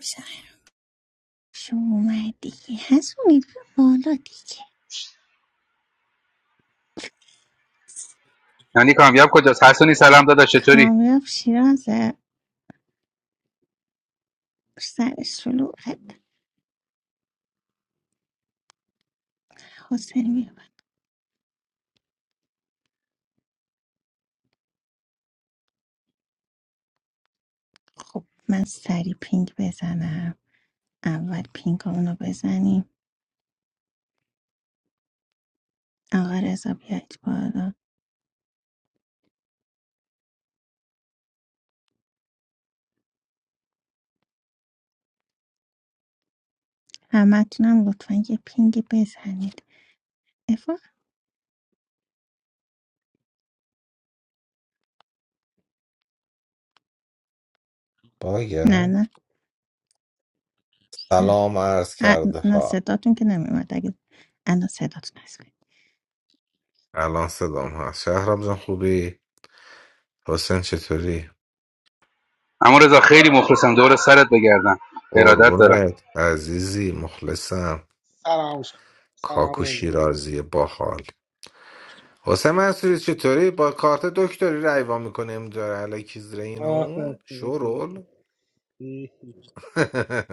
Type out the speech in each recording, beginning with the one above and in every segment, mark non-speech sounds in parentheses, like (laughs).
شو اومدی هستونی بیا بالا دیگه یعنی کامیاب کجاست حسونی سلام داداش چطوری کامیاب شیرازه سر شلوغت حسین بیا خب من سری پینگ بزنم اول پینگ رو بزنیم آقا رضا بیاید بالا همتونم لطفا یه پینگی بزنید افا نه باگم نه سلام. سلام عرض ا- کرده نه ها صداتون که نمیومد اگه الان صداتون هست الان صدام هست شهرام جان خوبی حسین چطوری اما رضا خیلی مخلصم دور سرت بگردم ارادت دارم قربونت عزیزی مخلصم سلام شد سلام کاکو رضا شیرازی باحال حسین منصوری چطوری با کارت دکتری رایوا میکنه امجاره علیکی زیر (laughs) این و اون آره. شورول (laughs)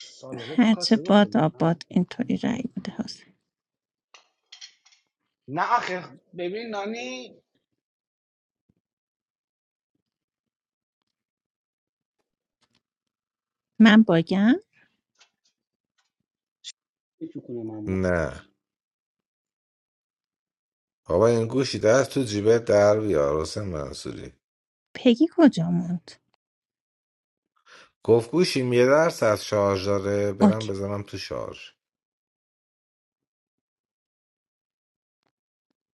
سالاد تو هرچه کاسه باد بخوری آباد نه اینطوری رای بوده حسین نه آخه ببین نانی من باگم چکونه من ما. نه بابا این گوشی دست تو جیبت در بیار حسین منصوری پگی کجا موند گفت گوشیم یه درس از شارژ داره برم بزنم تو شارژ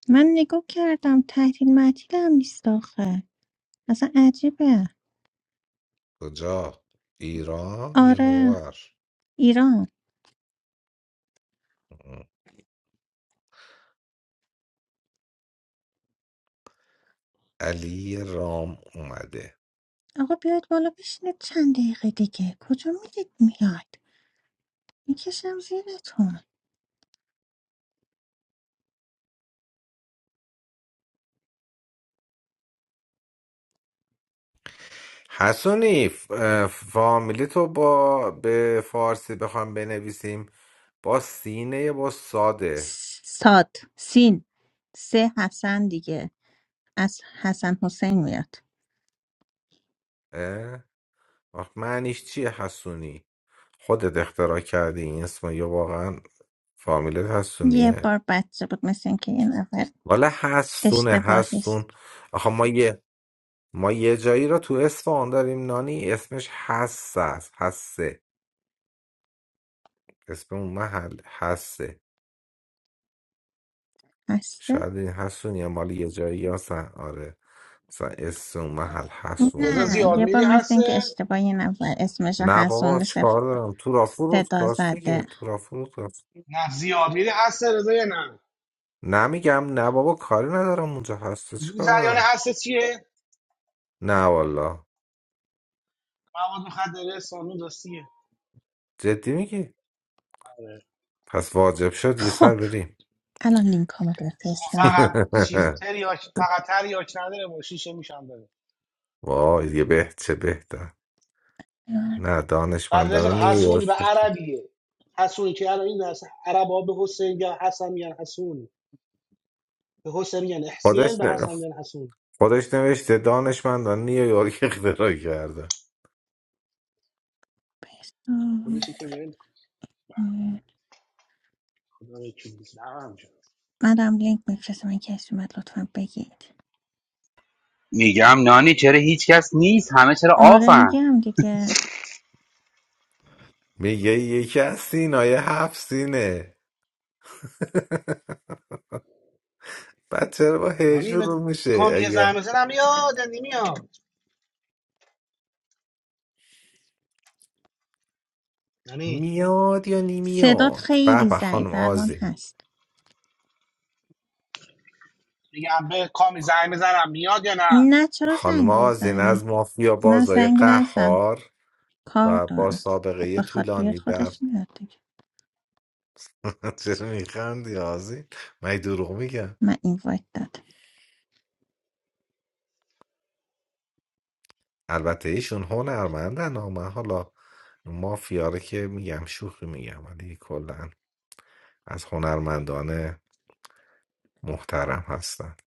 من نگاه کردم تحلیل مطیل هم نیست آخه اصلا عجیبه کجا ایران یا آره اونور ایران علی رام اومده آقا بیاید بالا بشینید چند دقیقه دیگه کجا میرید میاد میکشم زیرتون حسونی ف- اه، فامیلی تو با به فارسی بخوام بنویسیم با سینه یا با ساده س- ساد سین سه حسن دیگه از حسن حسین میاد اه؟ آخ، معنیش چیه حسونی خودت اختراع کردی این اسم یا واقعا فامیلت یه حسونیه بار بچه بود مثل اینکه یه نفر والا حسونه اشتباهی حسون است؟ آخه ما یه ما یه جایی را تو اصفهان داریم نانی اسمش حس است حسه اسم اون محل هسته هسته شاید این هستونی هم مال یه جایی هستن آره مثلا اسم اون محل هستون رضا نه زیاد یه باشه بار میری مثل اینکه هسته اشتباه یه نفر اسمش رو نه بابا حسون چیکار دارم تو را فرود صدا کاستی که زده تو را فرود کاست نه زیاد میری هسته رضا یا نه نمیگم نه بابا کاری ندارم اونجا هسته میدونی چیکار جریان دارم هسته چیه نه والا مواد مخدره سانون راستیه جدی میگی پس واجب شد یه سر خب بریم الان لینک ها رو خب بفرستم فقط چیز (laughs) تریاک فقط تریاک نداره با شیشه میشم داره وای دیگه به چه بهتر لینک نه بعد رضا دانشمندان نیویورک حسونی به عربیه حسونی که الان این درس عرب به حسین یا حسن میگن حسونی به حسین میگن احسین خودش به نه حسن میگن حسونی خودش نوشته دانشمندان نیویورک اختراع کرده بفرستم. خودشی که ول کن خدا وکیلی نمیم جون منم لینک میفرستم این کسی اومد لطفا بگید میگم نانی چرا هیچ کس نیست همه چرا آره آفن میگم دیگه میگه یکی از سینای هفت سینه (laughs) بعد چرا با هی نانی به شروع میشه کامی زنگ اگر بزنم میاد یا نمیاد یعنی میاد یا صدات نمیاد به خیلی به ضعیف خانم الان آذین، هست میگم به کامی زنگ بزنم میاد یا نه نه چرا خانم زنگ آذین از بزنی مافیا نه بازای زنگ نزن قهار کار و با داره خب سابقه بخواد بیاد طولانی در خودش میاد دیگه (laughs) چرا میخندی آزین من دروغ میگم من این وایت دادم البته ایشون هنرمندن ها من حالا مافیا رو که میگم شوخی میگم ولی کلا از هنرمندان محترم هستن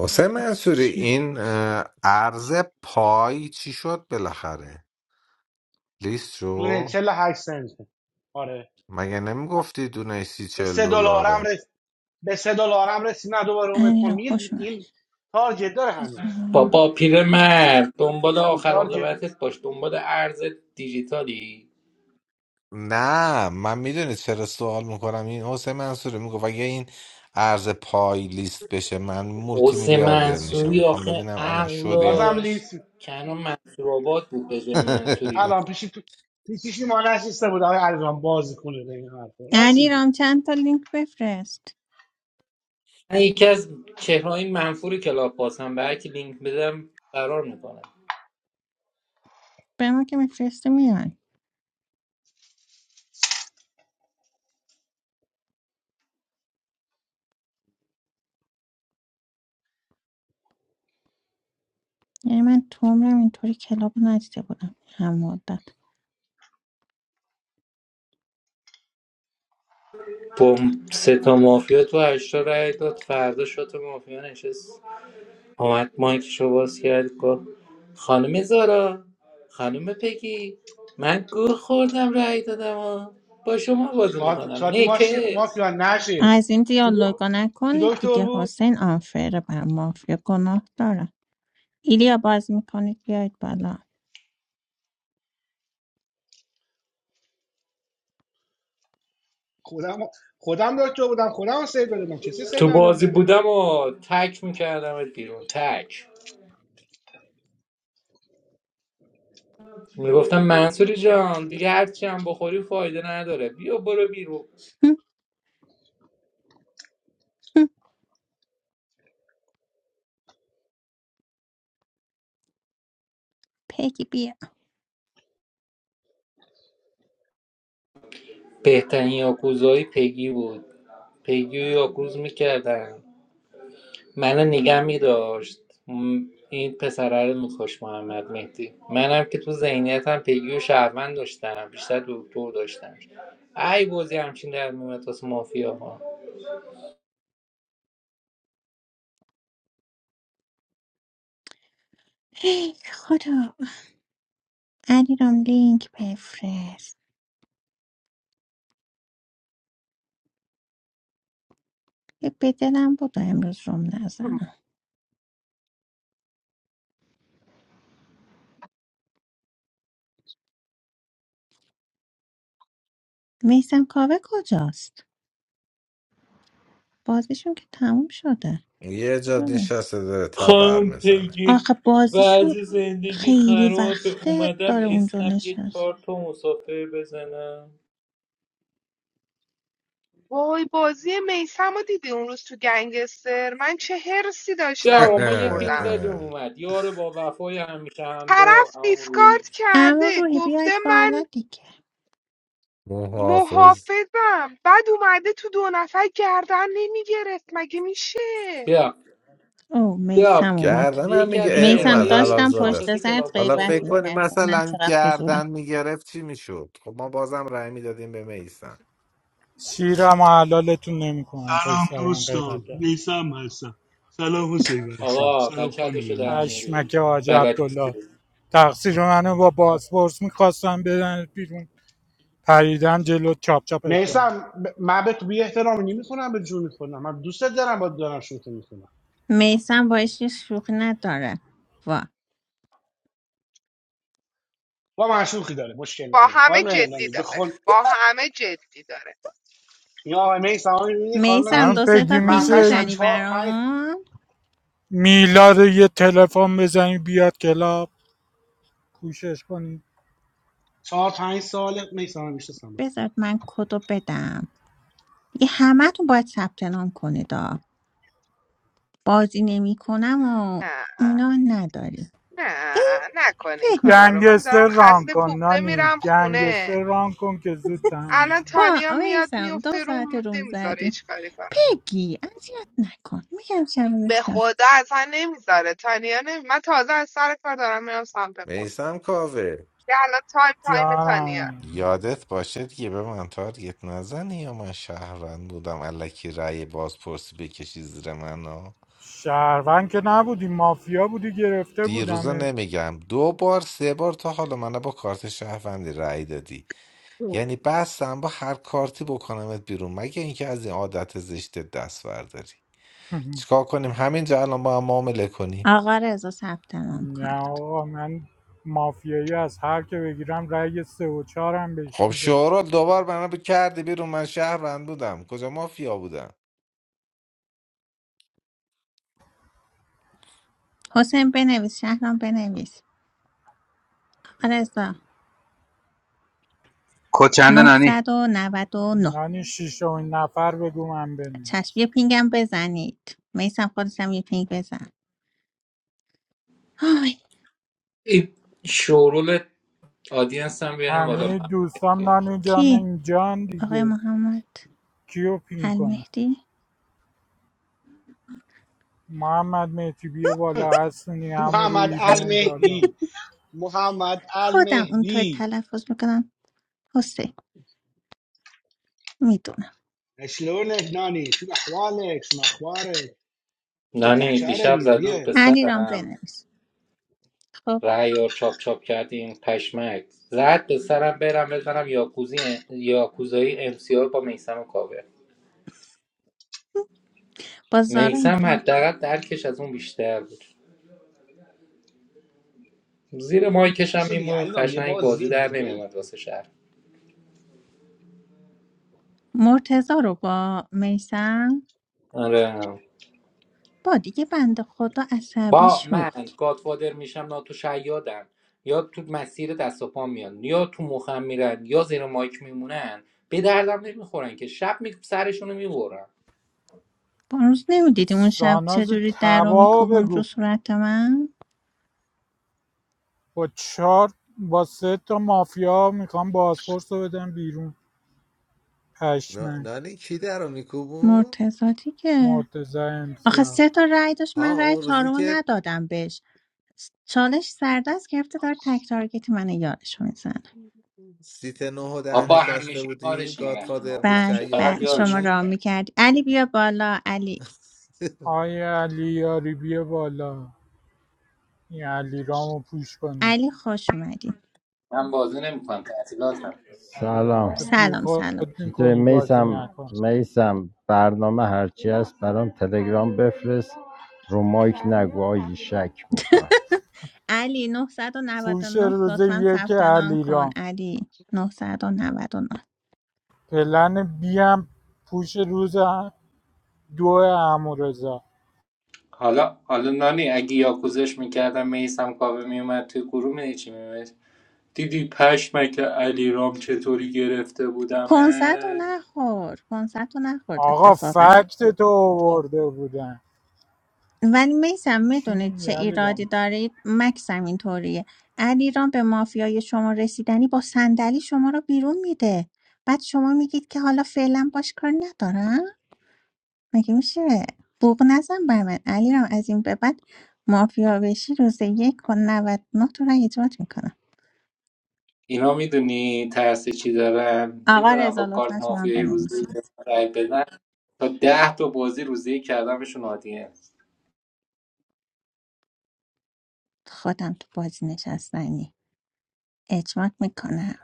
حسین مگه منصوری میشه این اه، ارز پای چی شد بالاخره لیست دونه شو 48 سنت آره مگه نمیگفتی دونه سی به چل 3 دلارم دلاره رس به 3 دلارم رسیدم دوباره اومد علی پا رو خوش اومد این تارجت داره هنوز بزن بابا پیرمرد دنبال هنوز آخر تارجت عاقبتت باش دنبال ارز دیجیتالی نه من میدونی چرا سوال میکنم این حسین منصوری میگفت اگه این ارز پای لیست بشه من مولتی حسین میلیاردر میشم منصوری میخوام آخه ببینم الان شده یا نه. بازم عقلش لیست کنون منصور آباد بود به جای منصوری (laughs) الان پیشی تو پیشی ما نشسته بود آقای علیرام بازی کنه به این حرف راست میگه علیرام چند تا لینک بفرست من یکی از چهرهای منفور کلاب پاسم به هر کی لینک بدم قرار میکنم به ما که میفرستی میان یعنی من تو عمرم اینطوری کلاب رو ندیده بودم هم مدت با سه تا مافیا تو هشتا رای داد فردا شد مافیا نشست اومد مایکشو باز کرد گفت خانم زارا خانم پگی من گوه خوردم رأی دادم و با شما بازی خاطر میکنم شاتی ماشی نیکس مافیا نشست از این چی دو- دیالوگا چی نکنید دکتر دیگه بود حسین آنفره بر مافیا گناه دارم ایلیا باز میکنید بیاید بالا خودم خودم دکتر بودم خودم سیو دادم کسی سیو تو نداده بازی بودم بودم و تک میکردم بیرون تک میگفتم منصوری جان دیگه هرچی هم بخوری فایده نداره بیا برو بیرون (laughs) پگی بیا بهترین یاکوزایی پگی بود پگی و یاکوز میکردن منو نگه میداشت این پسره رو میکش محمد مهدی منم که تو ذهنیتم پیگی و شهروند داشتم بیشتر دکتر داشتم ای بازی همچین در میومد واسه مافیا ها ای خدا علیرام لینک بفرست یه به دلم بود امروز روم نزنم میسم کاوه کجاست بازیشون که تموم شده یه جا نشسته داره تبر خانم میزنه پیگی آخه بازیشون وضع زندگی خیلی خرابه وقته اومدم داره اونجا اسنپ یه نشست چهار تا مسافر بزنم وای بازی میسم رو دیدی اون روز تو گنگستر من چه هرسی بیا داشتم آقا ما یه پینگ میخوردم زدیم (laughs) اومد یار با وفای همیشه همراه طرف هم روی دیسکارد اما کرده روحی بیاید گفته من بالا دیگه محافظ محافظم بعد اومده تو دو نفر گردن نمیگرفت مگه میشه بیا او بیا میسم اومد گردن هم یکی میگه از اه، میسم اومد چهرهای حلال داشتم زاده پشت شاخص است سرت کلاباس حالا رو غیبت فکر کنی میکردم. من مثلا چقدر گردن فضولم میگرفت چی میشد خب ما بازم رأی میدادیم به میسم شیرم و حلالتون نمیکنم پای سلام سر من غیبت دوستان کرد نیسم هستم سلام حسین منصور آقا سلام بچه خانم در نانی میری حشمک حاج بلد نیستی عبدالله تقصیر منو با بازپرس میخواستم بدن بیرون پریدم جلو چاپ چاپت کردم نیستم من به تو بی احترامی نمیکنم به جون خودم من دوستت دارم با دارم شوخی میکنم میسم باش که شوخی نداره وا با من شوخی داره مشکل با نداره همه خانم جدی نانی داره بخون با همه جدی داره یا آقای میسم میبینی خانم میسم هم دو نانی سه بگی تا من میشه پینگ قشنگ این میزنی چهار پنج برامون میلا رو یه تلفن بزنی بیاد کلاب کوشش کنی چهار پنج سال میسم میشناسم بخون بذار من کدو بدم یه همه تو باید ثبت نام کنید آ. بازی نمیکنم و نه اینا نداری (laughs) نه نکن این فکر کارا رو من دارم گنگستر ران خسته کن کوفته نانی میرم خونه گنگستر ران کن که زود تموم الان شد با تانیا میاد میسم دو میفته ساعت روم روم میذاره زدیم هیچ کاری بگی اذیت نکن میگم شب به هست خدا اصلا نمیذاره تانیا نمی... من تازه از سر کار دارم میرم سمت خونه میسم کاوه که الان تایم تایم تانیا جانم یادت باشه دیگه به من تارگت نزنی یا من شهروند بودم الکی رأی بازپرسی بکشی زیر من ها شهروند که نبودی مافیا بودی گرفته دیروزا بودم نمیگم دو بار سه بار تا حالا من با کارت شهروندی رأی دادی اوه، یعنی بستم با هر کارتی بکنمت بیرون مگه اینکه از این عادت زشت دست برداری (laughs) چیکار کنیم همینجا الان با هم معامله کنیم آقا رضا ثبت نام نه کنید آقا من مافیایی از هر که بگیرم رأی سه و چهارم بهش خب میده شورال دوبار منو کردی بیرون من شهروند بودم کجا مافیا بودم حسین بنویس شهرام بنویس آقا رضا کچند نانی 999 نانی شیشمین نفر بگو من چشم بنویس یه پینگم بزنید میسم خودتم یه پینگ بزن آی این شورول آدینس هم بیاریم بالا همه دوستام مافیا نانی جان کی اینجان آقای دیگه محمد کیو پین کنه المهدی محمد مهدی بیا بالا هستونی همون محمد روی بیاین بالا المهدی محمد خودم اونطور المهدی تلفظ میکنم حسین میدونم شلونك ناني شو احوالك شو اخبارك انت نانی تحكي دیشب عربي زدود به زين علی رام سرم بنویس خب رهیار چاپ چاپ کردین پشمک زد به سرم برم بزنم یاکوزی یاکوزایی امسیار با میسم کاوه با زارا میسم میزد حداقل درکش از اون بیشتر بود زیر مایکش هم عشان میمون يعلم یه قشنگ باز بازی زید در یه نمیومد بلکو واسه شهر مرتزا رو با میسم آره با دیگه بنده خدا عصبی با من شد گادفادر میشم ناتو شیادم یا تو مسیر دست و پا میان یا تو مخم میرن یا زیر مایک میمونن به دردم نمیخورن که شب می سرشونو میبرن هنوز نمیدیدی اون شب ساناز چجوری در رو تباهو میکوبوند رو بگو صورت من با چهار با سه تا مافیا میخوام بازپرس رو بدم بیرون نا- پشمک نانی کی در رو میکوبون؟ مرتضا دیگه مرتزا آخه امسیار سه تا رأی داشت من ها رأی اون روزی چهارم رو که ندادم بهش چالش سردست گرفته داره تک تارگت من یادش میزنه سیت نه و ده بابا نشسته همیشه بودی کارشونه وقتی گادفادر بود مخم بعد میشه شیاد فقط بعد شما یارشونو را بودی میگن میکردی علی بیا بالا علی (laughs) آیا علی یاری بیا بالا این علیرام پوش کنیم علی خوش اومدی من بازی نمیکنم تعطیلاتم سلام تو سلام بیخود سلام چطوری میکنی بازی میسم نکن میسم برنامه هرچی هست برام تلگرام بفرست رو مایک نگو آجی شک میکنم علی نه نه پوش نه روز لطفا یک ثبت نام کن علیرام علی 999 پلن بی هم پوش روز دو امورزا حالا حالا نانی اگه یاکوزش میکردم میسم کاوه میومد توی گروه میدی چی میومد دیدی پشمک علی رام چطوری گرفته کنسرت رو بودمت نخور کنسرت رو نخورد آقا اتفاقا فکت تو آورده بودن ولی میسم چی میدونید میگی چه ایرادی علیرام دارید مکسم اینطوریه علیرام به مافیای شما رسیدنی با صندلی شما رو بیرون میده بعد شما میگید که حالا فعلا باش کار ندارم مگه میشه بوق نزن بر من علیرام از این به بعد مافیا بشی روز یک و نوت نه تو را اجرات میکنم اینا میدونی ترس چی دارن آقا میدونم رضا با لطفا کارت شما مافیایی روزی بنویسید که رای بدن تا ده تا بازی روزی کردمشون عادیه خودم تو بازی نشستنی اجمات میکنم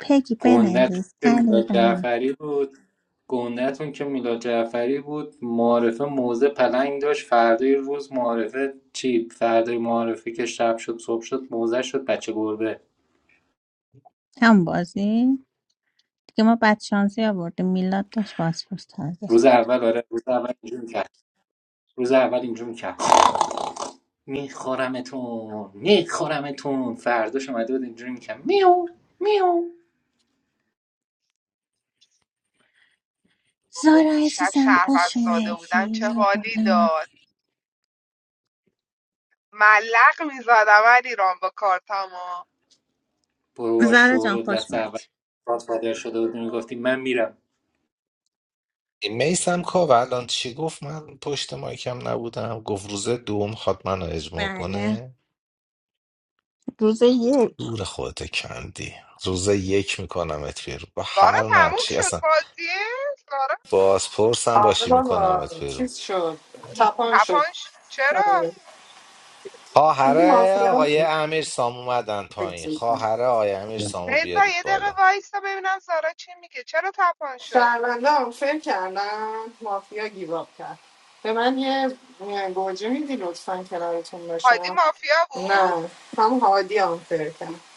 پگی گندتون بنویس که میلاد علیرام جعفری بود گندتون که میلاد جعفری بود معارفه موزه پلنگ داشت فردای روز معارفه چی فردای معارفه که شب شد صبح شد موزه شد بچه گربه هم بازی که ما بدشانسی آوردیم میلاد داشت بازپرس تازه روز کرد. اول آره روز اول اینجوری کرد روز اول اینجوری کرد میخورمتون میخورمتون فرداش اومده بود اینجوری میکرد میو میو وای زارا دیشب عزیزم شهروند خوش ساده اومدی بودم چه بیا حالی بالا. داد ملق میزدم علیرام با کارتما برو با زارا شور جان و خوش دست اول اومدی گادفادر شده بودی میگفتی من میرم این میسم کاوه الان چی گفت من پشت مایکم نبودم گفت روز دوم خواد منو اجماع بله کنه روز یک دور خودت کندی روز یک میکنم ات بیرون با سارا هر تموم نقشی شد اصلا بازیه سارا بازپرس هم آره باشی بابا میکنمت بیرون چیز شد تپان شد تپان شد. چرا آره. خواهر دیدی مافیا آقای امیر سام اومدن پایین خواهر آقای امیر سامو رضا بیارید یه دقیقه بالا وایستا ببینم زارا چی میگه چرا تپان شد شهرونده هم فکر کردم مافیا گیواب کرد به من یه یه گوجه میدی لطفا کنارتون هادی باشم مافیا بود نه هم هادی هم فکر کرد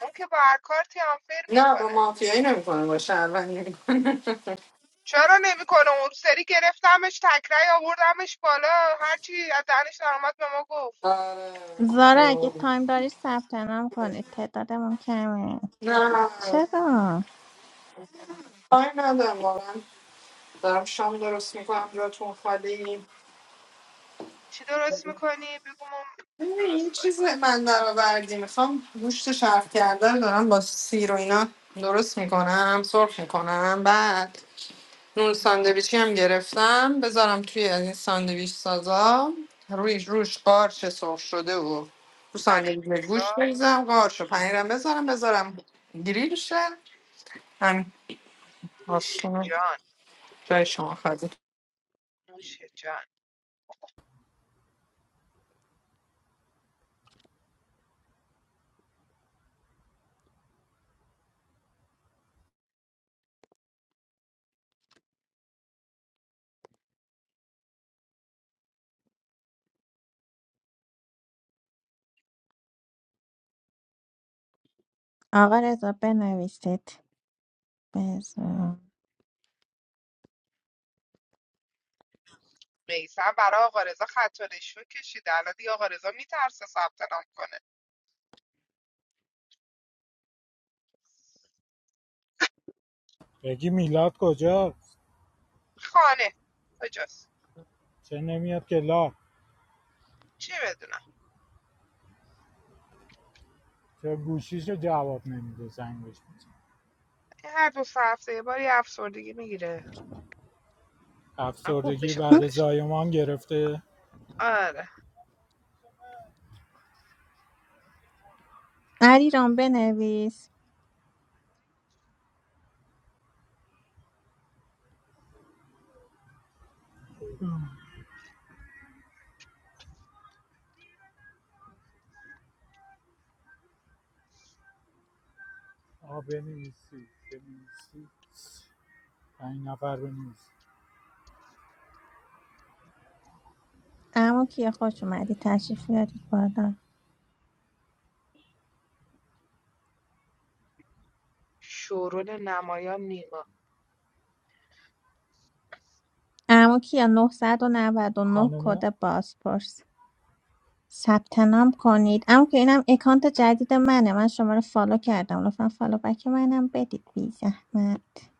اون که با هر کارتی آنفر نه با میکنه مافیایی نمیکنه با شهروندی میکنه چرا نمیکنه اون سری گرفتمش تکرای آوردمش بالا هرچی از دهنش در اومد به ما گفت زارا اگه آره تایم داری ثبت نام کنید تعدادمون کمه نه چرا کاری ندارم واقعا دارم شام درست میکنم جاتون خالی چی درست میکنی بگو ما ببین، این درست کنیم چیز من در آوردی میخوام گوشت شرف کرده رو دارم با سیر و اینا درست میکنم سرخ میکنم بعد نون ساندویچی هم گرفتم بذارم توی از این ساندویچ سازا روی روش قارچ سرخ شده و رو پنیر ساندویچ گوشت پیتزا بریزم قارچ و پنیرم بذارم بذارم گریل شه همین نوش آسون جان جای شما خواهدید نوش جان آقا رضا بنویسید بزن میسم برای آقا رضا خط و رشوه کشیده الان دیگه آقا رضا میترسه ثبت نام کنه بگی میلاد کجاست خانه کجاست چه نمیاد کلاب چی بدونم چه گوشیشو جواب نمیده زنگش میزن این هر دو سه هفته یه بار یه افسردگی میگیره خوب افسردگی بشه بعد خودش زایمان گرفته آره علیرام بنویس آ بنویسی بنویسی پنج نفر بنویس عمو کیا خوش اومدی تشریف بیارید بالا شورول نمایان نیما عمو کیا 999 خانم کد بازپرس ثبت نام کنید عمو کیا اینم اکانت جدید منه من شما رو فالو کردم لطفا فالو بک منم بدید بی زحمت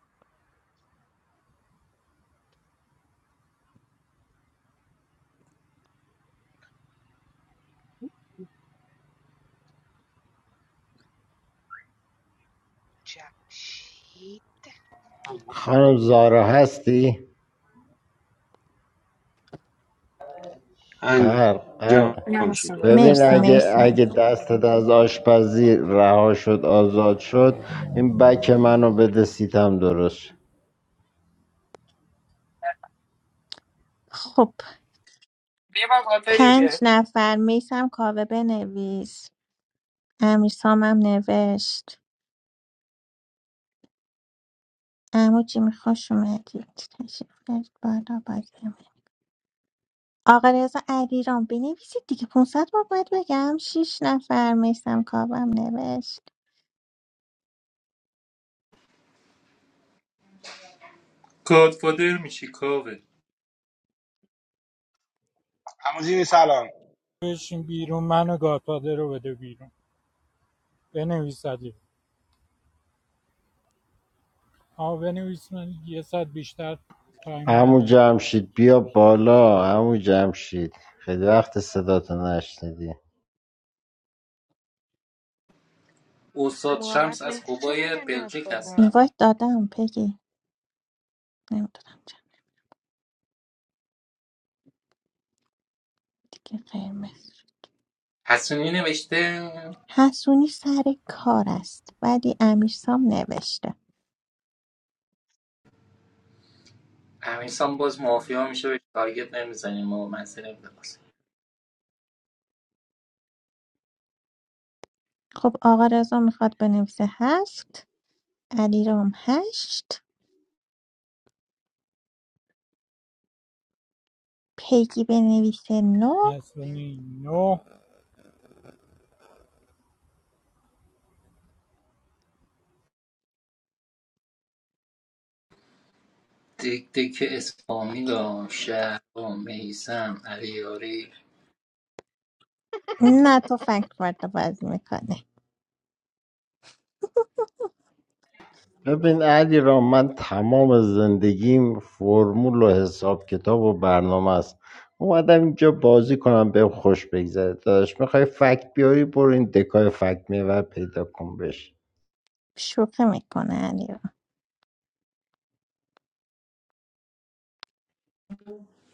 جمشید خانم زارا هستی؟ قرق قرق این انجام هم شد سنگه ببین مرسی کردم اگه مرسی اگه دستت از آشپزی رها شد آزاد شد این بک منو بده سیتم درست شه. خب بیا با باتری بیا پنج نفر میسم کاوه بنویس امیر سامم نوشت عمو چی میخوش اومدید تشریف بیارید بالا بالا آقا رضا علیرام بنویسید دیگه 500 بار باید بگم 6 نفر میسم کاوم نوشت گادفادر میشی کاوه هموزین سلام بشین بیرون منو گادفادر رو بده بیرون بنویس علی آه بنویس من یه ساعت بیشتر تایم عمو ندارم جمشید بیا بالا عمو جمشید خیلی وقت صداتو نشنیدیم استاد محمد شمس از مهدی چرا قوای نمیاد بلژیک بالا این هستن دادم پگی نمیدونم چند دیگه قرمز شد. حسونی نوشته حسونی سر کار است ولی امیرسام نوشته امیرسان باز مافیا میشه به تارگت نمیزنیم و منزل نمیدونست خب آقا رضا میخواد بنویسه هفت علیرام هشت پیگی بنویسه نو حسنی نو دک دک اسفامی دا شهر میسم علیاری نه تو فکر وارد بازی میکنه ببین علی را من تمام زندگیم فرمول و حساب کتاب و برنامه است اومدم اینجا بازی کنم بهم خوش بگذره داداش میخوای فکت بیاری برو این دکای فکت میور پیدا کن بش شوخه میکنه علیرام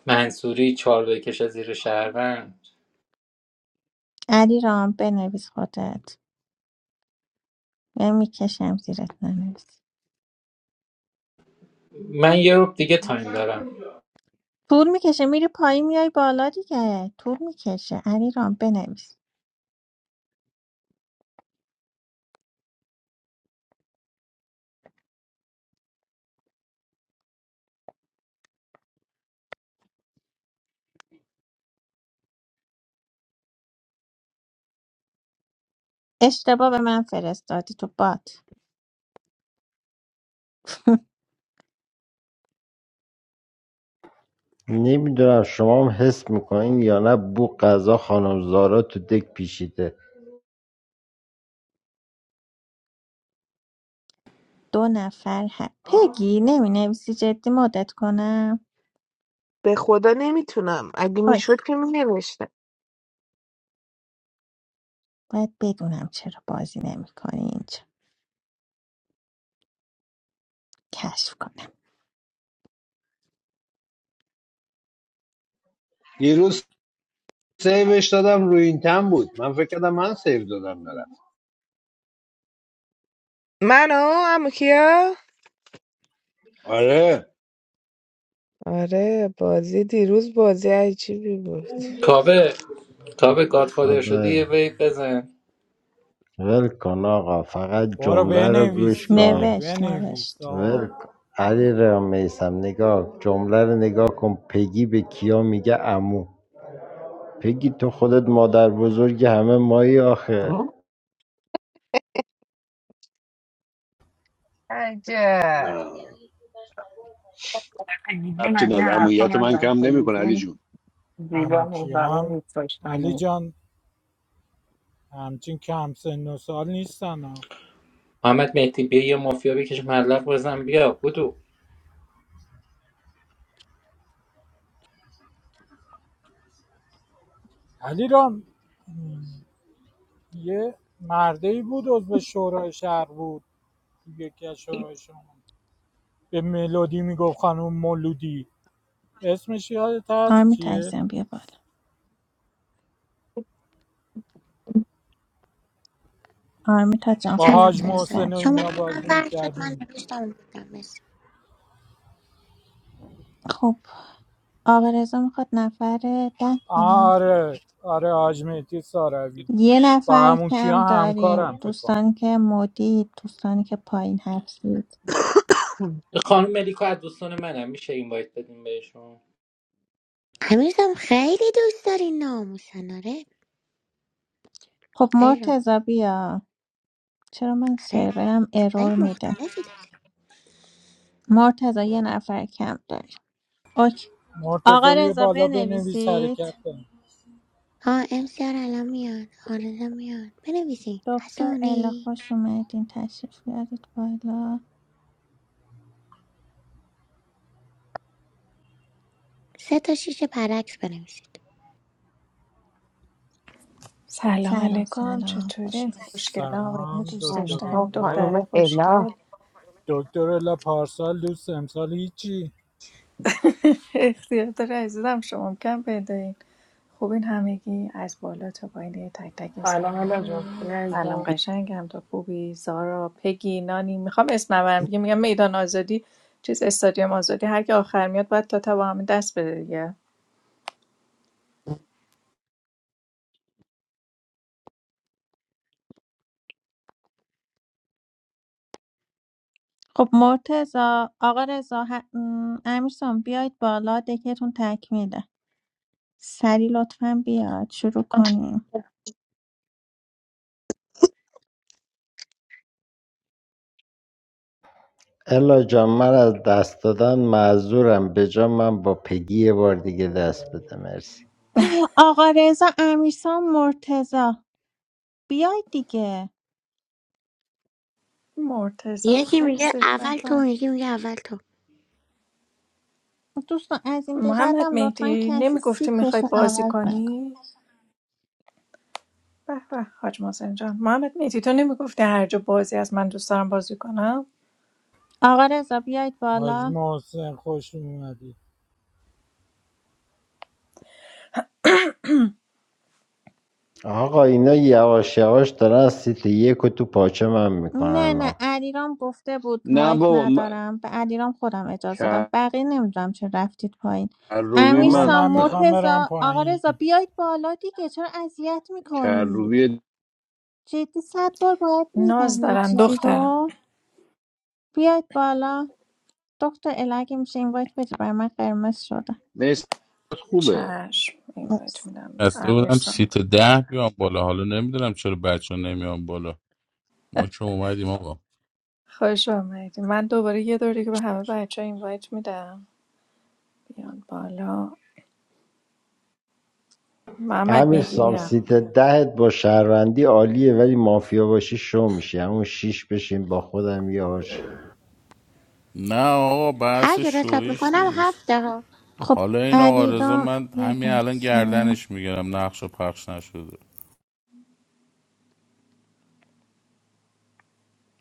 منصوری چار بکشه زیر شهروند علیرام بنویس خودت یا میکشم زیرت ننویس من یه روب دیگه تایم دارم طول میکشه میری پایین میای بالا دیگه طول میکشه علیرام بنویس اشتباه به من فرستادی تو بات نمیدونم شما هم حس میکنین یا نه بو قضا خانم زارا تو دک پیشیده دو نفر هم پگی نمی نویسی جدی مدت کنم به خدا نمیتونم اگه آی میشد که مینوشتم باید بدونم چرا بازی نمی کنی اینجا کشف کنم یه روز سیوش دادم روی این تم بود من فکر کردم من سیو دادم نرم منو عمو کیا آره آره بازی دیروز بازی عجیبی بود کابه کابه گادفادر شدی یه خدایا ویب بزن ول کن آقا فقط برو جمله رو بنویس گوش دیگه کن نوشت بنویس نوشت ول آقا کن. علی را میسم نگاه جمله رو نگاه کن پگی به کیا میگه امو پگی تو خودت مادربزرگ همه مایی آخه عجب نه ایزون ربطی از این نداره حرفا امویت من نزن کم تو نمیکنه ایزون. علی جون زیبا اموکی مهربان هم دوست علی داشتنی جان همچین کم سن و سال نیستن ها محمد مهدی بیا یه مافیا بکش مبلغ بزن بیا بودو علی رام یه مردی ای بود عضو شورای شهر بود یکی از شورای شما به ملودی میگفت خانم مولودی اسمش یادت هست آرمیتا چیه عزیزم بیا بالا آرمیتا جان با خوش سلام حاج اومد. سلام سلام سلام. محسن و شما اینا من بازی ور شد من میکردیم نوشتم اومدم مرسی خب آقا رضا میخواد نفر ده بنویسه آره آره حاج مهدی ساروی یه با نفر همون کم کیا داریم همکارم فکر کنم دوستانی که مدید دوستانی که پایین هستید خانم ملیکا از دوستان منم میشه این وایت بدیم بهشون امیرزم خیلی دوست داری ناموسن آره خب علیرام مرتضا بیا چرا من آره سرورم سنگ ارور میده مختلفی داری مرتضا یه نفر کم داری اوکی. آقا مرتضی رو رضا بالا بنویس بنویسید حرکت کنیم ها امسیار الان میاد آرزا میاد بنویسین دکتر الا حسونی خوش اومدین تشریف بیارید بالا سه تا شیشه برعکس بنویسید سلام سلام علیکم سلام خوش چطورین اومدید خوشگل آقایون سلام دوست À, được دکتر không? داشتنی Gọi một الله دختره mạch để nó خوشگل دکتر الله پارسال دوست امسال هیچی اختیار داره عزیزم شما کم پیدایین خوبین همگی از بالا تا پایین یه تک تک اسم سلام من الا جان خوبی سلام عزیزم؟ قشنگم تو خوبی زارا پگی نانی میخوام اسم نبرم دیگه میگم میدان آزادی چیز استادیوم آزادی هر کی آخر میاد باید تا تا با همه دست بده دیگه خب مرتضا آقا رضا ه... م، امیرسام بیاید بالا دکتون تکمیله سری لطفا بیاد شروع کنیم الا جان من از دست دادن معذورم به جا من با پگی یه بار دیگه دست بده مرسی (gasps) آقا رضا امیرسام مرتضا بیاید دیگه مرتضام یکی میگه هستش به اول به. تو اون یکی میگه اول تو دوستان از این به محمد بعدم لطفا مهدی کسی نمیگفتی میخوای سیتش رو بازی عوض نکن کنی به به حاج محسن جان محمد میتی تو نمیگفتی هر جا بازی از من دوست دارم بازی کنم آقا رضا بیایید حاج بالا محسن خوش اومدی آقا اینا یواش یواش دارن از سیت یک و تو پاچه من نه میکنن نه ها. علیرام گفته بود نه مایک بابا من ندارم به علیرام خودم اجازه دادم بقیه نمیدونم چه رفتید پایین کروبی امیر آقا من سام میخوام منم برم مرتزا آقا پایین رضا بیایید بالا دیگه چرا اذیت میکنید کروبی جدی صد بار باید ناز میگم یه دارن چیزی دخترم رو بیاید بالا دکتر الگه میشه این باید بدید برای من قرمز شده نیست خوبه چشم اینوایت مرسی. میدم به بسته بودم امیرسان سیت ده بیام بالا حالا نمیدونم چرا بچه ها نمیان بالا ما که اومدیم آقا خوش آمدی من دوباره یه دور دیگه به همه بچه اینوایت میدم بیان بالا محمد امیر میتی سام بیا سیت دهت با شهروندی عالیه ولی مافیا باشی شو میشی همون شیش بشین با خودم یار شی. نه آقا هر بحث جور حساب شویش میکنم نیست هفته ها خب حالا این آقا آره. رضا علیرام من یه همین الان لحظه گردنش میگیرم نقش و پخش نشده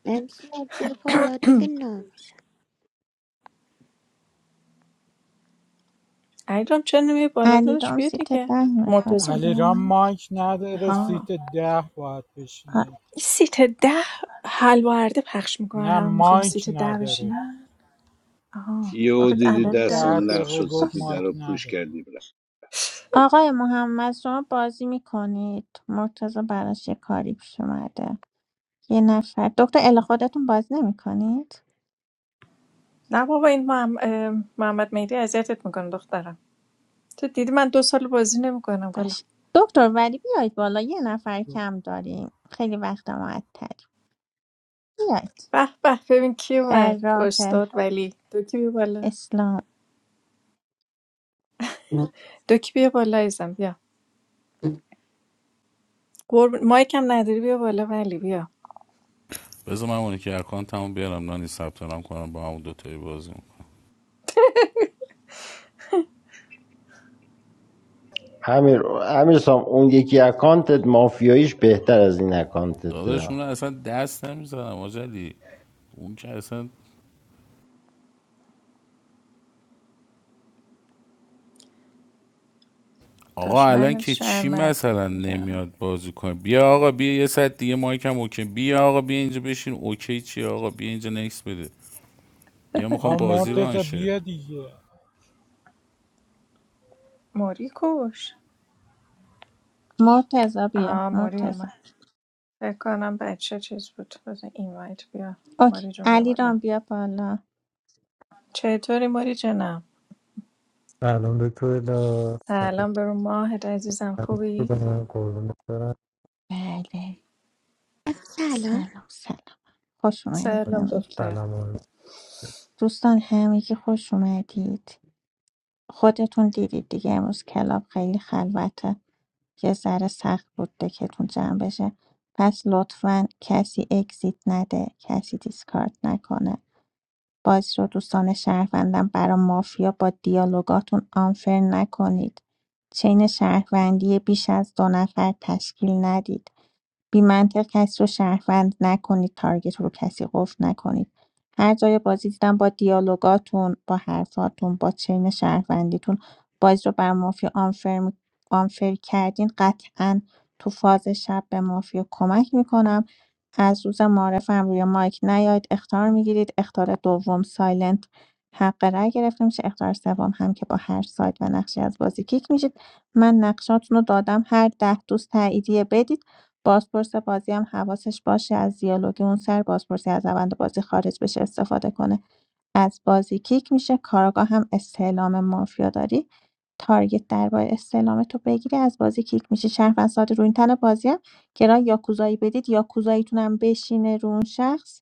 امسیار بیا بالا دیگه نام ایران چه نمیه بالا دادش علیرام بیا سیت دیگه ده میخواد مرتضی علیرام بیرون مایک نداره ها سیت ده باید آ- بشینه این سیت ده حلوارده پخش میکنه نه همه میخوام مایک سیت ده نداره بشینن آها یهو آخه دیدی عدد یه دست ده ده اون لغ گذاشت دقیقه شد گفت آی. سیت در مایک رو پوش نداره کردی بره آقای محمد شما بازی میکنید مرتضی براش یه کاری پیش اومده یه نفر دکتر ال خودتون بازی نمیکنید نه بابا این محم- اه، محمد مهدی اذیتت میکنه دخترم تو دیدی من دو سال بازی نمیکنم گلا باش دکتر ولی بیاید بالا یه نفر کم داریم خیلی وقت معطل بیاید به به ببین کی در اومد راه استاد ولی دوکی بیا بالا اسلام دوکی بیا بالا ایزم بیا قرب مایکم نداری بیا بالا ولی بیا بذار من اونی که اکانتمو بیارم نانی ثبت نام کنم با همون دوتایی بازی میکنم امیر امیر سام اون یکی اکانتت مافیاییش بهتر از این اکانتت ده. داداش اون اصلا دست نمیزنم آجلی اون که اصلا آقا الان دشمنت که چی شرمن مثلا نمیاد بازی کنه بیا آقا بیا یه ساعت دیگه مایکم اوکی بیا آقا بیا اینجا بشین اوکی چی آقا بیا اینجا نکس بده بیا میخوام آه بازی رو مرتزا آنشه بیا دیگه موری کوش مرتضی بیا آه موری مرتضی اومد فکر کنم بچه چیز بود بزن این وایت بیا اوکی موری جون بیا بالا علیرام بیا بالا چطوری موری جانم سلام دکتر لا سلام سلام برو ماهت عزیزم خوبی بودم قربونت برم بله سلام سلام سلام خوش اومدید سلام سلام همگی دختر سلام آرزو. دوستان همگی خوش اومدید خودتون دیدید دیگه امروز کلاب خیلی خلوته یه ذره سخت بود دکتون جمع بشه پس لطفا کسی اگزیت نده کسی دیسکارد نکنه بازی رو دوستان شهروندم برا مافیا با دیالوگاتون آنفر نکنید چین شهروندی بیش از دو نفر تشکیل ندید بی منطق کسی رو شهروند نکنید تارگت رو کسی قفل نکنید هر جای بازی دیدم با دیالوگاتون با حرفاتون با چین شهروندیتون بازی رو بر مافیا آنفر, می- آنفر کردین قطعا تو فاز شب به مافیا کمک میکنم از روز معارفم روی مایک نیاید اختار میگیرید اختار دوم سایلنت حق رأی گرفته میشه اختار سوم هم که با هر سایت و نقشی از بازی کیک میشید من نقشاتون رو دادم هر ده دوست تاییدیه بدید بازپرس بازی هم حواسش باشه از دیالوگ اون سر بازپرسی از روند بازی خارج بشه استفاده کنه از بازی کیک میشه کاراگاه هم استعلام مافیا داری تارگت درباره استعلام تو بگیری از بازی کیک میشه شهروند ساده رو این تن بازی هم که راه یاکوزایی بدید یاکوزاییتون هم بشینه رو اون شخص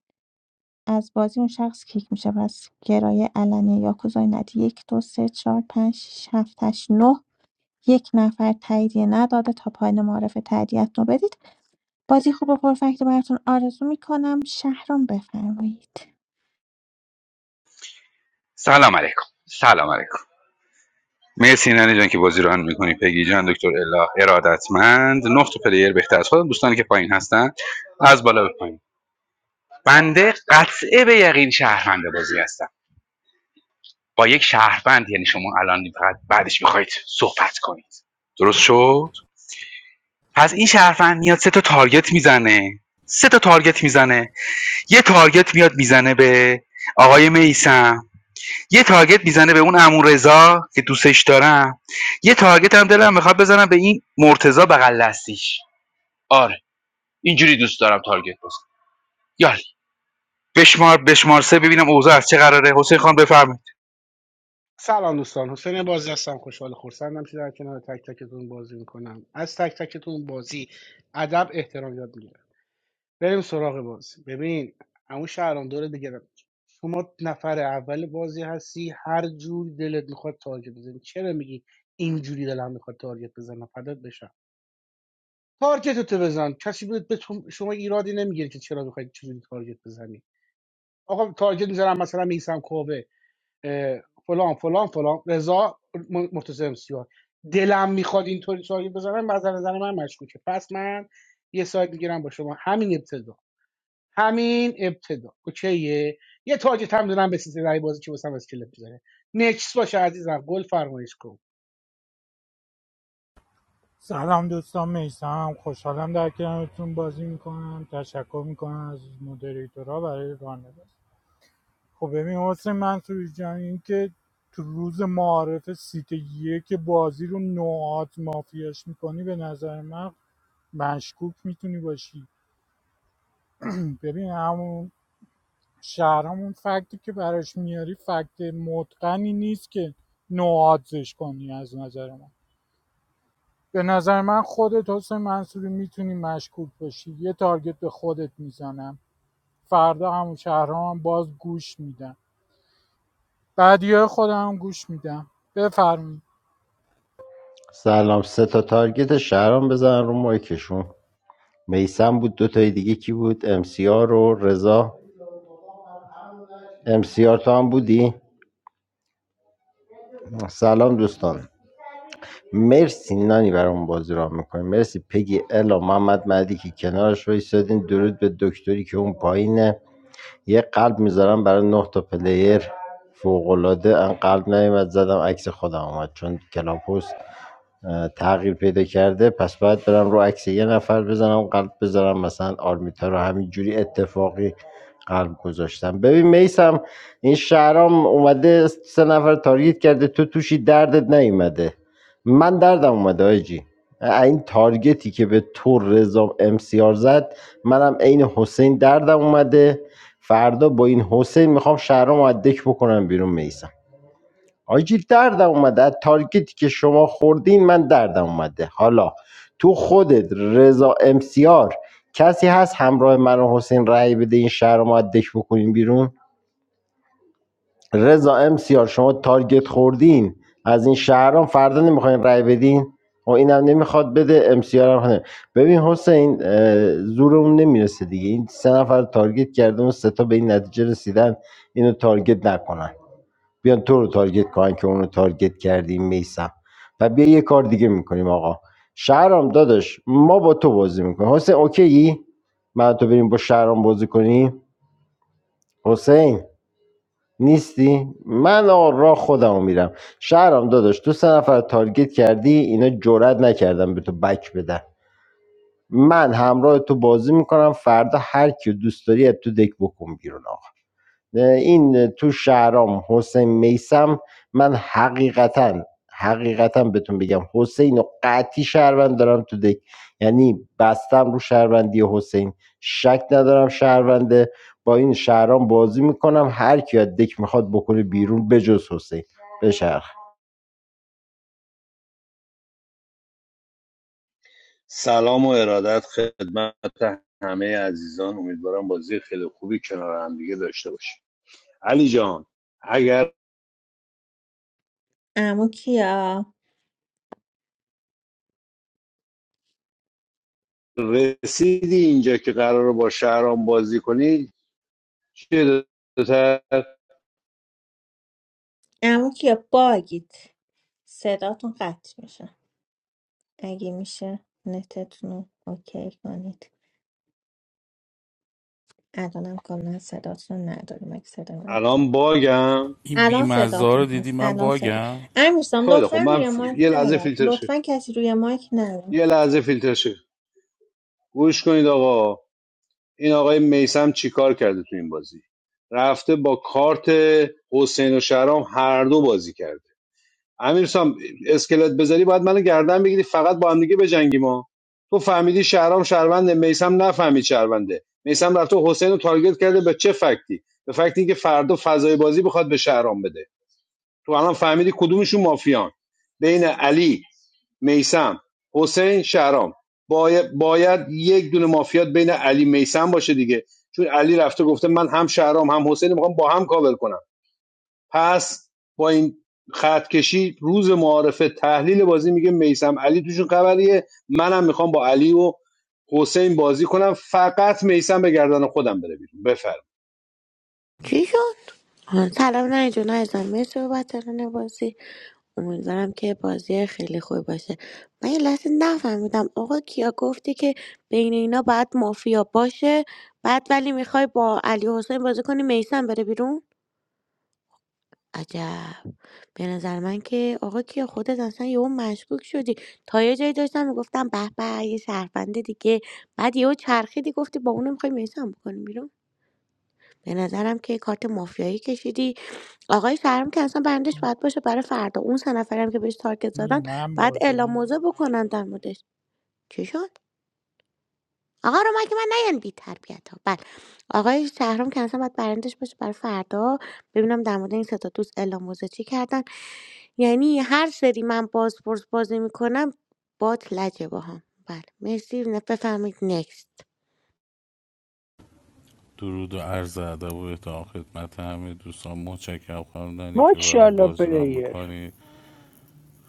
از بازی اون شخص کیک میشه پس گرای علنی یاکوزایی ندی یک دو سه چهار پنج شش هفت هشت نه یک نفر تاییدیه نداده تا پایان معرف تاییدیت رو بدید بازی خوب و پرفکت رو براتون آرزو میکنم شهرام بفرمایید سلام علیکم سلام علیکم مرسی نانی جان که بازی رو هم میکنی پگی جان دکتر الا ارادتمند نقط پلیر بهتر از خودم دوستانی که پایین هستن از بالا به پایین بنده قطعه به یقین شهروند بازی هستم با یک شهروند یعنی شما الان فقط بعدش میخواید صحبت کنید درست شد پس این شهروند میاد سه تا تارگت میزنه سه تا تارگت میزنه یه تارگت میاد میزنه به آقای میسم یه تارگت میزنه به اون امون رضا که دوستش دارم یه تارگت هم دلم میخواد بزنم به این مرتضا بغل دستیش آره اینجوری دوست دارم تارگت بزنم یالی بشمار بشمار سه ببینم اوضاع از چه قراره حسین خان بفرمایید سلام دوستان حسین بازی هستم خوشحال و خورسندم که در کنار تک تکتون بازی میکنم از تک تکتون بازی ادب احترام یاد میگیرم بریم سراغ بازی ببین همون شهرام دوره دیگه شما نفر اول بازی هستی هر جور دلت میخواد تارگت بزنی چرا میگی اینجوری دلم میخواد تارگت بزنم فدات بشم تارگتتو بزن کسی به به تو- شما ایرادی نمیگیره که چرا میخواید چجوری تارگت بزنی آقا تارگت میزنم مثلا میسم کوه اه، فلان فلان فلان رضا م- مرتضی امسیار دلم میخواد اینطوری تارگت بزنم از نظر من مشکوکه پس من یه سایت میگیرم با شما همین ابتدا همین ابتدا اوکیه یه تارگت هم دارم به سیستم رای بازی که واسم اسکلت بزنه نکس باشه عزیزم گل فرمایش کن سلام دوستان میسم خوشحالم در کنارتون بازی میکنم تشکر میکنم از مدریتورا برای راهنمایی خب ببین حسین منصوری جان این که تو روز معارف سیت یک بازی رو نوعات مافیاش میکنی به نظر من مشکوک میتونی باشی ببین همون شهرامون فکتی که براش میاری فکت متقنی نیست که نوعاتزش کنی از نظر من به نظر من خودت حسین منصوری میتونی مشکوک باشی یه تارگت به خودت میزنم فردا همون شهرها هم باز گوش میدم بعدی خودم هم گوش میدم بفرمایید سلام سه تا تارگت شهرام بزن رو مایکشون میسم بود دو تای دیگه کی بود امسیار و رضا امسیار تو هم بودی سلام دوستان مرسی نانی برام بازی را میکنیم مرسی پگی الا محمد مدی که کنارش وایسادین درود به دکتری که اون پایینه یه قلب میذارم برای نه تا پلیر فوقالعاده ان قلب نیومد زدم عکس خودم اومد چون کلاپوس اه، تغییر پیدا کرده پس باید برم رو عکس یه نفر بزنم قلب بذارم مثلا آرمیتا رو همینجوری اتفاقی قلب گذاشتم ببین میسم این شهرام اومده سه نفر تارگت کرده تو توشی دردت نیومده من دردم اومده آجی این تارگتی که به تو رضا امسیار زد منم عین حسین دردم اومده فردا با این حسین میخوام شهرام رو از دک بکنم بیرون میسم آجی دردم اومده از تارگتی که شما خوردین من دردم اومده حالا تو خودت رضا امسیار کسی هست همراه من و حسین رأی بده این شهر رو ما از دک بکنیم بیرون رضا امسیار شما تارگت خوردین از این شهرام فردا نمیخواین رأی بدین و اینم نمیخواد بده امسیار هم نه. ببین حسین اه، زورمون نمیرسه دیگه این سه نفر رو تارگت کرده اون سه تا به این نتیجه رسیدن اینو تارگت نکنن بیان تو رو تارگت کنن که اونو تارگت کردیم میسم و بیا یه کار دیگه میکنیم آقا شهرام داداش ما با تو بازی میکنیم حسین اوکی من و تو بریم با شهرام بازی کنیم حسین نیستی من آقا راه خودم میرم شهرام داداش تو سه نفر رو تارگت کردی اینا جرئت نکردم به تو بک بدن من همراه تو بازی میکنم فردا هر کیو دوست داری از تو دک بکن بیرون آقا این تو شهرام حسین میسم من حقیقتا حقیقتا بهتون بگم حسین و قطعی شهروند دارم تو دک یعنی بستم رو شهروندی حسین شک ندارم شهرونده با این شهرام بازی میکنم هر کی از دک میخواد بکنه بیرون بجز حسین بشرخ سلام و ارادت خدمت همه عزیزان امیدوارم بازی خیلی خوبی کنار هم دیگه داشته باشیم علی جان اگر عمو کیا رسیدی اینجا که قرار با شهرام بازی کنی چه دو تا اما کیا باگید صداتون قطع میشه اگه میشه نتتون رو اوکی کنید الانم کاملا صداتون رو نداریم اگه صدا من الان باگم این الان بیمزه ها صداتون رو دیدی هست من الان صدا باگم امیرسام خیلی لطفا خب من روی ف- مایک یه لحظه نیاد فیلتر شه لطفا کسی روی مایک یه نیاد لحظه فیلتر شه گوش کنید آقا این آقای میسم چیکار کرده تو این بازی رفته با کارت حسین و شهرام هر دو بازی کرده امیر سام اسکلت بذاری باید منو گردن بگیری فقط با هم دیگه بجنگی ما تو فهمیدی شهرام شهرونده میسم نفهمید شهرونده میسم رفته حسین رو تارگت کرده به چه فکتی به فکتی که فردا فضای بازی بخواد به شهرام بده تو الان فهمیدی کدومشون مافیان بین علی میسم حسین شهرام باید, باید یک دونه مافیات بین علی میسم باشه دیگه چون علی رفته گفته من هم شهرام هم حسین میخوام با هم کاور کنم پس با این خط کشی روز معارفه تحلیل بازی میگه میسم علی توشون خبریه منم میخوام با علی و حسین بازی کنم فقط میسم به گردن خودم بره بیرون بفرم چی شد؟ آه، سلام نه جون عزیزم مرسی بابت امیدوارم که بازی خیلی خوبی باشه من یه لحظه نفهمیدم آقا کیا گفتی که بین اینا باید مافیا باشه بعد ولی میخوای با علی حسین بازی کنی میسم بره بیرون عجب به نظر من که آقا کیا خودت اصلا یهو مشکوک شدی تا یه جایی داشتم میگفتم به به یه شهرونده دیگه بعد یهو چرخیدی گفتی با اونم میخوای میسم بکنی بیرون به نظرم که یه کارت مافیایی کشیدی آقای شهرام که اصلا برندش باید باشه برای فردا اون سه نفرم که بهش تارگت یعنی زدن من باید اعلام باگم موضع بکنن در موردش چی شد آقا رو مگه من نیان بی تربیت ها بله آقای شهرام که اصلا باید برندش باشه برای فردا ببینم در مورد این سه تا دوست اعلام موضع چی کردن یعنی هر سری من باز پرس بازی میکنم بات لجه باهام بله مرسی نه- بفرمایید نکست درود و عرض ادب و احترام خدمت همه دوستان متشکرم خواندنی که برام Moshalo بازی رو هم player. میکنید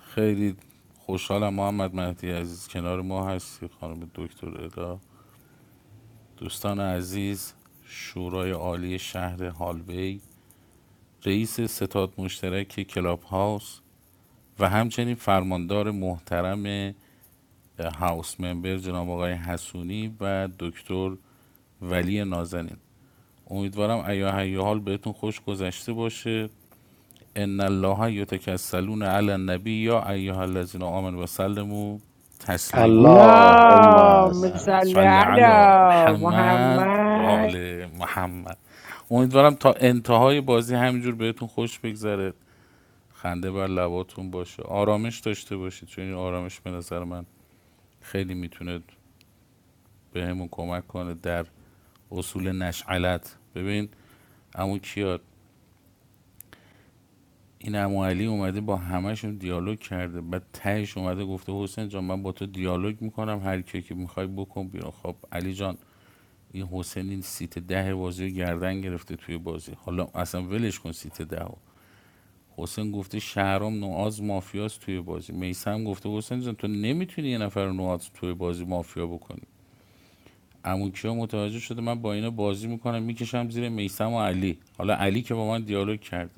خیلی خوشحالم محمد مهدی عزیز کنار ما هستی خانم دکتر ادا دوستان عزیز شورای عالی شهر هالوی رئیس ستاد مشترک کلاب هاوس و همچنین فرماندار محترم هاوس ممبر جناب آقای حسونی و دکتر ولی نازنین امیدوارم ایاهی حال بهتون خوش گذشته باشه ان الله یتکسلون علی النبی یا ایها الذین آمنوا و سلموا تسلیما No, اللهم صل ما- missalley صل علی Adam محمد و Muhammad. آل محمد امیدوارم تا انتهای بازی همینجور بهتون خوش بگذره خنده بر لباتون باشه آرامش داشته باشید چون این آرامش به نظر من خیلی میتونه بهمون کمک کنه در اصول نشعلت ببین عمو کیار این عمو علی اومده با همهشون دیالوگ کرده بعد تهش اومده گفته حسین جان من با تو دیالوگ میکنم هر کی که میخوای بکن بیرون خب علی جان این حسین این سیت ده بازی رو گردن گرفته توی بازی حالا اصلا ولش کن سیت ده رو. حسین گفته شهرام نواز مافیاست توی بازی میسم گفته حسین جان تو نمیتونی یه نفر رو نواز توی بازی مافیا بکنی عمو کیا متوجه شده من با اینا بازی میکنم میکشم زیر میسم و علی حالا علی که با من دیالوگ کرد.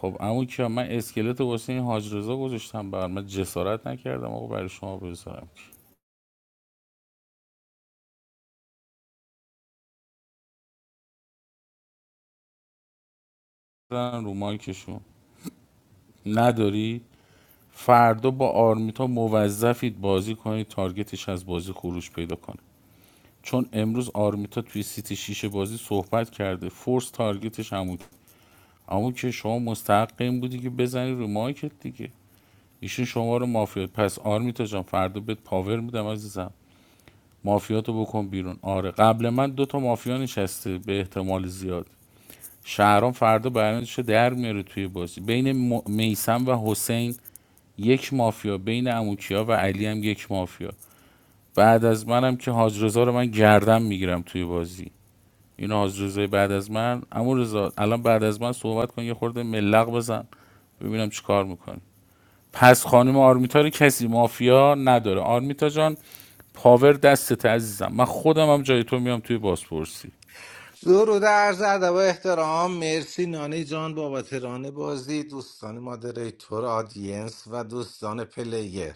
خب عمو کیا من اسکلت واسه این حاج رضا گذاشتم بر من جسارت نکردم آقا برای شما بذارم زدن رو مایکشون نداری فردا با آرمیتا موظفید بازی کنید تارگتش از بازی خروج پیدا کنه چون امروز آرمیتا توی سیت شیشه بازی صحبت کرده فورس تارگتش همون اما که شما مستحق این بودی که بزنی رو مایکت دیگه ایشون شما رو مافیات پس آرمیتا جان فردا بهت پاور میدم عزیزم مافیاتو بکن بیرون آره قبل من دو تا مافیا نشسته به احتمال زیاد شهرام فردا برنامه‌شو در میاره توی بازی بین میسم و حسین یک مافیا بین اموکیا و علی هم یک مافیا بعد از منم که حاج رضا رو من گردم میگیرم توی بازی این حاج رضای بعد از من امو رضا الان بعد از من صحبت کن یه خورده ملق بزن ببینم چی کار میکنی پس خانم آرمیتا رو کسی مافیا نداره آرمیتا جان پاور دستت عزیزم من خودم هم جای تو میام توی بازپرسی درود عرض ادب و احترام مرسی نانی جان بابت ران بازی دوستان مادریتور آدینس و دوستان پلیر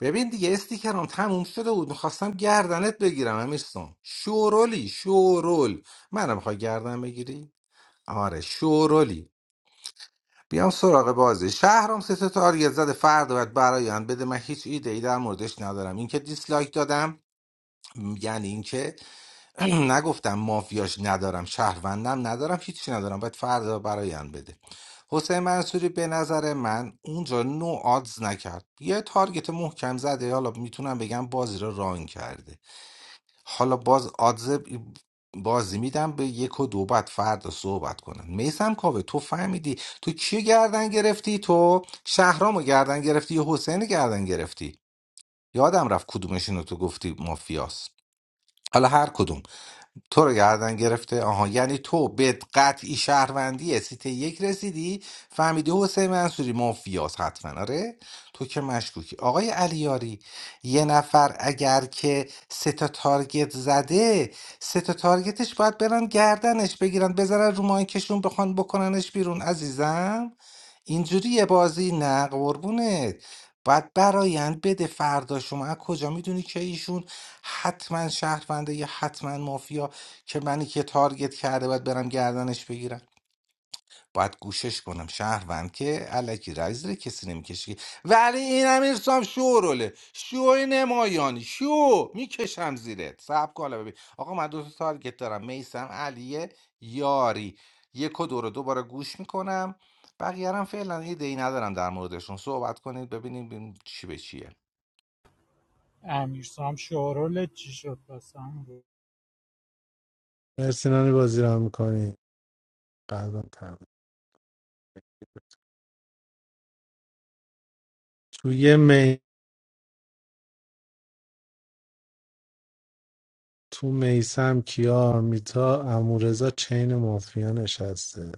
ببین دیگه استیکرام تموم شده بود میخواستم گردنت بگیرم امیرسون شورولی شورول منم میخوای گردن بگیری آره شورولی بیام سراغ بازی شهرام سه تا تارگت زده فرد باید برایان بده من هیچ ایده ای در موردش ندارم اینکه دیسلایک دادم م، یعنی اینکه (clears throat) نگفتم مافیاش ندارم شهروندم ندارم هیچی ندارم باید فردا برایان بده حسین منصوری به نظر من اونجا نو آدز نکرد یه تارگت محکم زده حالا میتونم بگم بازی رو ران کرده حالا باز آدز بازی میدم به یک و دو بعد فردا صحبت کنن میسم کاوه تو فهمیدی تو کیو گردن گرفتی تو شهرامو گردن گرفتی یا حسین گردن گرفتی یادم رفت کدومشونو تو گفتی مافیاس حالا هر کدوم تو رو گردن گرفته آها یعنی تو به قطعی شهروندی سیت یک رسیدی فهمیدی حسین منصوری مافیاس حتما آره تو که مشکوکی آقای علیاری یه نفر اگر که سه تا تارگت زده سه تا تارگتش باید برن گردنش بگیرن بذارن رو مایکشون بخوان بکننش بیرون عزیزم اینجوریه بازی نه قربونت باید برایند بده فردا شما از کجا میدونی که ایشون حتما شهرونده یا حتما مافیا که منی که تارگت کرده باید برم گردنش بگیرم باید گوشش کنم شهروند که علکی رای زیر کسی نمیکشه ولی این امیر سام شوروله شو نمایانی شو میکشم زیرت سب کالا ببین آقا من دو تا تارگت دارم میسم علیه یاری یک و دو رو دوباره گوش میکنم بقیه رو هم فعلا ایده ای ندارم در موردشون صحبت کنید ببینیم ببینیم چی به چیه امیرسام شورول چی شد پس هم بود مرسی نانی بازی رو میکنی قلبم تمام توی می تو میسم کیار میتا امورزا چین مافیا نشسته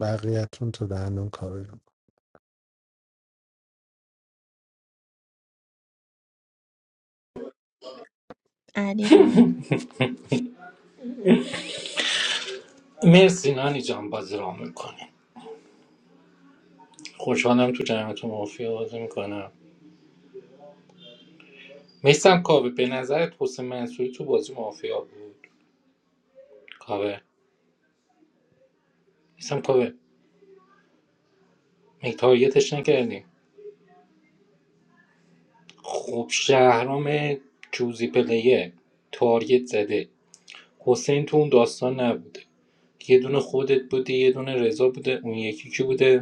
بقیهتون تو دندون کاری رو علی رام مرسی نانی جان بازی را میکنی خوشحالم تو جمعت مافیا بازی میکنم میسم کاوه به نظرت حسین منصوری تو بازی مافیا بود کاوه میسم کاوه مگه تارگتش نکردیم خب شهرام جوزی پلیه تارگت زده حسین تو اون داستان نبوده یه دونه خودت بوده یه دونه رضا بوده اون یکی کی بوده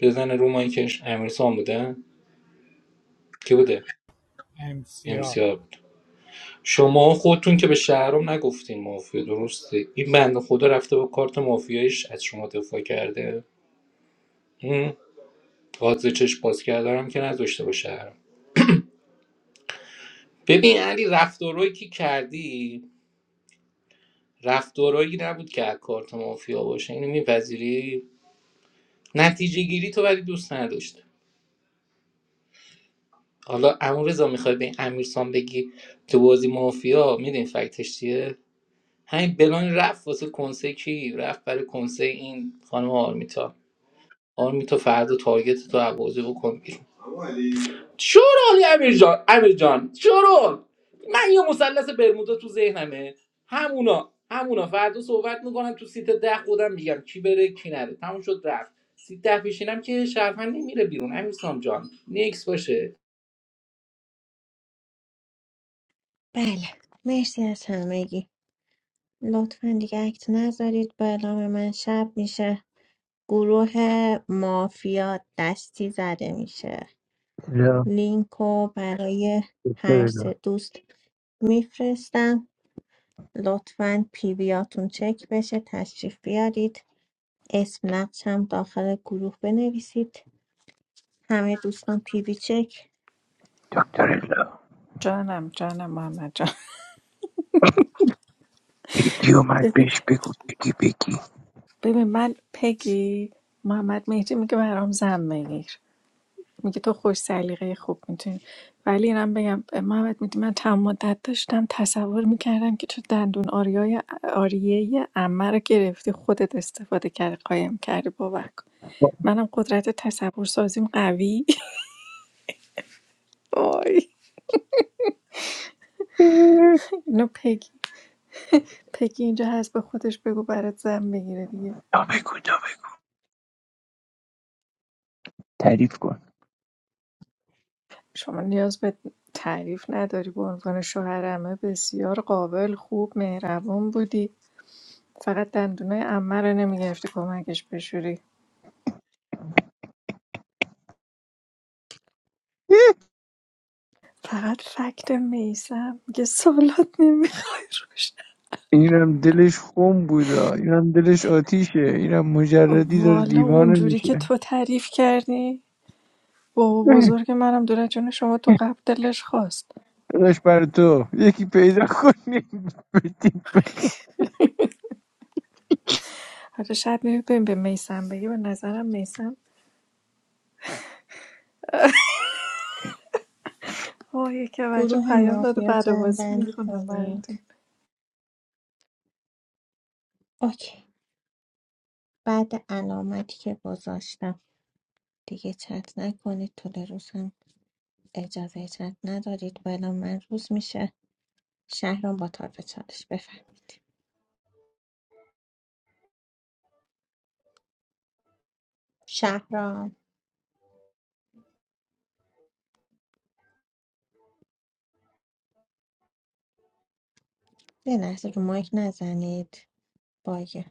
بزنه رو مایکش امیرسان بوده کی بوده امسیار امسیار شما خودتون که به شهرام نگفتین مافیا درسته این بنده خدا رفته با کارت مافیایش از شما دفاع کرده قاضی چشم باز کردنم که نذاشته با شهرام ببین علی رفتارهایی که کردی رفتارهایی نبود که از کارت مافیا باشه اینو میپذیری نتیجه گیری تو ولی دوست نداشته حالا امور رضا میخوای به امیرسان بگی تو بازی مافیا میدین فکتش چیه همین بلان رفت واسه کنسه کی رفت برای کنسه این خانم آرمیتا آرمیتا فردا تارگت تو عوازه بکن بیرون شورالی امیر جان امیر جان شورال من یه مثلث برمودا تو ذهنمه همونا همونا فردا صحبت میکنم تو سیت ده خودم میگم کی بره کی نره تموم شد رفت سیت ده پیشینم که شرفن نمیره بیرون امیر سام جان نیکس باشه بله مرسی از همگی لطفا دیگه اکت نذارید با اعلام من شب میشه گروه مافیا دستی زده میشه No لینک رو برای هر doctor no. سه دوست میفرستم لطفا پی ویاتون چک بشه تشریف بیارید اسم نقش هم داخل گروه بنویسید همه دوستان پی وی چک Doctor no. جانم جانم محمد جان Pick you my ببین bitch picky picky. ببین من پگی محمد مهدی میگه برام زن بگیر میگه تو خوش سلیقه خوب میتونی ولی اینم بگم محمد میدی من تمام مدت داشتم تصور میکردم که تو دندون آریای آریه عمه رو گرفتی خودت استفاده کردی قایم کردی باور کن No منم قدرت تصور سازیم قوی (laughs) وای no no. اینو پگی پگی اینجا هست به خودش بگو برات زن بگیره دیگه Tell me good tell me good. Tell me good. شما نیاز به تعریف نداری به عنوان شوهرمه بسیار قابل خوب مهربون بودی فقط دندونای عمه رو نمیگرفتی کمکش بشوری فقط فکت میسم میگه سالات نمیخوش Inam dalech home buda. Inam dalech atiche. Inam mujarradi dar والا divan اونجوری mish. که تو تعریف کردی بابا Inam بزرگ منم دور جون شما تو قبل دلش خواست dalech per to. Yeki peyda kuni. حالا شاید میبین به میسم بگی به نظرم میسم وای که بچه گروه پیام داده مافیا بعد بازی جنبندی میخونم براتون کنید اوکی بعد علامتی که گذاشتم دیگه چت نکنید طول روز هم اجازه چت ندارید بلا من روز میشه شهرام با طرف چالش بفرم شهرام یه لحظه رو مایک نزنید باگه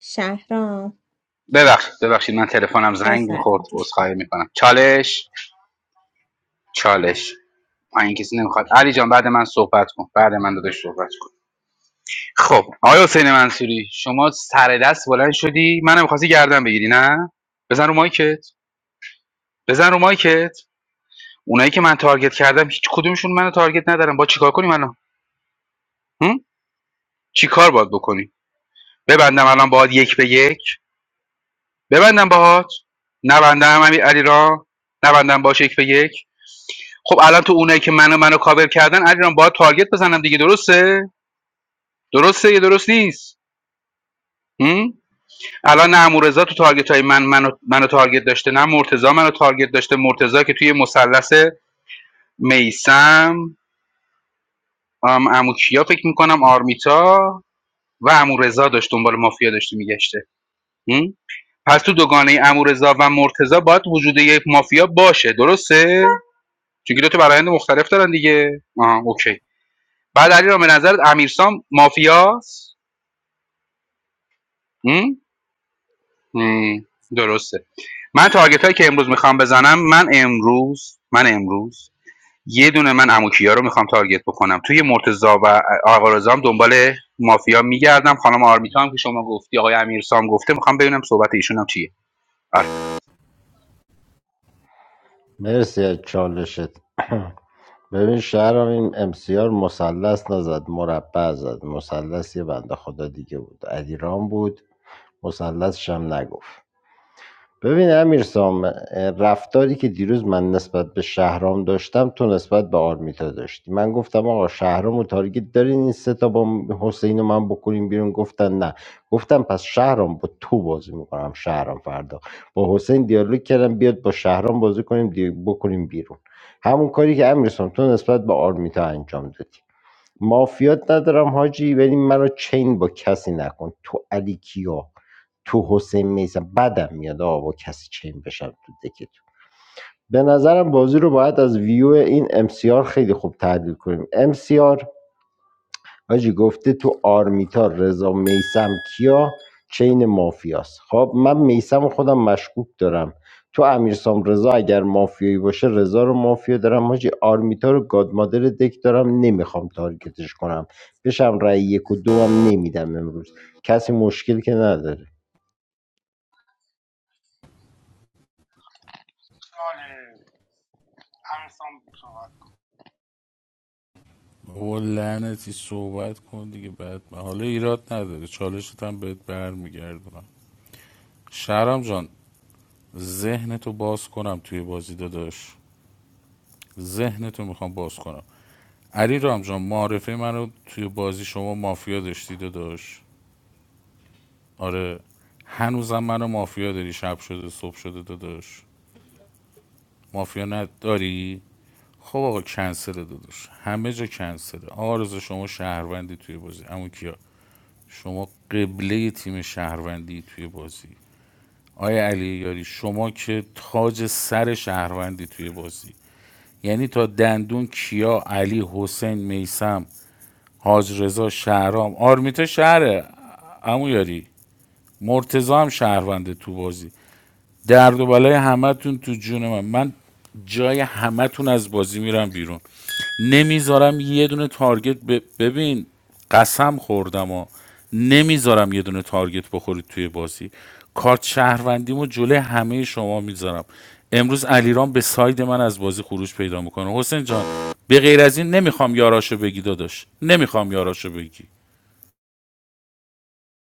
شهرام ببخشید ببخشید من تلفنم زنگ میخورد بفرمید عذرخواهی میکنم چالش چالش پایین کسی نمیخواد علی جان بعد من صحبت کن بعد من داداش صحبت کن خب آقای حسین منصوری شما سر دست بلند شدی منم خواستی گردن بگیری نه بزن رو مایکت بزن رو مایکت اونایی که من تارگت کردم هیچ کدومشون منو تارگت ندارم با چیکار کنیم الان هم؟ چیکار باید بکنی ببندم الان باهات یک به یک ببندم باهات نبندم امیر علیرام نبندم باش یک به یک خب الان تو اونایی که منو منو کاور کردن علیرام باید تارگت بزنم دیگه درسته درسته یا درست نیست هم؟ الان نه امورزا تو تارگت های من منو منو تارگت داشته نه مرتضی منو تارگت داشته مرتضی که توی مثلث میسم ام عمو کیا فکر میکنم آرمیتا و امورزا داشت دنبال مافیا داشته میگشته پس تو دوگانه امورزا و مرتضی باید وجود یک مافیا باشه درسته چون که دو تا برایند مختلف دارن دیگه آها اوکی بعد علی را به نظرت امیرسام مافیاست هم؟ هم، درسته من تارگت هایی که امروز میخوام بزنم من امروز من امروز یه دونه من عمو رو میخوام تارگت بکنم توی مرتضا و آقا رضا هم دنبال مافیا میگردم خانم آرمیتا هم که شما گفتی آقای امیرسام گفته میخوام ببینم صحبت ایشون هم چیه آره مرسی از چالشت ببین شهرام این امسیار مثلث نزد مربع زد مثلث یه بنده خدا دیگه بود علیرام بود مثلثش هم نگفت ببین امیرسام رفتاری که دیروز من نسبت به شهرام داشتم تو نسبت به آرمیتا داشتی من گفتم آقا شهرام و تارگت دارین این سه تا با حسین و من بکنیم بیرون گفتن نه گفتم پس شهرام با تو بازی میکنم شهرام فردا با حسین دیالوگ کردم بیاد با شهرام بازی کنیم دی- بکنیم بیرون همون کاری که امیرسام تو نسبت به آرمیتا انجام دادی مافیات ندارم حاجی ولی منو چین با کسی نکن تو علی کیا تو حسین میسم بدم میاد آقا با کسی چین بشم تو دکتون به نظرم بازی رو باید از ویو این امسیار خیلی خوب تحلیل کنیم امسیار حاجی گفته تو آرمیتا رضا میسم کیا چین مافیاست خب من میسم خودم مشکوک دارم تو امیرسام رضا اگر مافیایی باشه رضا رو مافیا دارم حاجی آرمیتا رو گادمادر دک دارم نمیخوام تارگتش کنم بشم رای یک و دو هم نمیدم امروز کسی مشکل که نداره سوال بابا لعنتی صحبت کن دیگه بعد حالا ایراد نداره چالشت هم بهت برمیگردونم شهرام جان ذهنتو باز کنم توی بازی داداش ذهنتو میخوام باز کنم علی رام جان معارفه من رو توی بازی شما مافیا داشتی داداش آره هنوزم منو مافیا داری شب شده صبح شده داداش مافیا نداری خب آقا کنسله داداش همه جا کنسله آرزو شما شهروندی توی بازی اما کیا شما قبله تیم شهروندی توی بازی آیا علی یاری شما که تاج سر شهروندی توی بازی یعنی تا دندون کیا علی حسین میسم حاج رضا شهرام آرمیتا شهره امو یاری مرتضی هم شهرونده تو بازی درد و بالای همتون تو جون من من جای همه تون از بازی میرم بیرون نمیذارم یه دونه تارگت ب- ببین قسم خوردم و نمیذارم یه دونه تارگت بخورید توی بازی کارت شهروندیمو جلوی همه شما میذارم امروز علیرام به ساید من از بازی خروج پیدا میکنه حسین جان به غیر از این نمیخوام یاراشو بگی داداش نمیخوام یاراشو بگی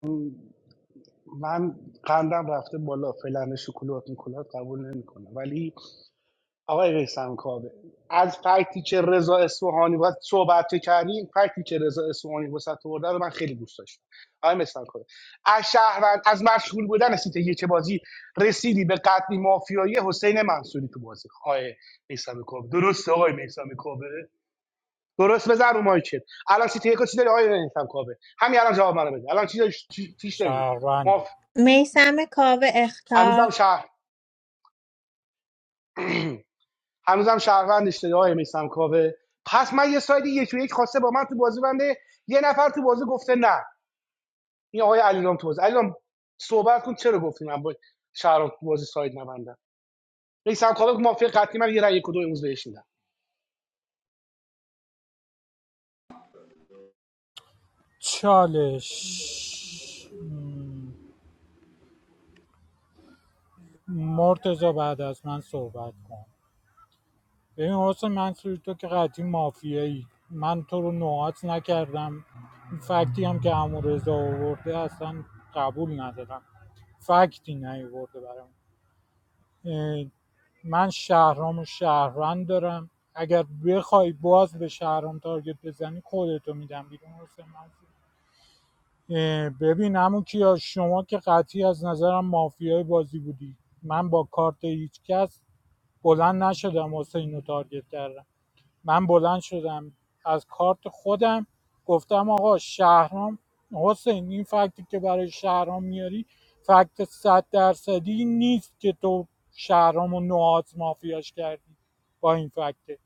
تو. من قندم رفته بالا فلان شکلات میکلات قبول نمیکنم ولی آقای قیسم کاوه از فکتی که رضا اصفهانی باید صحبت کردیم فکتی که رضا اصفهانی واسه تو رو من خیلی دوست داشتم آقای مثلا کاوه از شهروند از مشغول بودن سیت یک بازی رسیدی به قطعی مافیایی حسین منصوری تو بازی آقای میسم کاوه درسته آقای میسم کاوه درست بزن رو مایکت الان سیت یک چی داری آقای میسم کاوه همین الان جواب منو بده الان چی چی چیش داری شهرونده میسم کاوه هنوزم اختار شهر هنوزم شهروند اشتباه های میسم کاوه پس من یه ساید یک و یک خواسته با من تو بازی بنده یه نفر تو بازی گفته نه این آقای علیرام تو بازی علیرام صحبت کن چرا گفتی من با شهرام تو بازی ساید نبندم میسم کاوه مافیا قطعی من یه رأی یک و دو امروز بهش میدم چالش مرتزا بعد از من صحبت کن ببین حسن منصوری تو که قطعی مافیایی من تو رو نوعات نکردم این فکتی هم که امو رضا آورده اصلا قبول ندارم فکتی نیورده برام من شهرام و شهروند دارم اگر بخوای باز به شهرام تارگت بزنی خودتو میدم بیرون حسن منصوری اه، ببین همون کیا شما که قطعی از نظرم مافیای بازی بودی من با کارت هیچ کس بلند نشدم حسین رو تارگت کردم من بلند شدم از کارت خودم گفتم آقا شهرام حسین این فکتی که برای شهرام میاری فکت صد درصدی نیست که تو شهرام و نوعات مافیاش کردی با این فکت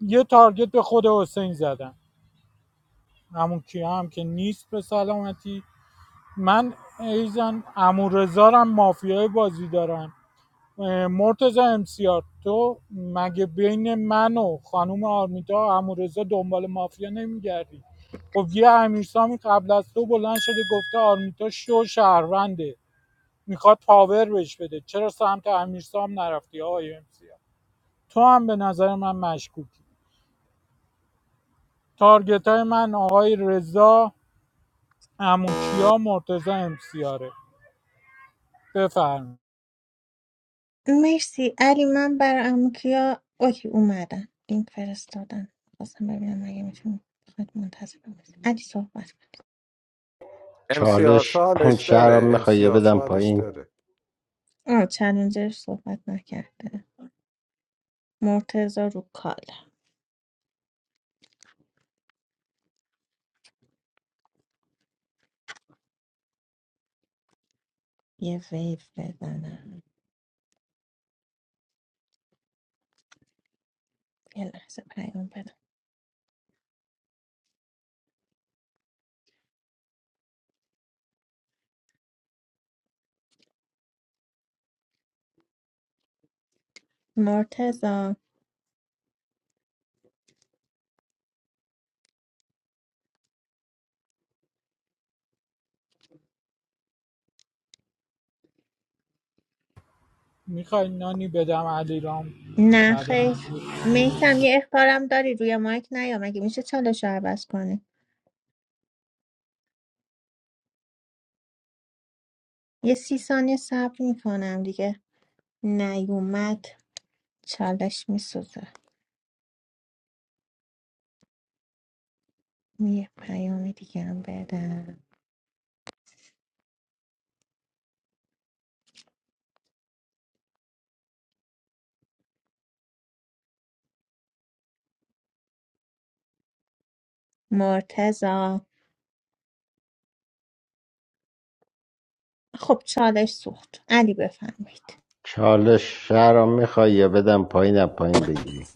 یه تارگت به خود حسین زدم همون کیا هم که نیست به سلامتی من ایزن امورزارم مافیای بازی دارم مرتزا امسیار تو مگه بین من و خانوم آرمیتا امورزا دنبال مافیا نمیگردی خب یه امیرسامی قبل از تو بلند شده گفته آرمیتا شو شهرونده میخواد پاور بهش بده چرا سمت امیرسام نرفتی آقای امسیار تو هم به نظر من مشکوکی تارگت های من آقای رضا اموکیا مرتزا امسیاره بفرم مرسی علی من برای اموکیا اوکی اومدن لینک فرستادن خواستم ببینم اگه میتونم خود منتظر بمونید علی صحبت کنید امسیار چالش هم چالش شهرام داره میخوای یه امسیار بدم چالش پایین داره آه چلنجر صحبت نکرده مرتزا رو کال یه ویو بزنم یه لحظه پیام بدم مرتزا میخوای نانی بدم علیرام نه بعدا خیر میسم یه اختارم داری روی مایک نیام مگه میشه چالش رو عوض کنی یه سی ثانیه صبر میکنم دیگه نیومد چالش میسوزه یه پیام دیگه هم بدم مرتزا خب چالش سوخت علی بفرمایید چالش شهرام میخوای یه بدم پایین از پایین بگیری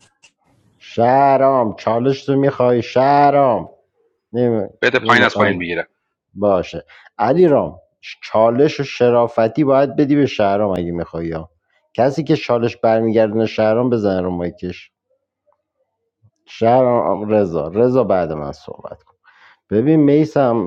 شهرام چالش تو میخوای شهرام نمی... بده پایین از پایین نمیخوای میگیرم باشه علی رام چالش و شرافتی باید بدی به شهرام اگه میخوای یا کسی که چالش برمیگردونه شهرام بزن رو مایکش شهرام رضا رضا بعد من صحبت کن ببین میسم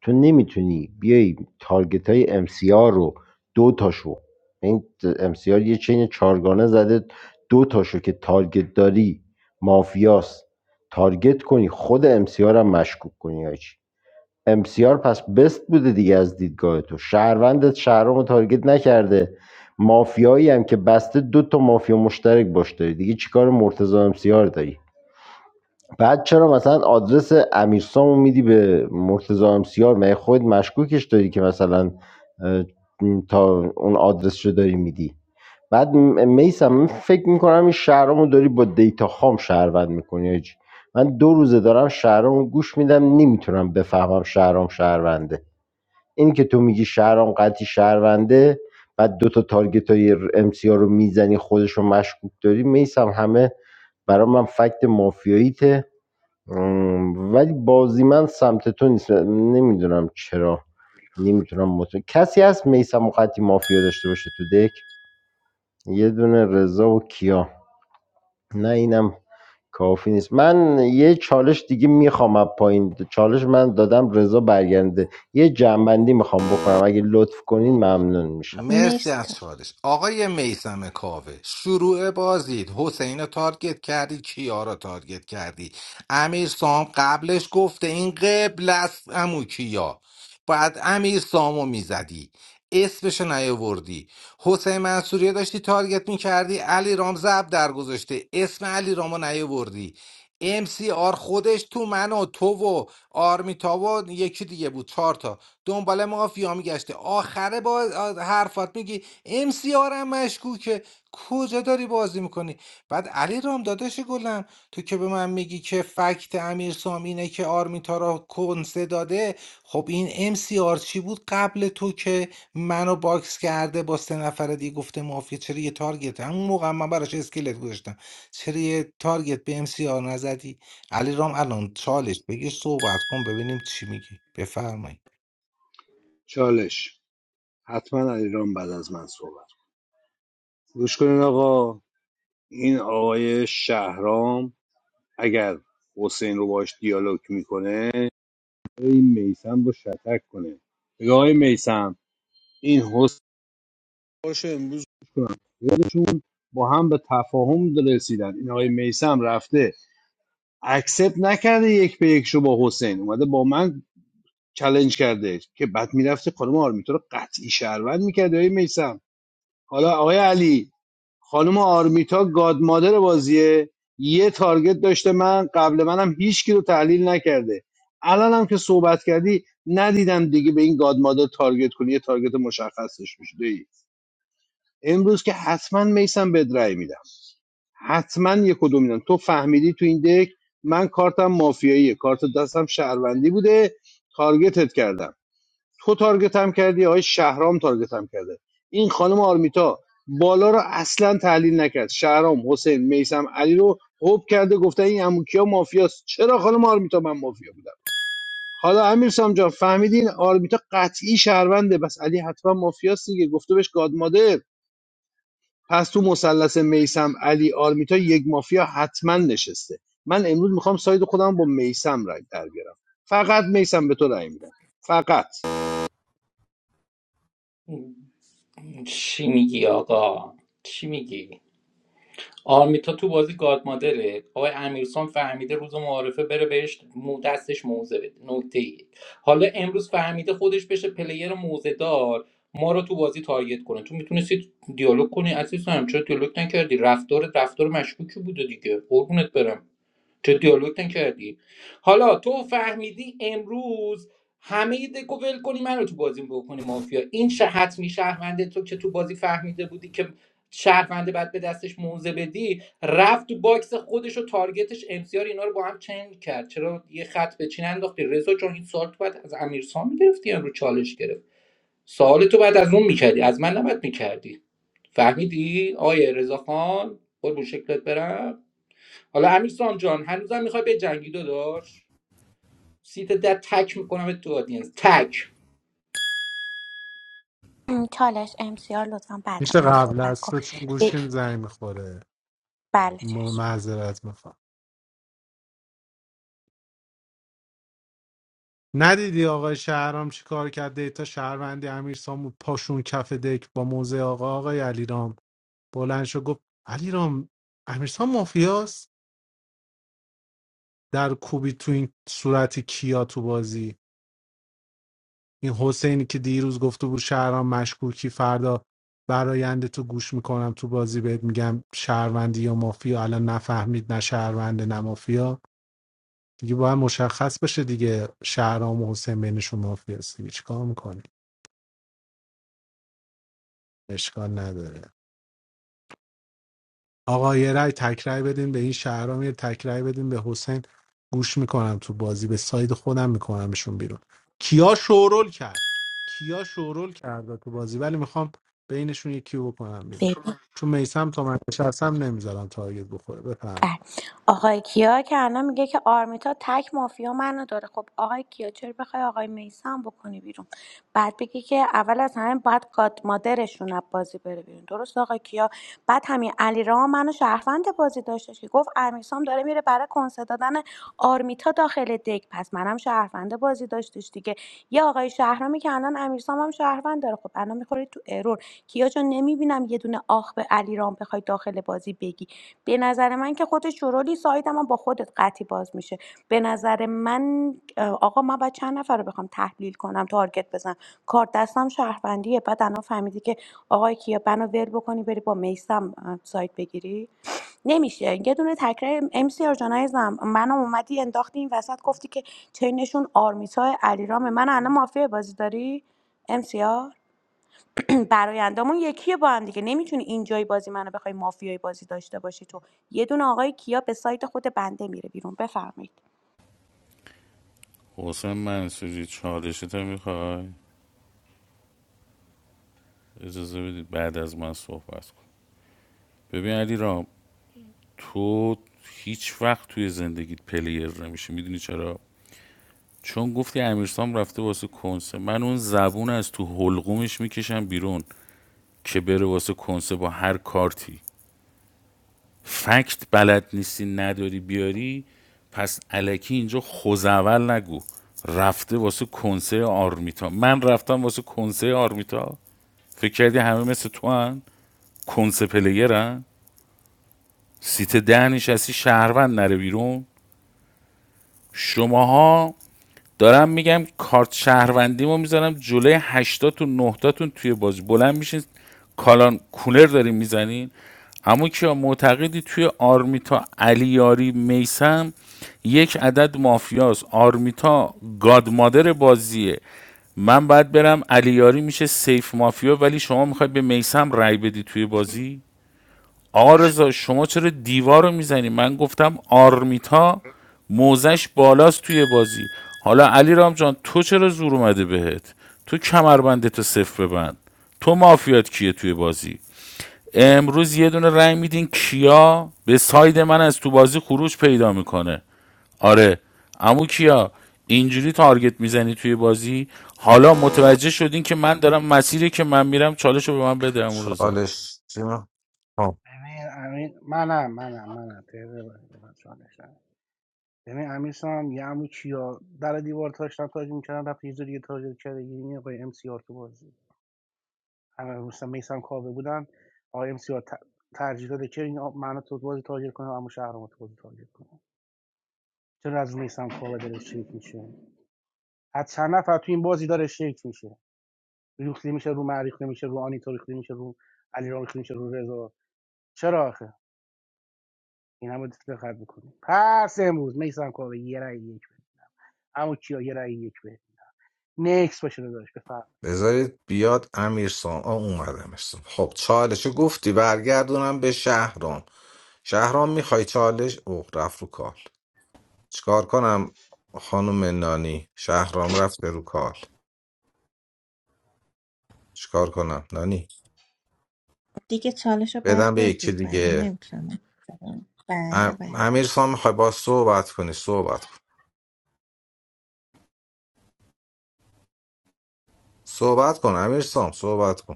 تو نمیتونی بیای تارگت های MCR رو دو تاشو این MCR یه چین چارگانه زده دو تاشو که تارگت داری مافیاس تارگت کنی خود MCR هم مشکوک کنی هیچ MCR پس بست بوده دیگه از دیدگاه تو شهروندت شهرام رو تارگت نکرده مافیایی هم که بسته دو تا مافیا مشترک باش داری دیگه چیکار مرتضی MCR داری بعد چرا مثلا آدرس امیرسامو میدی به مرتضی امسیار مگه خود مشکوکش داری که مثلا اه، تا اون آدرس رو داری میدی بعد میسم من فکر میکنم این شهرامو داری با دیتا خام شهروند میکنی آجی من دو روزه دارم شهرامو گوش میدم نمیتونم بفهمم شهرام شهرونده این که تو میگی شهرام قطعی شهرونده بعد دو تا تارگت های ام سی رو میزنی خودش رو مشکوک داری میسم همه برای من فکت مافیاییته ام، ولی بازی من سمت تو نیست نمیدونم چرا نمیتونم مطمئن کسی هست میسم مقدی مافیا داشته باشه تو دک یه دونه رضا و کیا نه اینم کافی نیست من یه چالش دیگه میخوام از پایین چالش من دادم رضا برگرده یه جنبندی میخوام بکنم اگه لطف کنین ممنون میشم مرسی مرسی از تا چالش آقای میسم کاوه شروع بازید حسین رو تارگت کردی کیا رو تارگت کردی امیر سام قبلش گفته این قبل است امو کیا باید امیر سامو میزدی اسمشو نیاوردی حسین منصوری رو داشتی تارگت میکردی علی رام زب در گذاشته اسم علی رامو نیاوردی ام سی آر خودش تو من و تو و آرمیتا و یکی دیگه بود چهار تا دنبال مافیا میگشته آخره با حرفات میگی ام سی آرم مشکوکه کجا داری بازی میکنی بعد علی رام داداش گلم تو که به من میگی که فکت امیر سام اینه که آرمیتا را کنسه داده خب این ام سی آر چی بود قبل تو که منو باکس کرده با سه نفر دیگه گفته مافیا چرا یه تارگت همون موقع هم من براش اسکلت گذاشتم چرا یه تارگت به ام سی آر نزدی علی رام الان چالش بگی صحبت کن ببینیم چی میگی بفرمایید چالش حتما علیرام بعد از من صحبت گوش کنین آقا این آقای شهرام اگر حسین رو باش دیالوگ میکنه این میسم رو شتک کنه بگه آقای میسم این حسین باشه امروز گوش کنم خودشون با هم به تفاهم رسیدن این آقای میسم رفته اکسپت نکرده یک به یک شو با حسین اومده با من چلنج کرده که بعد میرفته خانم آرمیتا رو قطعی شهروند میکرده آقای میسم حالا آقای علی خانم آرمیتا گاد مادر بازیه یه تارگت داشته من قبل منم هیچکی رو تحلیل نکرده الان هم که صحبت کردی ندیدم دیگه به این گاد مادر تارگت کنی یه تارگت مشخصش میشه امروز که حتما میسم بد رأی میدم حتما یه کدوم میدم تو فهمیدی تو این دک من کارتم مافیاییه کارت دستم شهروندی بوده تارگتت کردم تو تارگت هم کردی آقای شهرام تارگت هم کرده این خانم آرمیتا بالا رو اصلا تحلیل نکرد شهرام حسین میسم علی رو هوب کرده گفته این اموکیا مافیاست چرا خانم آرمیتا من مافیا بودم حالا امیر سام جان فهمیدین آرمیتا قطعی شهرونده بس علی حتما مافیاست دیگه گفته بهش گاد مادر پس تو مثلث میسم علی آرمیتا یک مافیا حتما نشسته من امروز میخوام ساید خودم با میسم رای در بیارم فقط میسم به تو رای میدم فقط چی میگی آقا چی میگی آرمیتا تو بازی گاد مادره آقای امیرسان فهمیده روز معارفه بره بهش مو دستش موزه بده نکته ای حالا امروز فهمیده خودش بشه پلیر موزه دار ما رو تو بازی تارگت کنه تو میتونستی دیالوگ کنی عزیزم چرا دیالوگ نکردی رفتار رفتار مشکوکی بوده دیگه قربونت برم چه دیالوگ نکردی حالا تو فهمیدی امروز همه دکو ول کنی منو تو بازی بکنی مافیا این شه- حتمی شهرونده تو که تو بازی فهمیده بودی که شهرونده بعد به دستش موزه بدی رفت تو باکس خودش و تارگتش امسیار اینا رو با هم چنگ کرد چرا یه خط به چین انداختی رضا چون این سوال تو باید از امیرسام میگرفتی یا رو چالش گرفت سوال تو بعد از اون میکردی از من نباید میکردی فهمیدی آیه رضا خان قربون شکلت برم حالا امیرسام جان هنوزم میخوای به جنگی داداش سیت در تک میکنم تو آدینس تک چالش امسیار لطفا بعد میشه من قبل صحبت از کن تو چون گوشیم زنگ میخوره بله م- چشم معذرت میخوام ندیدی آقای شهرام چی کار کرد دیتا شهروندی امیر سامو پاشون کف دک با موزه آقا آقای علیرام بلند شد گفت علیرام امیرسام مافیاست در کوبی تو این صورت کیا تو بازی این حسینی که دیروز گفته بود شهرام مشکوکی فردا براینده تو گوش میکنم تو بازی بهت میگم شهروندی یا مافیا الان نفهمید نه شهرونده نه مافیا دیگه باید مشخص بشه دیگه شهرام و حسین بینشون مافیاست دیگه چیکار میکنی اشکال نداره آقا یه رای تکرای بدین به این شهرام یه تکرای بدین به حسین گوش میکنم تو بازی به ساید خودم میکنمشون بیرون کیا شورول کرد کیا شورول کرد تو بازی ولی میخوام بینشون یکی رو بکنم بیرون ببین چون میسم تا من نشستم نمیذارم تارگت بخوره بفهمید بله. آقای کیا که الان میگه که آرمیتا تک مافیا منو داره خب آقای کیا چرا بخوای آقای میسم بکنی بیرون بعد بگی که اول از همه باید گاد مادرشون از بازی بره بیرون درست آقای کیا بعد همین علی را منو شهروند بازی داشتش که گفت امیرسام داره میره برای کنسه دادن آرمیتا داخل دک پس منم شهروند بازی داشتش دیگه یه آقای شهرامی که الان امیرسام هم شهروند داره خب الان میخوری تو ارور کیا جان نمیبینم یه دونه آخ به علیرام بخوای داخل بازی بگی به نظر من که خودت شورولی سایت هم با خودت قطعی باز میشه به نظر من اه، آقا من باید چند نفر رو بخوام تحلیل کنم تارگت بزنم کار دستم شهروندیه بعد الان فهمیدی که آقای کیا بنا ول بکنی بری با میسم اه، سایت بگیری نمیشه یه دونه تکرار ام سی آر جانایزم منم اومدی انداختی این وسط گفتی که چینشون آرمیتا علیرامه من الان مافیا بازی داری ام سی آر؟ (clears throat) برایندامون یکیه با هم دیگه نمیتونی اینجای بازی منو بخوای مافیای بازی داشته باشی تو یه دونه آقای کیا به سایت خود بنده میره بیرون بفرمایید حسین منصوری چالشتو میخوای اجازه بدید بعد از من صحبت کن ببین علی تو هیچ وقت توی زندگیت پلیر نمیشه میدونی چرا چون گفتی امیرسام رفته واسه کنسه من اون زبون از تو حلقومش میکشم بیرون که بره واسه کنسه با هر کارتی فکت بلد نیستی نداری بیاری پس علکی اینجا خوزول نگو رفته واسه کنسه آرمیتا من رفتم واسه کنسه آرمیتا فکر کردی همه مثل تو هن؟ کنسه پلیرن سیت ده نشستی شهروند نره بیرون شماها دارم میگم کارت شهروندی ما میزنم جلوی هشتاتون نهتاتون توی بازی بلند میشین کالان کولر دارین میزنین اما که معتقدی توی آرمیتا علیاری میسم یک عدد مافیاست آرمیتا گادمادر بازیه من باید برم علیاری میشه سیف مافیا ولی شما میخواید به میسم رای بدی توی بازی آقا رضا شما چرا دیوار رو میزنی من گفتم آرمیتا موزش بالاست توی بازی حالا علی رام جان تو چرا زور اومده بهت تو کمربندتو تو صفر ببند تو مافیات کیه توی بازی امروز یه دونه رای میدین کیا به ساید من از تو بازی خروج پیدا میکنه آره امو کیا اینجوری تارگت میزنی توی بازی حالا متوجه شدین که من دارم مسیری که من میرم چالش رو به من بده امو رضا چالش چی من- آه، امین، امین منم منم منم تهران من چالش ندارم. ببین امیر سام یه عمو چیا در دیوار تاش تاج میکردن رفت یه جا دیگه تاج کرده این آقای ام سی آر تو بازی مثلا میسم کاوه بودن آقای ام سی آر ترجیح داده که این آ- مهناز تو بازی تارگت کنه اما شهرام تو بازی تارگت کنه چرا از میسم کاوه داره شیک میشه از چند نفر تو این بازی داره شیک میشه ریخته میشه رو معریخته میشه رو آنیتا ریخته میشه رو علی ریخته میشه رو رضا چرا آخه این همه دقت میکنی پس امروز میسم کاوه یه رای یک بده اما کیا یه رای یک بده نکس باشه داداش بفر بذارید بیاد امیر سام آه اومد امیر سام خب چالش گفتی برگردونم به شهرام شهرام میخوای چالش اوه رفت رو کال چیکار کنم خانم نانی شهرام رفت رو کال چیکار کنم نانی دیگه چالش رو باید بدم به یکی بدید برای دیگه نمیتونم بدم. بله ام... بله امیر سام میخوای با صحبت کنی صحبت کن صحبت کن امیر سام صحبت کن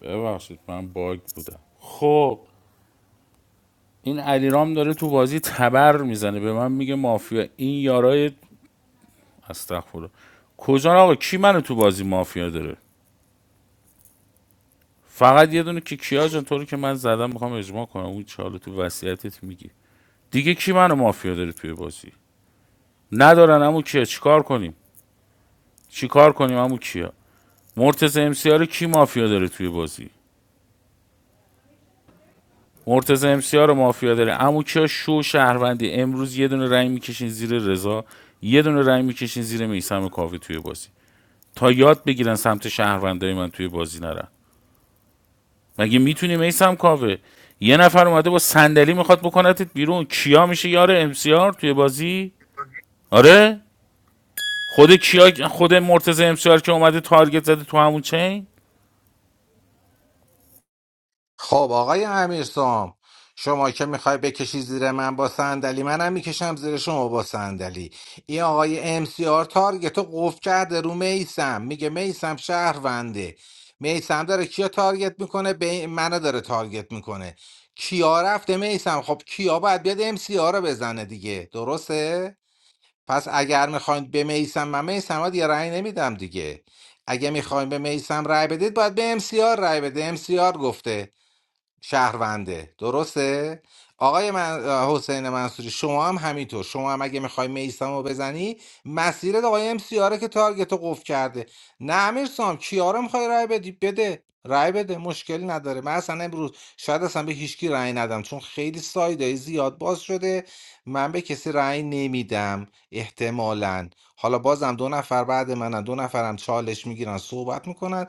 ببخشید من باگ بودم خب این علیرام داره تو بازی تبر میزنه به من میگه مافیا این یارای استغفر کجا آقا کی منو تو بازی مافیا داره فقط یه دونه که کیا جان تو رو که من زدم میخوام اجماع کنم اون چالو تو وصیتت میگی دیگه کی منو مافیا داره توی بازی ندارن امو کیا چیکار کنیم چیکار کنیم امو کیا مرتضی امسیار کی مافیا داره توی بازی مرتضی امسیا رو مافیا داره عمو کیا شو شهروندی امروز یه دونه رای میکشین زیر رضا یه دونه رای میکشین زیر میسم کاوه توی بازی تا یاد بگیرن سمت شهروندای من توی بازی نرن مگه میتونی میسم کاوه یه نفر اومده با صندلی میخواد بکنتت بیرون کیا میشه یار امسیار توی بازی آره خود کیا خود مرتضی امسیار که اومده تارگت زده تو همون چین خب آقای امیرسام شما که میخوای بکشی زیر من با صندلی منم میکشم زیر شما با صندلی این آقای ام سی آر تارگت رو قفل کرده رو میسم میگه میسم شهرونده میسم داره کیا تارگت میکنه به منو داره تارگت میکنه کیا رفته میسم خب کیا باید بیاد ام سی آر رو بزنه دیگه درسته پس اگر میخواین به میسم من میسم ها دیگه رأی نمیدم دیگه اگه میخواین به میسم رأی بدید باید به ام سی آر رأی بده ام سی آر گفته شهرونده درسته آقای من... حسین منصوری شما هم همینطور شما هم اگه میخوای میسم رو بزنی مسیرت آقای ام سیاره که تارگت رو قفل کرده نه امیر سام کیا رو میخوای رای بدی بده رای بده مشکلی نداره من اصلا امروز شاید اصلا به هیچکی رای ندم چون خیلی سایدهای زیاد باز شده من به کسی رای نمیدم احتمالا حالا بازم دو نفر بعد منن دو نفرم چالش میگیرن صحبت میکنن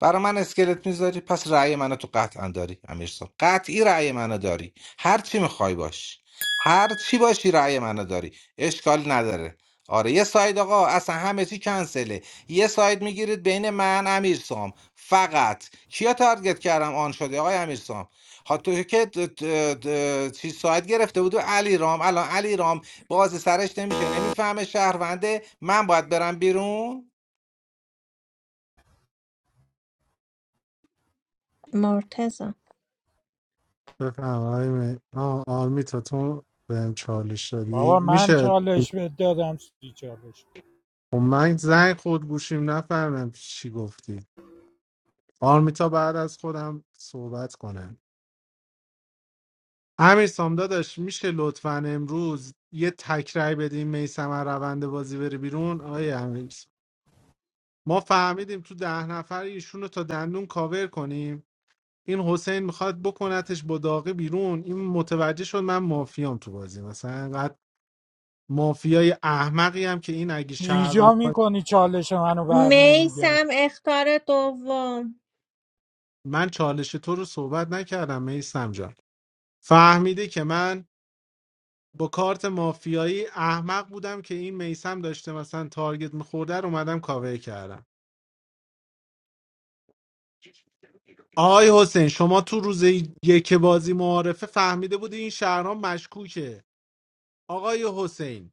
برا من اسکلت میذاری پس رأی منو تو قطعا داری امیرسان قطعی رأی منو داری هر چی میخوای باش هر چی باشی رأی منو داری اشکال نداره آره یه ساید آقا اصلا همه چی کنسله یه ساید میگیرید بین من امیر سام فقط کیا تارگت کردم آن شده آقای امیر سام ها تو که د- د- د- چیز ساید گرفته بود و علی رام الان علی رام باز سرش نمیشه نمیفهمه شهرونده من باید برم بیرون مرتزا بفهم آقای می- آه، آرمی تا تو بهم چالش دادی بابا من میشه چالش بهت دادم سی چالش خب من زنگ خود گوشیم نفهمم چی گفتی آرمیتا بعد از خودم صحبت کنه همین سام داداش میشه لطفا امروز یه تکرای بدیم میسم روند بازی بره بیرون آیه امیر سام، ما فهمیدیم تو ده نفر ایشون رو تا دندون کاور کنیم این حسین میخواد بکنتش با داغی بیرون این متوجه شد من مافیام تو بازی مثلا انقدر مافیای احمقی هم که این اگه ایجا شهروند میکنی چالش منو بر نمیگرد میسم اختار دوم من چالش تو رو صحبت نکردم میسم جان فهمیده که من با کارت مافیایی احمق بودم که این میسم داشته مثلا تارگت میخورده رو اومدم کاور کردم آقای حسین شما تو روز یک بازی معارفه فهمیده بودی این شهرام مشکوکه آقای حسین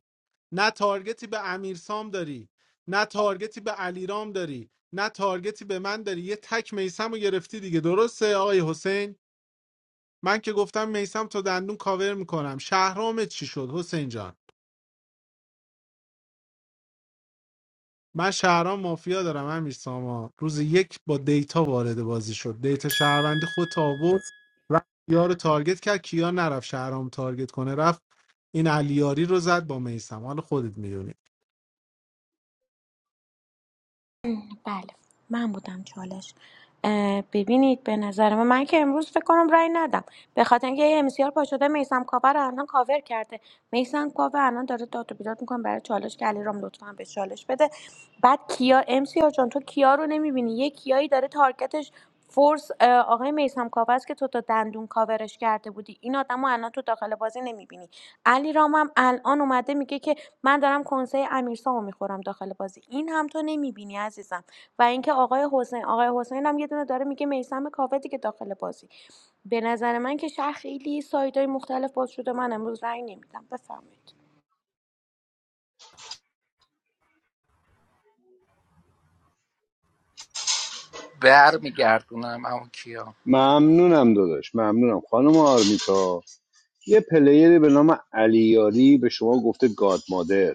نه تارگتی به امیرسام داری نه تارگتی به علیرام داری نه تارگتی به من داری یه تک میسم رو گرفتی دیگه درسته آقای حسین من که گفتم میسم تا دندون کاور میکنم شهرام چی شد حسین جان من شهرام مافیا دارم امیر ساما روز یک با دیتا وارد بازی شد دیتا شهروندی خود آورد و کیا رو تارگت کرد کیا نرفت شهرام تارگت کنه رفت این علیاری رو زد با میسم حالا خودت میدونی بله من بودم چالش ببینید به نظر من من که امروز فکر کنم رأی ندم به خاطر اینکه یه امسیار پا شده میسم کاور رو الان کاور کرده میسم کاور الان داره داد و بیداد میکنه برای چالش که علیرام لطفا به چالش بده بعد کیا امسیار جان تو کیا رو نمیبینی یه کیایی داره تارگتش فورس آقای میسم کاوه است که تو تا دندون کاورش کرده بودی این آدم رو الان تو داخل بازی نمیبینی علی رامم الان اومده میگه که من دارم کنسول امیرسامو میخورم داخل بازی این هم تو نمیبینی عزیزم و اینکه آقای حسین آقای حسین هم یه دونه داره میگه میسم کاوه دیگه داخل بازی به نظر من که شهر خیلی سایدهای مختلف باز شده من امروز رأی نمیدم بفرمایید بر میگردونم اما کیا ممنونم داداش ممنونم خانم آرمیتا یه پلیری به نام علیاری به شما گفته گاد مادر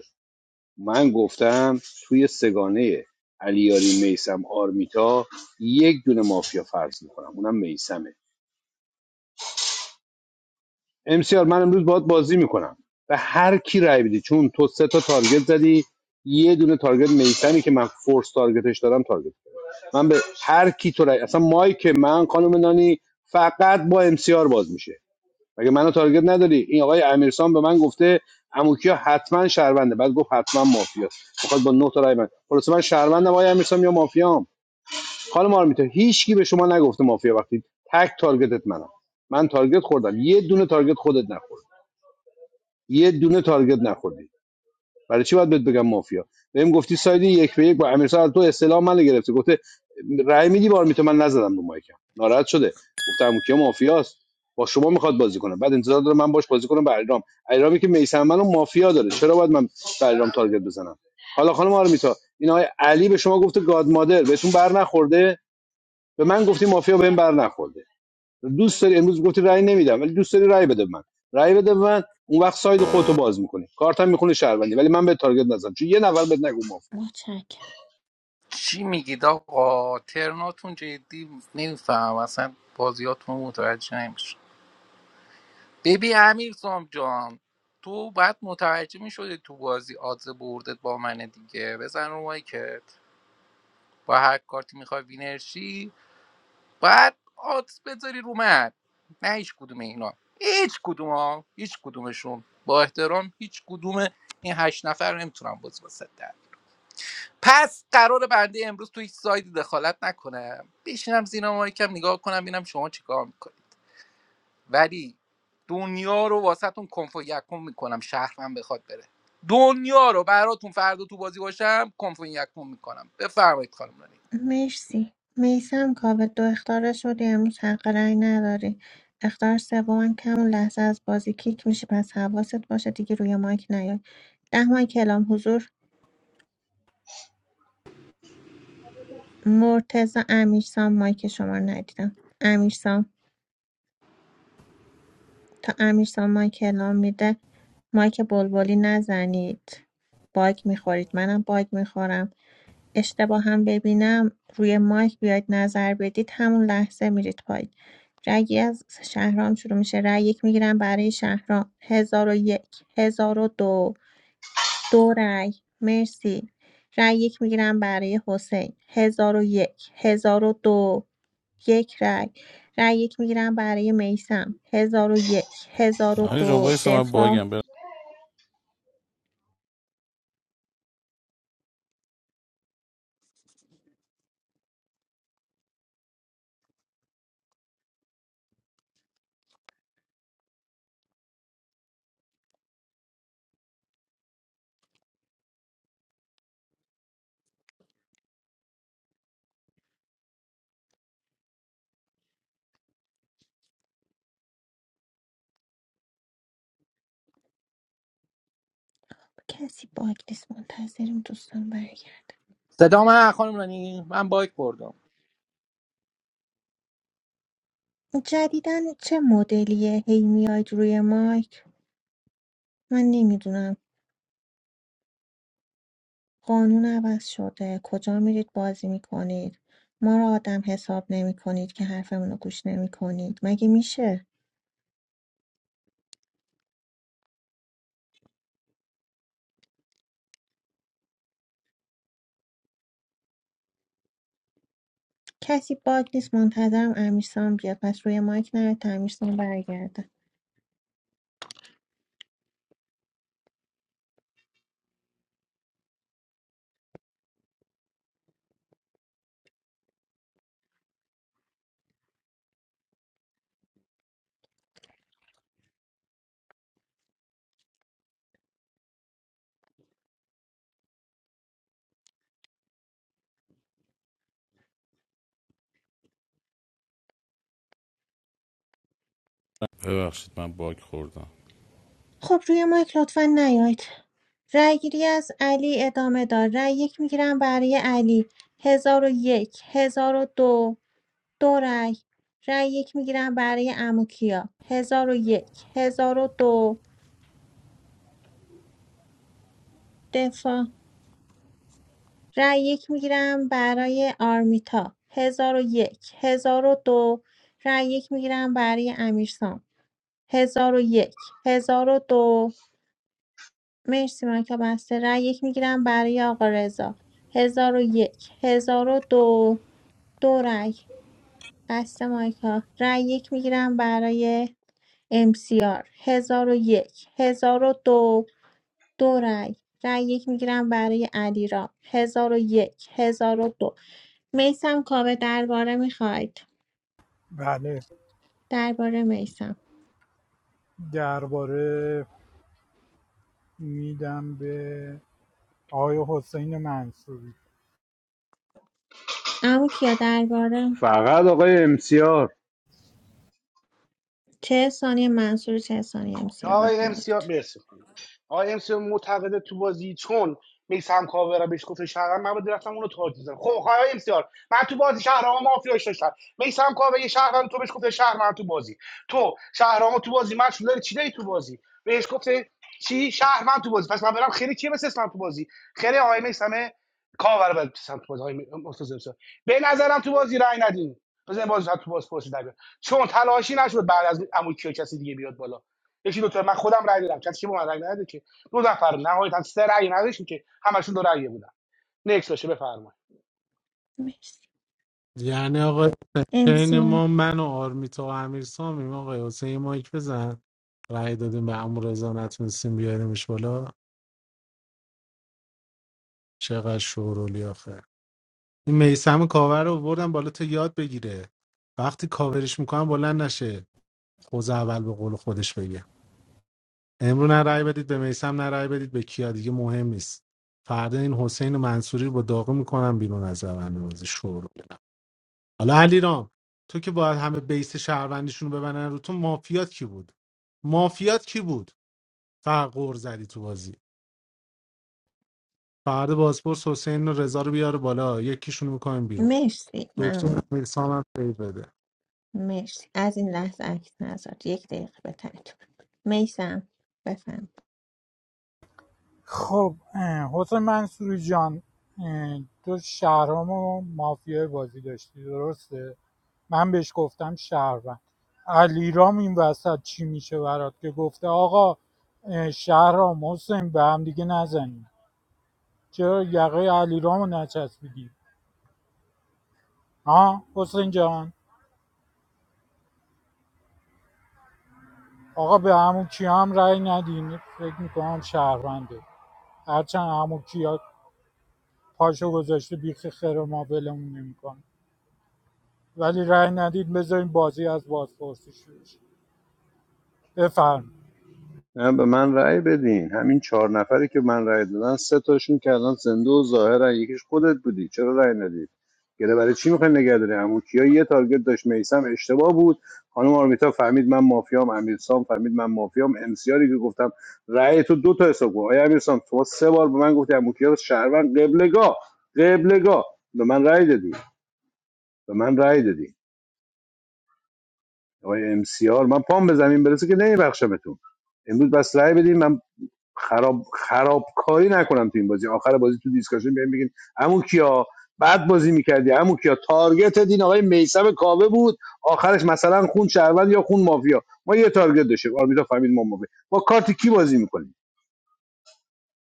من گفتم توی سگانه علیاری میسم آرمیتا یک دونه مافیا فرض میکنم اونم میسمه امسیار من امروز باید بازی میکنم به هر کی رای بدی چون تو سه تا تارگت زدی یه دونه تارگت میسمی که من فورس تارگتش دارم تارگت زدم. من به هر کی تو رای اصلا مایک من خانم نانی فقط با امسیار باز میشه مگه منو تارگت نداری این آقای امیرسان به من گفته اموکیا حتما شهرونده بعد گفت حتما مافیاست میخواد با نه تا رای من خلاص من شهروندم آقای امیرسان یا مافیام خانم آرمیتا هیچکی به شما نگفته مافیا وقتی تک تارگتت منم من تارگت خوردم یه دونه تارگت خودت نخورد یه دونه تارگت نخوردی برای چی باید بهت بگم مافیا بهم گفتی ساید یک به یک با امیرسان تو اصطلاح منو گرفته گفته رأی میدی بار میتو من نزدم رو مایکم ناراحت شده گفتم کیا مافیاست با شما میخواد بازی کنه بعد انتظار داره من باش بازی کنم به ایرام ایرامی که میسم منو مافیا داره چرا باید من به ایرام تارگت بزنم حالا خانم آرمیتا این آقای علی به شما گفته گاد مادر بهتون بر نخورده به من گفتی مافیا بهم بر نخورده دوست داری امروز گفتی رأی نمیدم ولی دوست داری رأی بده به من رأی بده به من اون وقت ساید خودتو باز میکنی کارتم میخونه شهروندی ولی من به تارگت نزدم چون یه نفر بهت نگو مفت متشکرم چی میگید آقا ترناتون جدی نمیفهم اصلا بازیاتون رو متوجه نمیشه ببین امیر سام جان تو باید متوجه میشدی تو بازی آدز بردت با منه دیگه بزن رو مایکت با هر کارتی میخوای وینرشی باید آدس بذاری رو من نه هیچ کدوم اینا هیچ کدوم ها هیچ کدومشون با احترام هیچ کدوم این هشت نفر رو نمیتونم باز واسه در پس قرار بنده امروز توی هیچ سایدی دخالت نکنم بشینم زینا مایکم نگاه کنم ببینم شما چیکار میکنید ولی دنیا رو واسهتون کنف و یکم میکنم شهرم بخواد بره دنیا رو براتون فردا تو بازی باشم کنف و یکم میکنم بفرمایید خانم رانی مرسی میسم کاوه دو اختاره شدی امروز حق رأی نداری اختار سوم کم لحظه از بازی کیک میشه پس حواست باشه دیگه روی مایک نیای ده مایک کلام حضور مرتزا امیرسام مایک شما رو ندیدم امیرسام تا امیرسام مایک کلام میده مایک بلبلی نزنید باگ میخورید منم باگ میخورم اشتباه هم ببینم روی مایک بیاید نظر بدید همون لحظه میرید پایین رأی از شهرام شروع میشه رأی یک میگیرم برای شهرام هزار و یک هزار و دو دو رأی مرسی رأی یک میگیرم برای حسین هزار و یک هزار و دو یک رأی رأی یک میگیرم برای میسم هزار و یک هزار و نه جان دو وایسا من دفاع باگم برم. کسی باگ نیست منتظریم دوستان برگردن صدا من خانم رانی من بایک بردم جدیدن چه مدلیه هی میاید روی مایک من نمیدونم قانون عوض شده کجا میرید بازی میکنید ما رو آدم حساب نمی کنید که حرفمون رو گوش نمی کنید مگه میشه کسی باگ نیست منتظرم امیرسان بیاد پس روی مایک نیاید تا امیرسام برگرده ببخشید من باگ خوردم خب روی مایک لطفا نیاید رأی گیری از علی ادامه دار رأی یک میگیرم برای علی هزار و یک هزار و دو دو رأی رأی یک میگیرم برای عموکیا 1001 دو دفاع رأی یک میگیرم برای آرمیتا 1001 دو رأی یک میگیرم برای امیرسام 1001 دو مرسی مایکا بسته رأی یک میگیرم برای آقا رضا 1001 1002 دو دو رأی بسته مایکا رأی یک میگیرم برای امسیار ۱۰۰۱ ۱۰۰۲ دو دو رای رای یک میگیرم برای علیرام ۱۰۰۱ دو میسم کاوه درباره میخواید بله درباره میسم درباره میدم به آقای حسین منصوری اما کیا درباره فقط آقای MCR چه ثانیه منصور چه ثانیه امسیار آقای امسیا بفرمایید مرسی خانم. آقای امسیا معتقده تو بازی چون میسم کاورا بهش گفته شهر من باید رفتم اونو تارت زدم خب آقای امسیار من تو بازی شهرام مافیاش داشتم میسم کاور یه شهرام تو بهش گفته شهر من تو بازی تو شهرام تو بازی من داری چی داری تو بازی بهش گفته چی شهر من تو بازی پس من برم خیلی چی مثل اسلام تو بازی خیلی آقای میسم کاور بعد تو بازی آقای مرتضی امسیار به نظرم تو بازی رای ندین بزن باز تو باز پرسی در بیاد. چون تلاشی نشد بعد از عمو کیا کسی دیگه بیاد بالا یکی دو تا من خودم رای دادم کسی که به من رای نداد که دو نفر نهایتا سه رای نداشتیم که همشون دو رای بودن نکس باشه بفرمایید مرسی یعنی آقا چین امسیار ما من و آرمیتا و امیر سامیم آقا حسین یه مایک بزن رأی دادیم به امو رضا نتونستیم بیاریمش بالا چقدر شورولی آخه این میسم کاور رو بردم بالا تا یاد بگیره وقتی کاورش میکنم بلند نشه خوز اول به قول خودش بگه امرو نه رأی بدید به میسم نه رأی بدید به کیا دیگه مهم نیست فردا این حسین و منصوری رو با داغ میکنم بیرون از روند بازی شور حالا علیرام تو که باید همه بیس شهروندیشون رو ببنن رو تو مافیات کی بود مافیات کی بود فقط قور زدی تو بازی فردا بازپرس حسین و رضا رو بیاره بالا یکیشون میکنیم بیرون مرسی دکتر ممنون میرسام هم فیل بده مرسی از این لحظه عکس نذارد یک دقیقه به ترتیب میسم بفهم خب اه، حسین منصوری جان تو شهرام و مافیای بازی داشتی درسته من بهش گفتم شهروند علیرام این وسط چی میشه برات که گفته آقا اه، شهرام حسین به هم دیگه نزنیم چرا یقه علیرامو نچسبیدی ها حسین جان آقا به عمو کیا هم رأی ندین فکر میکنم شهرونده هرچند عمو کیا پاشو گذاشته بیخ خیر ما ولمون نمیکنه ولی رأی ندید بذارین بازی از بازپرسی شروع شه. بفرم نه به من رأی بدین همین چهار نفری که من رأی دادن سه تاشون که الان زنده و ظاهرن یکیش خودت بودی چرا رأی ندید گله برای چی میخواین نگه داری عمو کیا یه تارگت داشت میسم اشتباه بود خانم آرمیتا فهمید من مافیام امیرسام فهمید من مافیام امسیاری که گفتم رأی تو دو تا حساب کن آیا امیرسام تو سه بار به من گفتی عمو کیا شهروند قبلگاه قبلگاه به من رأی دادی به من رأی دادی آقای امسیار من پام به زمین برسه که نمیبخشمتون امروز بس رأی بدین من خراب خرابکاری نکنم تو این بازی آخر بازی تو دیسکشن بیایم بگین عمو کیا بعد بازی میکردی عمو کیا تارگت دین آقای میثم کاوه بود آخرش مثلا خون شهروند یا خون مافیا ما یه تارگت داشتیم آرمیتا فهمید ما مافیا با کارت کی بازی میکنیم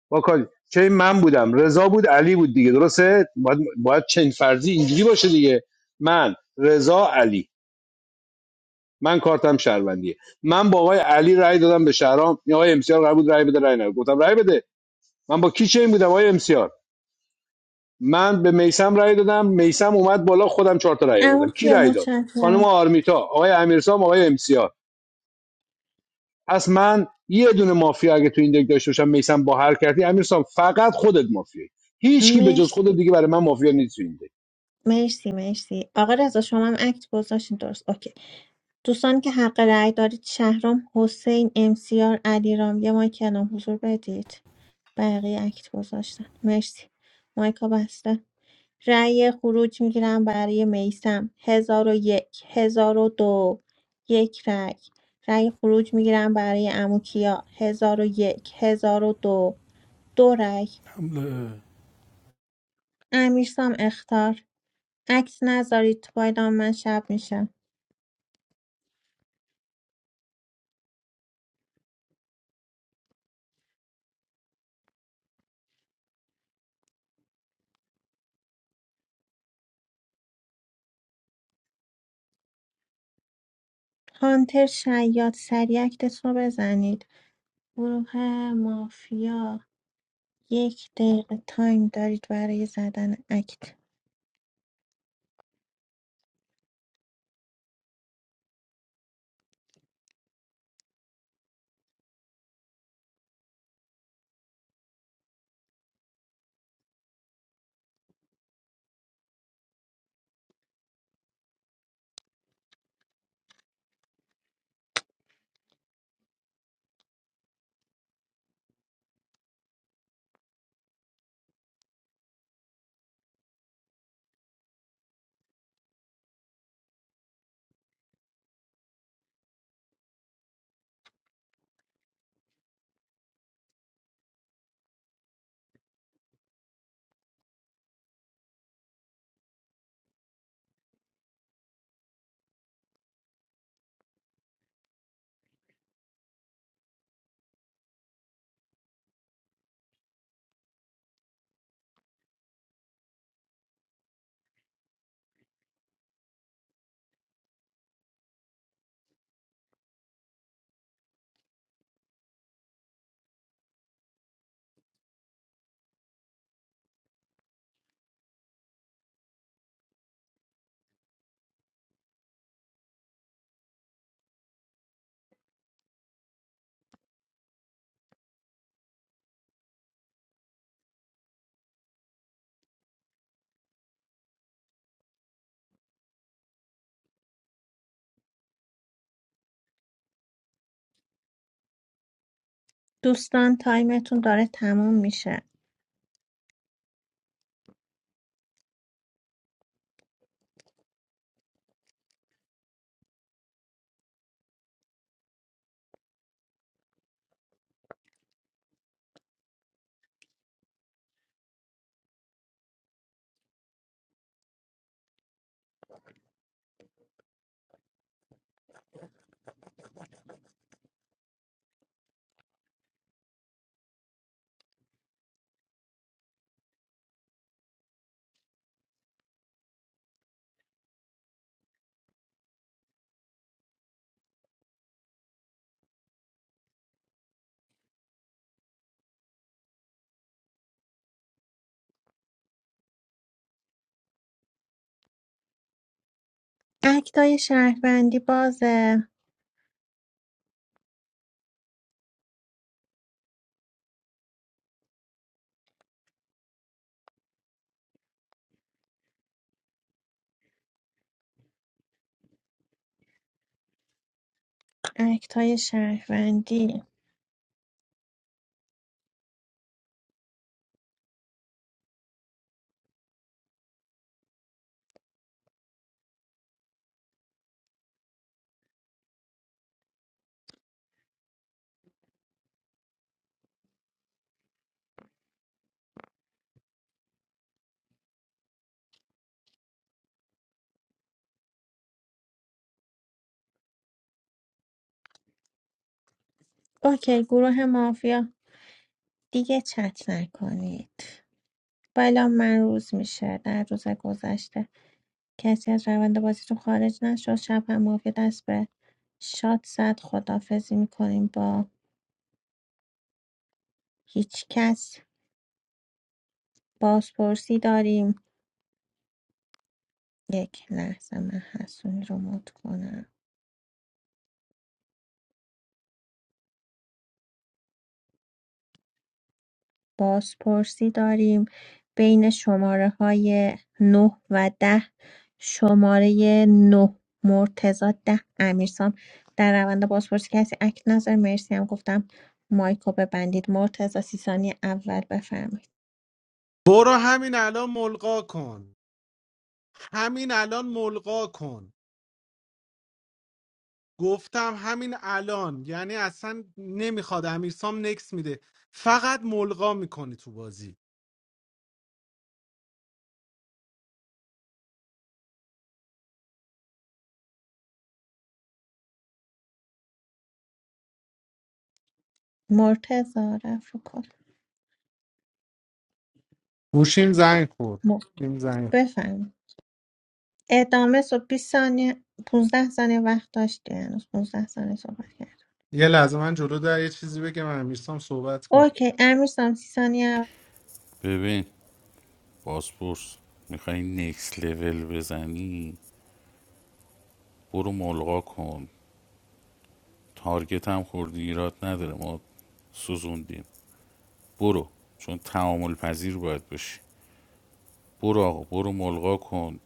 با کارت چه من بودم رضا بود علی بود دیگه درسته باید باید چنین فرضی اینجوری باشه دیگه من رضا علی من کارتم شهروندیه من با آقای علی رأی دادم به شهرام این آقای امسیار قرار بود رأی بده رأی نده گفتم رأی بده من با کی چین بودم آقای امسیار من به میسم رأی دادم میسم اومد بالا خودم چهار تا رأی اما آوردم کی کیا رأی داد خانم متشکرم آرمیتا آقای امیرسام آقای امسیار پس من یه دونه مافیا اگه تو این دک داشته باشم میسم با هر کردی امیرسام فقط خودت مافیایی هیچکی به جز مرسی خودت دیگه برای من مافیا نیست تو این دک مرسی مرسی آقا رضا شما هم اکت گذاشتین درست اوکی دوستان که حق رأی دارید شهرام حسین امسیار علیرام یه مایک الان حضور بدید بقیه اکت گذاشتن مرسی مایکا بسته رأی خروج میگیرم برای میسم هزار و یک هزار و دو یک رأی رأی خروج میگیرم برای اموکیا هزار و یک هزار و دو دو رأی امیرسام اختار عکس نذارید پایدام من شب میشه هانتر شیاد سریع اکتت رو بزنید گروه مافیا یک دقیقه تایم دارید برای زدن اکت دوستان تایمتون داره تموم میشه اکتای شهروندی بازه اکتای شهروندی اوکی گروه مافیا دیگه چت نکنید بالا من روز میشه در روز گذشته کسی از روند بازیتون خارج نشد شب هم مافیا دست به شاد زد خدافزی میکنیم با هیچ کس بازپرسی داریم یک لحظه من حسونی رو مد کنم بازپرسی داریم بین شماره های 9 و 10 شماره 9 مرتزا 10 امیرسام در روند بازپرسی کسی اکت نظر مرسی هم گفتم مایکو ببندید مرتزا سی ثانیه اول بفرمایید برو همین الان ملقا کن همین الان ملقا کن گفتم همین الان یعنی اصلا نمیخواد امیرسام نکس میده فقط ملغا میکنه تو بازی مرتزا رفت رو کن. گوشیم زنگ خورد م- گوشیم زنگ خورد. بفرمایید ادامه صبح 20 ثانیه 15 ثانیه وقت داشتی هنوز 15 ثانیه صحبت کرد یه لحظه من جلو در یه چیزی بگم امیرسام صحبت کن اوکی امیر سام 30 ثانیه ببین بازپرس میخوایی نیکس لول بزنی برو ملغا کن تارگت هم خوردی ایراد نداره ما سوزوندیم برو چون تعامل پذیر باید باشی برو آقا برو ملغا کن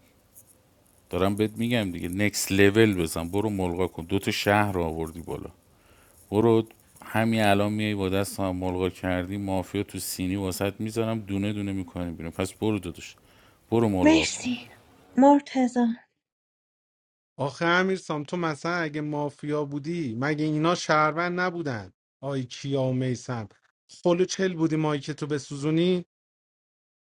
دارم بهت میگم دیگه نیکس لول بزن برو ملغا کن دوتا شهر رو آوردی بالا برو همین الان میای با دست هم ملغا کردی مافیا تو سینی واسط میذارم دونه دونه میکنیم بیرون پس برو داداش برو ملغا کن مرسی مرتزا آخه امیرسام تو مثلا اگه مافیا بودی مگه اینا شهروند نبودن آی کیا و میسم خلو چل بودی مایی که تو بسوزونی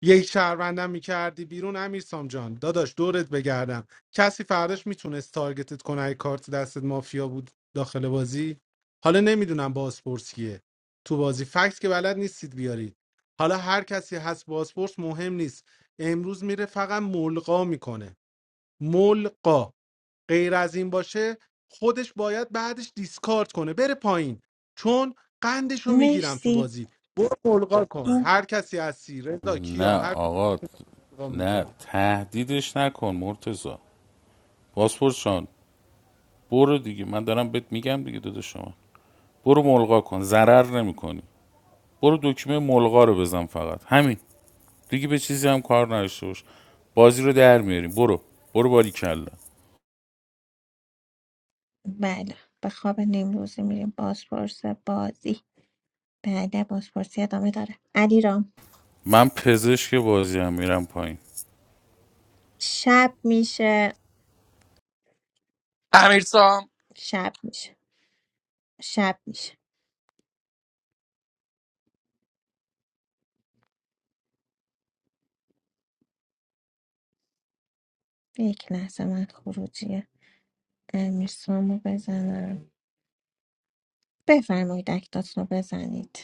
یک شهروندم میکردی بیرون امیر سام جان داداش دورت بگردم کسی فرداش میتونست تارگتت کنه اگه کارت دستت مافیا بود داخل بازی حالا نمیدونم بازپرس کیه تو بازی فکت که بلد نیستید بیارید حالا هر کسی هست بازپرس مهم نیست امروز میره فقط ملقا میکنه ملقا غیر از این باشه خودش باید بعدش دیسکارد کنه بره پایین چون قندشو میگیرم تو مرسی بازی برو ملقا کن هر کسی هستی رضا کیا نه هر آقا وا نه میکنیم تهدیدش نکن مرتزا پاسپورت شان برو دیگه من دارم بهت میگم دیگه داداش شما برو ملغا کن ضرر نمیکنی برو دکمه ملغا رو بزن فقط همین دیگه به چیزی هم کار نداشته باش بازی رو در میاریم برو برو باری بله به خواب نیمروزی میریم بازپرس بازی بله بازپرسی ادامه داره علی رام من پزشک بازی هم میرم پایین شب میشه امیرسام شب میشه شب میشه یک لحظه من خروجی امیرسامو بزنم بفرمایید اکتاتون رو بزنید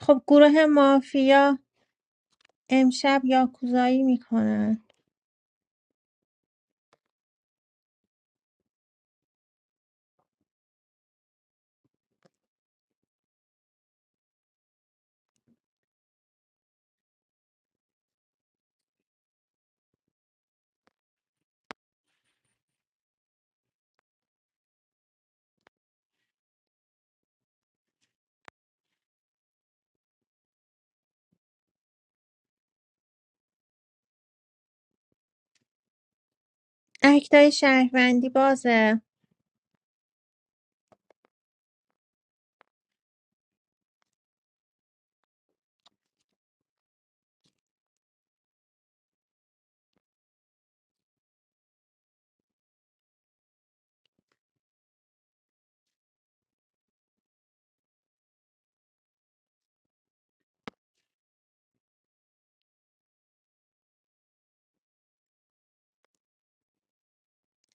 خب گروه مافیا امشب یاکوزایی میکنن اکتای شهروندی بازه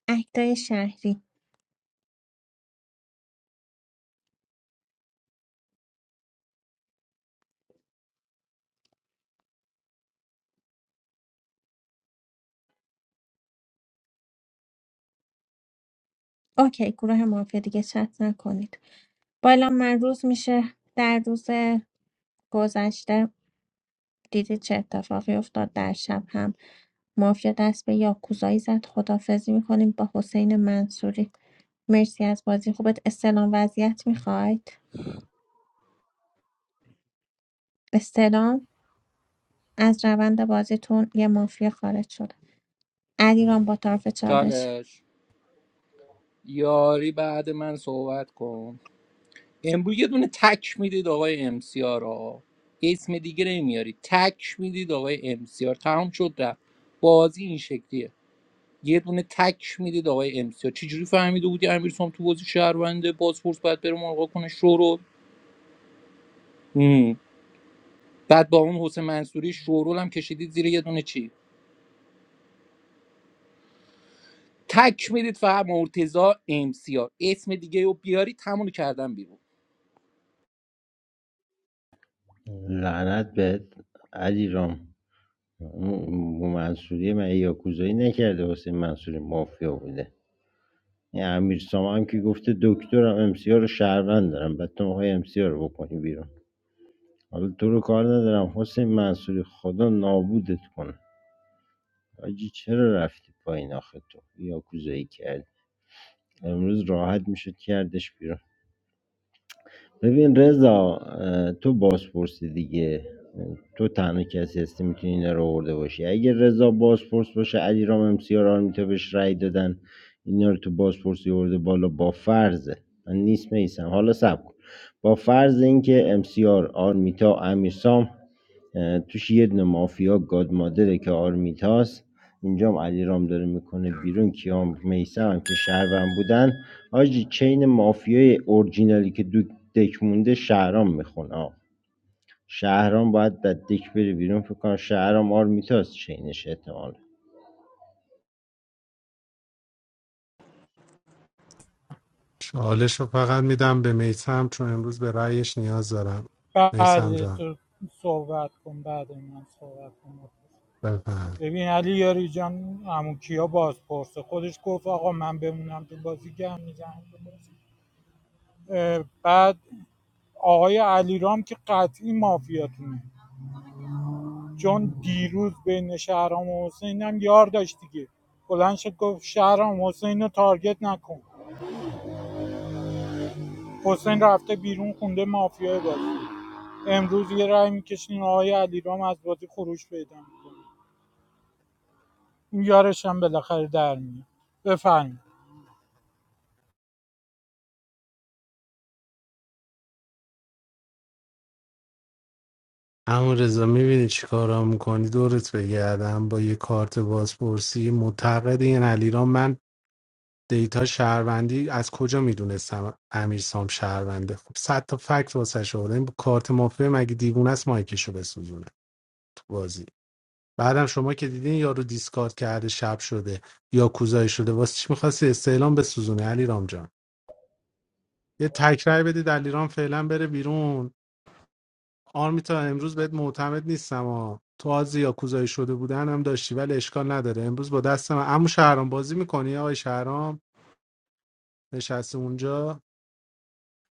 اکتای شهری اوکی گروه مافیا دیگه چت نکنید بالا من روز میشه در روز گذشته دیدید چه اتفاقی افتاد در شب هم مافیا دست به یاکوزایی زد خدافزی میکنیم با حسین منصوری مرسی از بازی خوبت استعلام وضعیت میخواید استعلام از روند بازیتون یه مافیا خارج شد علیرام با طرف چالش چالش یاری بعد من صحبت کن امروز یه دونه تک میدید آقای امسیار رو اسم دیگه نمیاری تک میدید آقای امسیار تمام شد رفت بازی این شکلیه یه دونه تک میدید آقای امسیار چجوری فهمیده بودی امیرسام تو بازی شهرونده بازپرس باید بره ملغا کنه شورول هم. بعد با اون حسین منصوری شورول هم کشیدید زیر یه دونه چی تک میدید فقط مرتضی امسیار اسم دیگه رو بیاری تموم کردم بیرون لعنت بهت علی رام اون منصوری من یاکوزایی نکرده حسین منصوری مافیا بوده این امیر سامان هم که گفته دکترم امسیا رو شهروند دارم بعد تو های امسیا رو بکنی بیرون حالا تو رو کار ندارم حسین منصوری خدا نابودت کنه آجی چرا رفتی پایین آخه تو یاکوزایی کردی امروز راحت میشد کردش بیرون ببین رضا اه، تو بازپرسی دیگه تو تنها کسی هستی میتونی اینا رو آورده باشی اگه رضا بازپرس باشه علی رام امسیار آرمیتا بهش رأی دادن اینا رو تو بازپرسی آورده بالا با فرضه من نیست میسم حالا سب کن با فرض اینکه امسیار آرمیتا امیرسام توش یه دونه مافیا گاد مادره که آرمیتاس اینجام علیرام داره میکنه بیرون کیام میسم که شهروند بودن حاجی چین مافیای اورجینالی که دو دک مونده شهرام میخونه آقا شهرام باید در دک بره بیرون فکر کنم شهرام آرمیتاس چینش احتمال چالش رو فقط میدم به میسم چون امروز به رأیش نیاز دارم میسم بعد جان تو صحبت کن بعد من صحبت کنم. بفهم ببین علی یاری جان عمو کیا بازپرسه خودش گفت آقا من بمونم تو بازی گم میزنم تو بازی. اه، بعد آقای علیرام که قطعی مافیاتونه چون دیروز بین شهرام و حسین هم یار داشت دیگه بلند شد گفت شهرام حسین رو تارگت نکن حسین رفته بیرون خونده مافیای بازی امروز یه رای میکشین آقای علیرام از بازی خروج پیدا میکنه اون یارش هم بالاخره در میاد بفرمایید همون رضا میبینی چی کارا میکنی دورت بگردم با یه کارت بازپرسی معتقد این علیرام من دیتا شهروندی از کجا میدونستم امیر سام شهرونده خب صد تا فکت واسه شده این با کارت مافیا مگه دیوونه است مایکشو بسوزونه تو بازی بعدم شما که دیدین یارو دیسکارد کرده شب شده یا کوزای شده واسه چی میخواستی استعلام بسوزونه علی رام؟ یه تکرای بدی در ایران فعلا بره بیرون آرمیتا امروز بهت معتمد نیستم ها تو از یا کوزایی شده بودن هم داشتی ولی اشکال نداره امروز با دست من عمو شهرام بازی میکنی آقای شهرام نشسته اونجا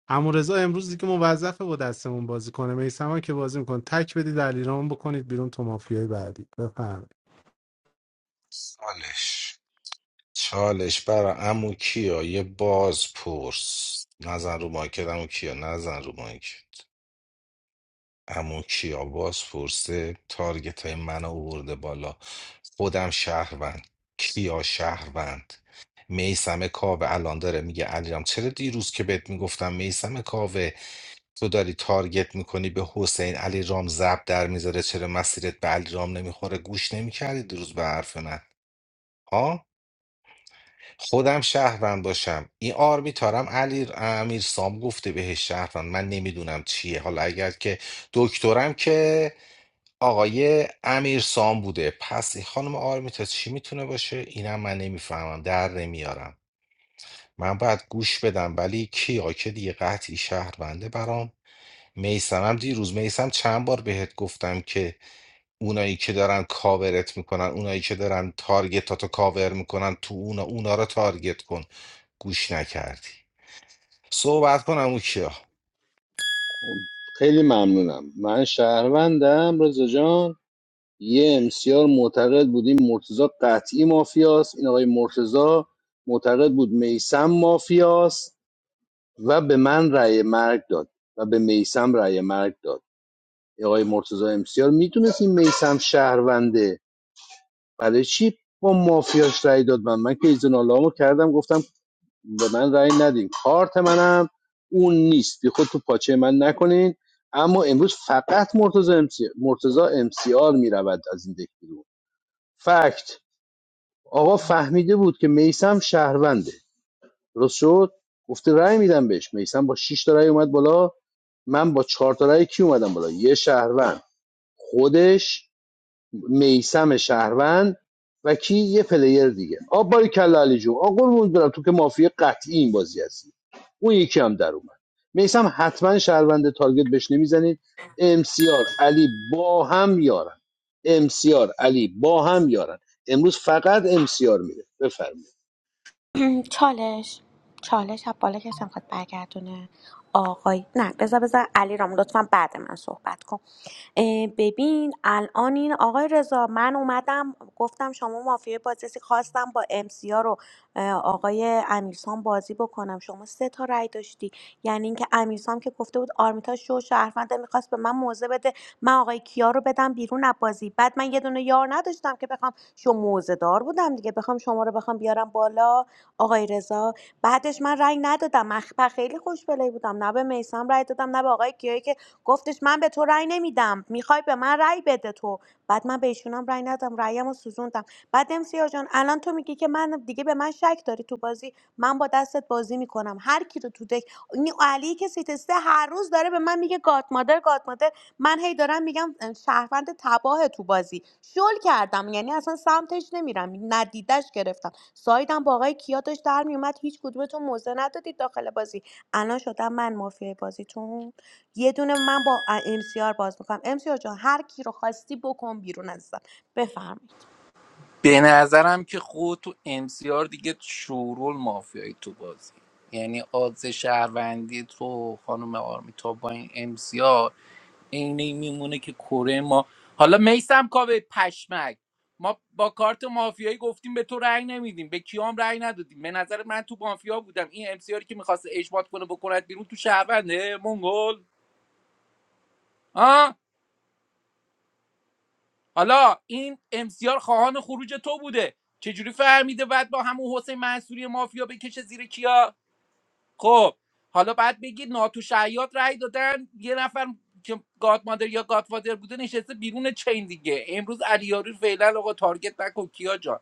عمو رضا امروز دیگه موظفه با دستمون بازی کنه میسم که بازی میکنه تک بدی در ایران بکنید بیرون تو مافیای بعدی بفهم سالش چالش برا عمو کیا یه باز پرس نزن رو مایکت عمو کیا نزن رو مایک عمو کیا باز پرسه تارگت های من آورده بالا خودم شهروند کیا شهروند میسم کاوه الان داره میگه علیرام چرا دیروز که بهت میگفتم میسم کاوه تو داری تارگت میکنی به حسین علیرام زب در میذاره چرا مسیرت به علیرام نمیخوره گوش نمیکردی دیروز به حرف من ها خودم شهروند باشم این آرمیتارم علی امیر سام گفته بهش شهروند من نمیدونم چیه حالا اگر که دکترم که آقای امیر سام بوده پس این خانم آرمیتا چی میتونه باشه اینم من نمیفهمم در نمیارم من باید گوش بدم ولی کیا که دیگه قطعی شهرونده برام میسمم دیروز میسم چند بار بهت گفتم که اونایی که دارن کاورت میکنن اونایی که دارن تارگتاتو کاور میکنن تو اونا اونا رو تارگت کن گوش نکردی صحبت کنم او کیا خب، خیلی ممنونم من شهروندم رضا جان یه امسیار معتقد بود این مرتزا قطعی مافیاست این آقای مرتزا معتقد بود میسم مافیاست و به من رأی مرگ داد و به میسم رأی مرگ داد این آقای مرتضی امسیار میتونست این میسم شهرونده برای چی با مافیاش رأی داد من من که ایزن رو کردم گفتم به من رأی ندین کارت منم اون نیست بی خود تو پاچه من نکنین اما امروز فقط مرتضی امسی مرتضی امسیار میرود از این دک بیرون فکت آقا فهمیده بود که میسم شهرونده درست شد گفته رأی میدم بهش میسم با شش تا رأی اومد بالا من با چهار تا رأی کی اومدم بالا یه شهروند خودش میسم شهروند و کی یه پلیر دیگه آب باری کلا علی جون آقا قربونت برم تو که مافیا قطعی این بازی هستی اون یکی هم در اومد میسم حتما شهروند تارگت بهش نمیزنید امسیار علی با هم یارن امسیار علی با هم یارن امروز فقط امسیار میره بفرمایید (clears throat) چالش چالش از بالا کسی میخواد برگردونه آقای نه بذار بذار علی رام لطفا بعد من صحبت کن اه، ببین الان این آقای رضا من اومدم گفتم شما مافیای بازرسی خواستم با امسیا رو اه، آقای امیرسان بازی بکنم شما سه تا رأی داشتی یعنی اینکه امیرسام که گفته بود آرمیتا شو شهرونده میخواست به من موزه بده من آقای کیا رو بدم بیرون از بازی بعد من یه دونه یار نداشتم که بخوام شو موزه دار بودم دیگه بخوام شما رو بخوام بیارم بالا آقای رضا بعدش من رأی ندادم من خ- خیلی خوشبلایی بودم نه به میسم رأی دادم نه به آقای کیایی که گفتش من به تو رأی نمیدم میخوای به من رأی بده تو بعد من به ایشونم رأی ندادم رأیمو سوزوندم بعد امسیا جان الان تو میگی که من دیگه به من شک داری تو بازی من با دستت بازی میکنم هر کی رو تو دک این علی که سیتسته هر روز داره به من میگه گاد مادر گاد مادر من هی دارم میگم شهروند تباه تو بازی شل کردم یعنی اصلا سمتش نمیرم ندیدش گرفتم سایدم با آقای کیا داشت در میومد هیچ کدومتون موزه ندادید داخل بازی الان شدم من مافیای بازیتون یه دونه من با ام سی آر باز میکنم ام سی آر جان هر کی رو خواستی بکن بیرون عزیزم بفرمایید به نظرم که خود تو امسیار دیگه شورول مافیایی تو بازی یعنی آدز شهروندی تو خانم آرمیتا با این امسیار عین این میمونه که کره ما حالا میسم کاوه پشمک ما با کارت مافیایی گفتیم به تو رأی نمیدیم به کیام رأی ندادیم به نظر من تو مافیا بودم این امسیاری که میخواست اجماع کنه بکند بیرون تو شهرونده منگل حالا این امسیار خواهان خروج تو بوده چجوری فهمیده بعد با همون حسین منصوری مافیا بکشه زیر کیا خب حالا بعد بگید ناتو شعیات رأی دادن یه نفر که گاد مادر یا گاد فادر بوده نشسته بیرون چین دیگه امروز علیاری فعلا آقا تارگت نکن کیا جان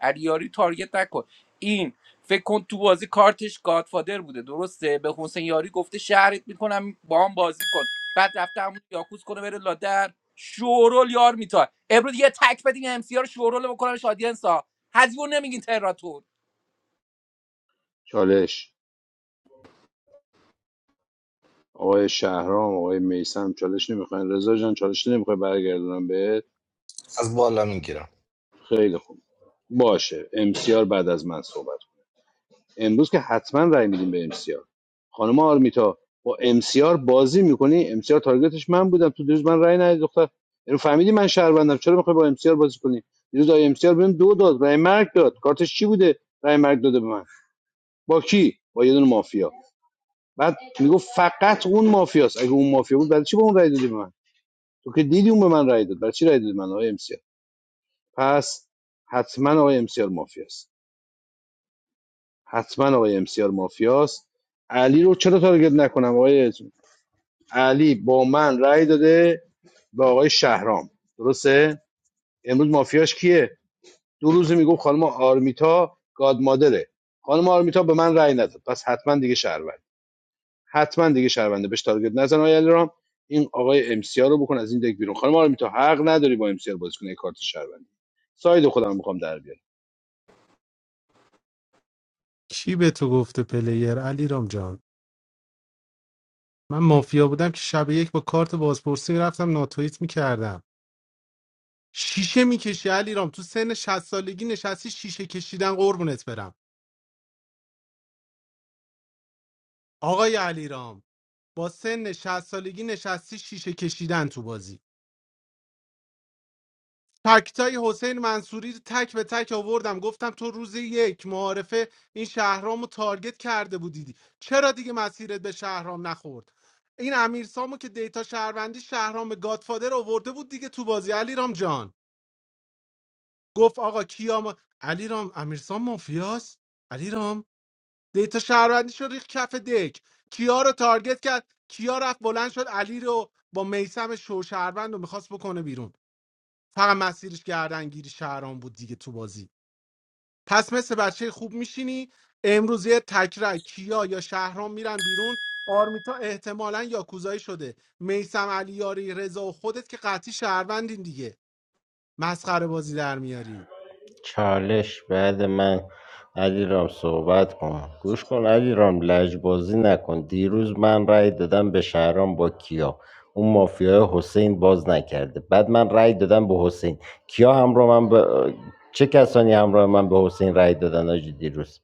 علیاری تارگت نکن این فکر کن تو بازی کارتش گادفادر بوده درسته به حسین یاری گفته شهرت میکنم با هم بازی کن بعد رفته همون یاکوز کنه بره لادر شورول یار میتا امروز یه تک بدین ام سی رو شورول بکنم شادینسا هزیون نمیگین تراتور چالش آقای شهرام آقای میسم چالش نمیخواین رضا جان چالش نمیخوای برگردونم بهت از بالا میگیرم خیلی خوب باشه امسیار بعد از من صحبت کن. امروز که حتما رای میدیم به امسیار خانم آرمیتا با امسیار بازی میکنی امسیار تارگتش من بودم تو دیروز من رای ندید دختر اینو فهمیدی من شهروندم چرا میخوای با امسیار بازی کنی دیروز آی امسیار بهم دو داد رای مرگ داد کارتش چی بوده رای مرگ داده به من با کی با یه دونه مافیا بعد میگفت فقط اون مافیاست اگه اون مافیا بود برای چی به اون رای دادی به من تو که دیدی اون به من رای داد برای چی رای داد من آقای امسیار پس حتما آقای امسیار مافیاست حتما آقای امسیار مافیاست علی رو چرا تارگت نکنم آقای علی با من رای داده به آقای شهرام درسته امروز مافیاش کیه دو روز میگفت خانم آرمیتا گاد مادره خانم آرمیتا به من رای نداد پس حتما دیگه شهروند حتما دیگه شهرونده بهش تارگت نزن آقای علیرام این آقای ام سی آر رو بکن از این دک بیرون خانم آرمی تو حق نداری با ام سی آر بازی کنی کارت شهروندی ساید خودم میخوام در بیارم کی به تو گفته پلیر علیرام جان من مافیا بودم که شب یک با کارت بازپرسی رفتم ناتویت میکردم شیشه میکشی علیرام تو سن 60 سالگی نشستی شیشه کشیدن قربونت برم آقای علیرام با سن 60 سالگی نشستی شیشه کشیدن تو بازی تکتای حسین منصوری رو تک به تک آوردم گفتم تو روز یک معارفه این شهرامو تارگت کرده بودیدی چرا دیگه مسیرت به شهرام نخورد این امیرسامو که دیتا شهروندی شهرام گادفادر آورده بود دیگه تو بازی علیرام جان گفت آقا کیا ما... علیرام امیرسام مافیاست علیرام دیتا شهروندی شد ریخت کف دک کیا رو تارگت کرد کیا رفت بلند شد علی رو با میسم شو شهروند رو میخواست بکنه بیرون فقط مسیرش گردنگیری شهران بود دیگه تو بازی پس مثل بچه خوب میشینی امروز یه تکرای کیا یا شهران میرن بیرون آرمیتا احتمالا یاکوزایی شده میسم علیاری رضا و خودت که قطعی شهروندین دیگه مسخره بازی در میاری چالش بعد من علیرام صحبت کن گوش کن علیرام لجبازی نکن دیروز من رأی دادم به شهرام با کیا اون مافیای حسین باز نکرده بعد من رأی دادم به حسین کیا همراه من به چه کسانی همراه من به حسین رأی دادن آجی دیروز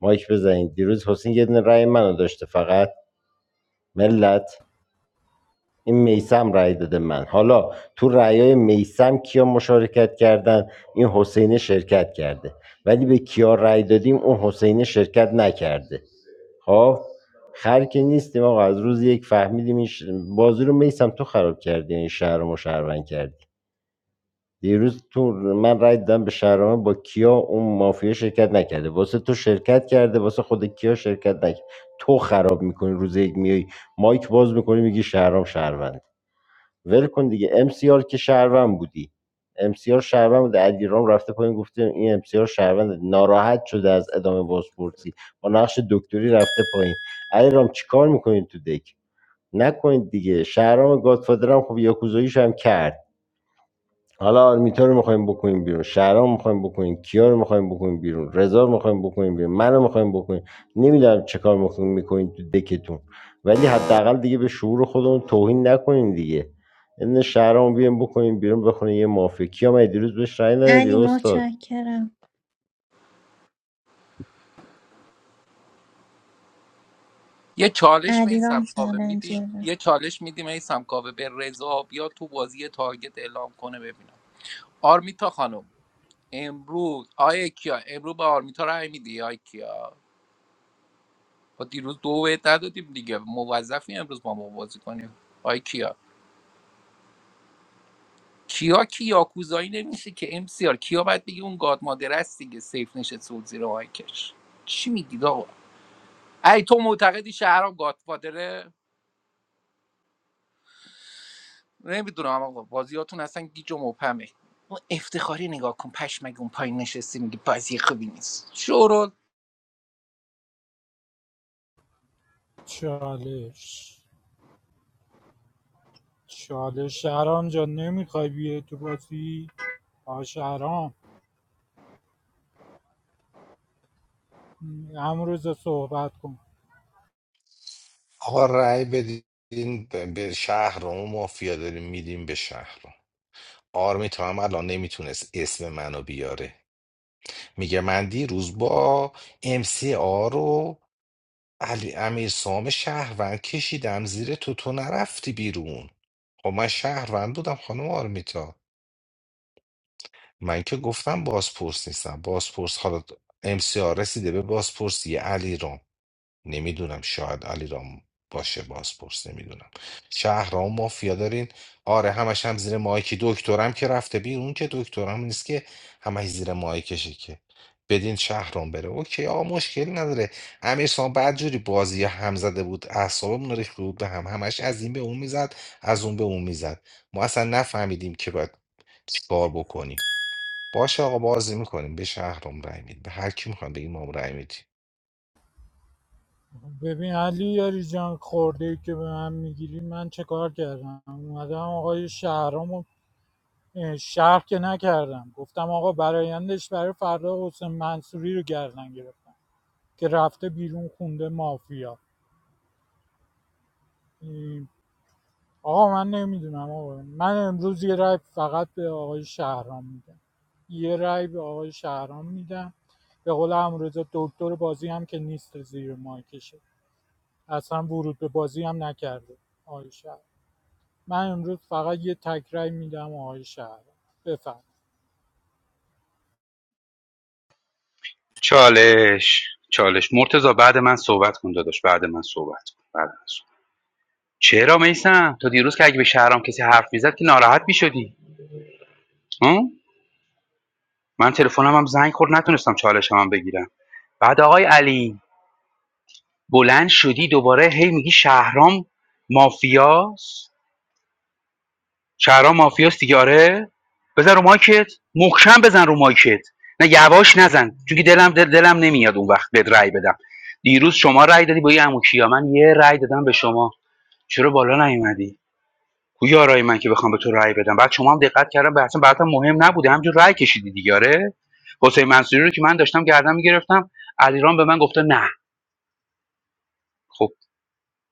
مایک بزنید دیروز حسین یه دونه رأی منو داشته فقط ملت این میسم رأی داده من حالا تو رأیای میسم کیا مشارکت کردن این حسین شرکت کرده ولی به کیا رأی دادیم اون حسین شرکت نکرده خب خر که نیستیم آقا از روز یک فهمیدیم این ش... بازی رو میسم تو خراب کردی این شهر رو مشهرون کردی دیروز تو من رأی دادم به شهرام با کیا اون مافیا شرکت نکرده واسه تو شرکت کرده واسه خود کیا شرکت نکرده تو خراب میکنی روز یک میای مایک باز میکنی میگی شهرام شهروند ول کن دیگه ام سی آر که شهروند بودی ام سی آر شهروند بوده علیرام رفته پایین گفته این ام سی آر شهروند ناراحت شده از ادامه بازپرسی با نقش دکتری رفته پایین علیرام چیکار میکنین تو دک نکنید دیگه شهرام گادفادر هم خب یاکوزاییش هم کرد حالا آرمیتا رو میخوایم بکنیم بیرون شهرام میخوایم بکنیم کیا رو میخوایم بکنیم بیرون رضا رو میخوایم بکنیم بیرون منو میخوایم بکنیم نمیدونم چه کار میخوایم میکنیم تو دکتون ولی حداقل دیگه به شعور خودمون توهین نکنیم دیگه این شهرام بیام بکنیم بیرون بخونه یه مافیا کیا من دیروز بهش رأی ندادی علی استاد متشکرم یه چالش به این علیرام سمکاوه میدیم چالنجره یه چالش میدیم این سمکاوه به رضا بیا تو بازی تارگت اعلام کنه ببینم آرمیتا خانم امروز آیا کیا امروز به آرمیتا رای میدی آیا کیا با دیروز دو بهت ندادیم دیگه موظفی امروز با ما بازی کنیم آی کیا کیا کی یاکوزایی نمیشه که ام سی آر کیا باید بگی اون گاد مادر است دیگه سیف نشست سود زیر مایکش چی میگید آقا ای تو معتقدی شهرام گاد مادره نمیدونم آقا بازیاتون اصلا گیج و مبهمه اون افتخاری نگاه کن پشمگه اون پایین نشستی میگه بازی خوبی نیست شورول چالش چالش شهرام جان نمیخوای بیای تو بازی آ شهرام امروز صحبت کن آقا رأی بدین به به شهر رو اون مافیا داریم میدیم به شهر رو آرمیتا هم الان نمیتونست اسم منو بیاره میگه من دیروز با ام سی آ رو علی امیر سام شهروند کشیدم زیر تو تو نرفتی بیرون خب من شهروند بودم خانم آرمیتا من که گفتم بازپرس نیستم بازپرس حالا ام سی آر رسیده به بازپرسی علی نمیدونم شاید علیرام باشه بازپرس نمیدونم شهرام مافیا دارین آره همش هم زیر مایکی دکترم که رفته بیرون که دکترم نیست که همش زیر مایکشه که بدین شهرام بره اوکی آقا مشکلی نداره امیرسان بعد جوری بازی هم زده بود اعصابمون رو ریخته بود به هم همش از این به اون میزد از اون به اون میزد ما اصلا نفهمیدیم که باید چیکار بکنیم باشه آقا بازی میکنیم به شهرام رای میدیم به هر کی میخوام بگیم ما رای میدیم ببین علی یاری جان خورده ای که به من میگیری من چه کار کردم اومدم آقای شهرامو اه، شهر که نکردم گفتم آقا برایندش برای فردا حسین منصوری رو گردن گرفتم که رفته بیرون خونده مافیا این- آقا من نمیدونم آقا من امروز یه رای فقط به آقای شهرام میدم یه رای به آقای شهرام میدم به قول امروز دکتر بازی هم که نیست زیر مایکشه اصلا ورود به بازی هم نکرده آقای شهرام من امروز فقط یه تکرای میدم آقای شهر بفهم چالش چالش مرتضا بعد من صحبت کن داداش بعد من صحبت کن بعد من صحبت. چرا میسم تا دیروز که اگه به شهرام کسی حرف میزد که ناراحت میشدی من تلفنم هم زنگ خورد نتونستم چالشم هم بگیرم بعد آقای علی بلند شدی دوباره هی میگی شهرام مافیاست شهرام مافیاست دیگه آره بزن رو مایکت محکم بزن رو مایکت نه یواش نزن چون که دلم دل دلم نمیاد اون وقت بهت رأی بدم دیروز شما رأی دادی با یه عمو کیا من یه رأی دادم به شما چرا بالا نیومدی کو یارای من که بخوام به تو رأی بدم بعد شما هم دقت کردم به اصلا براتم مهم نبوده همجور رأی کشیدی دیگه آره حسین منصوری رو که من داشتم گردن میگرفتم علیرام به من گفته نه خب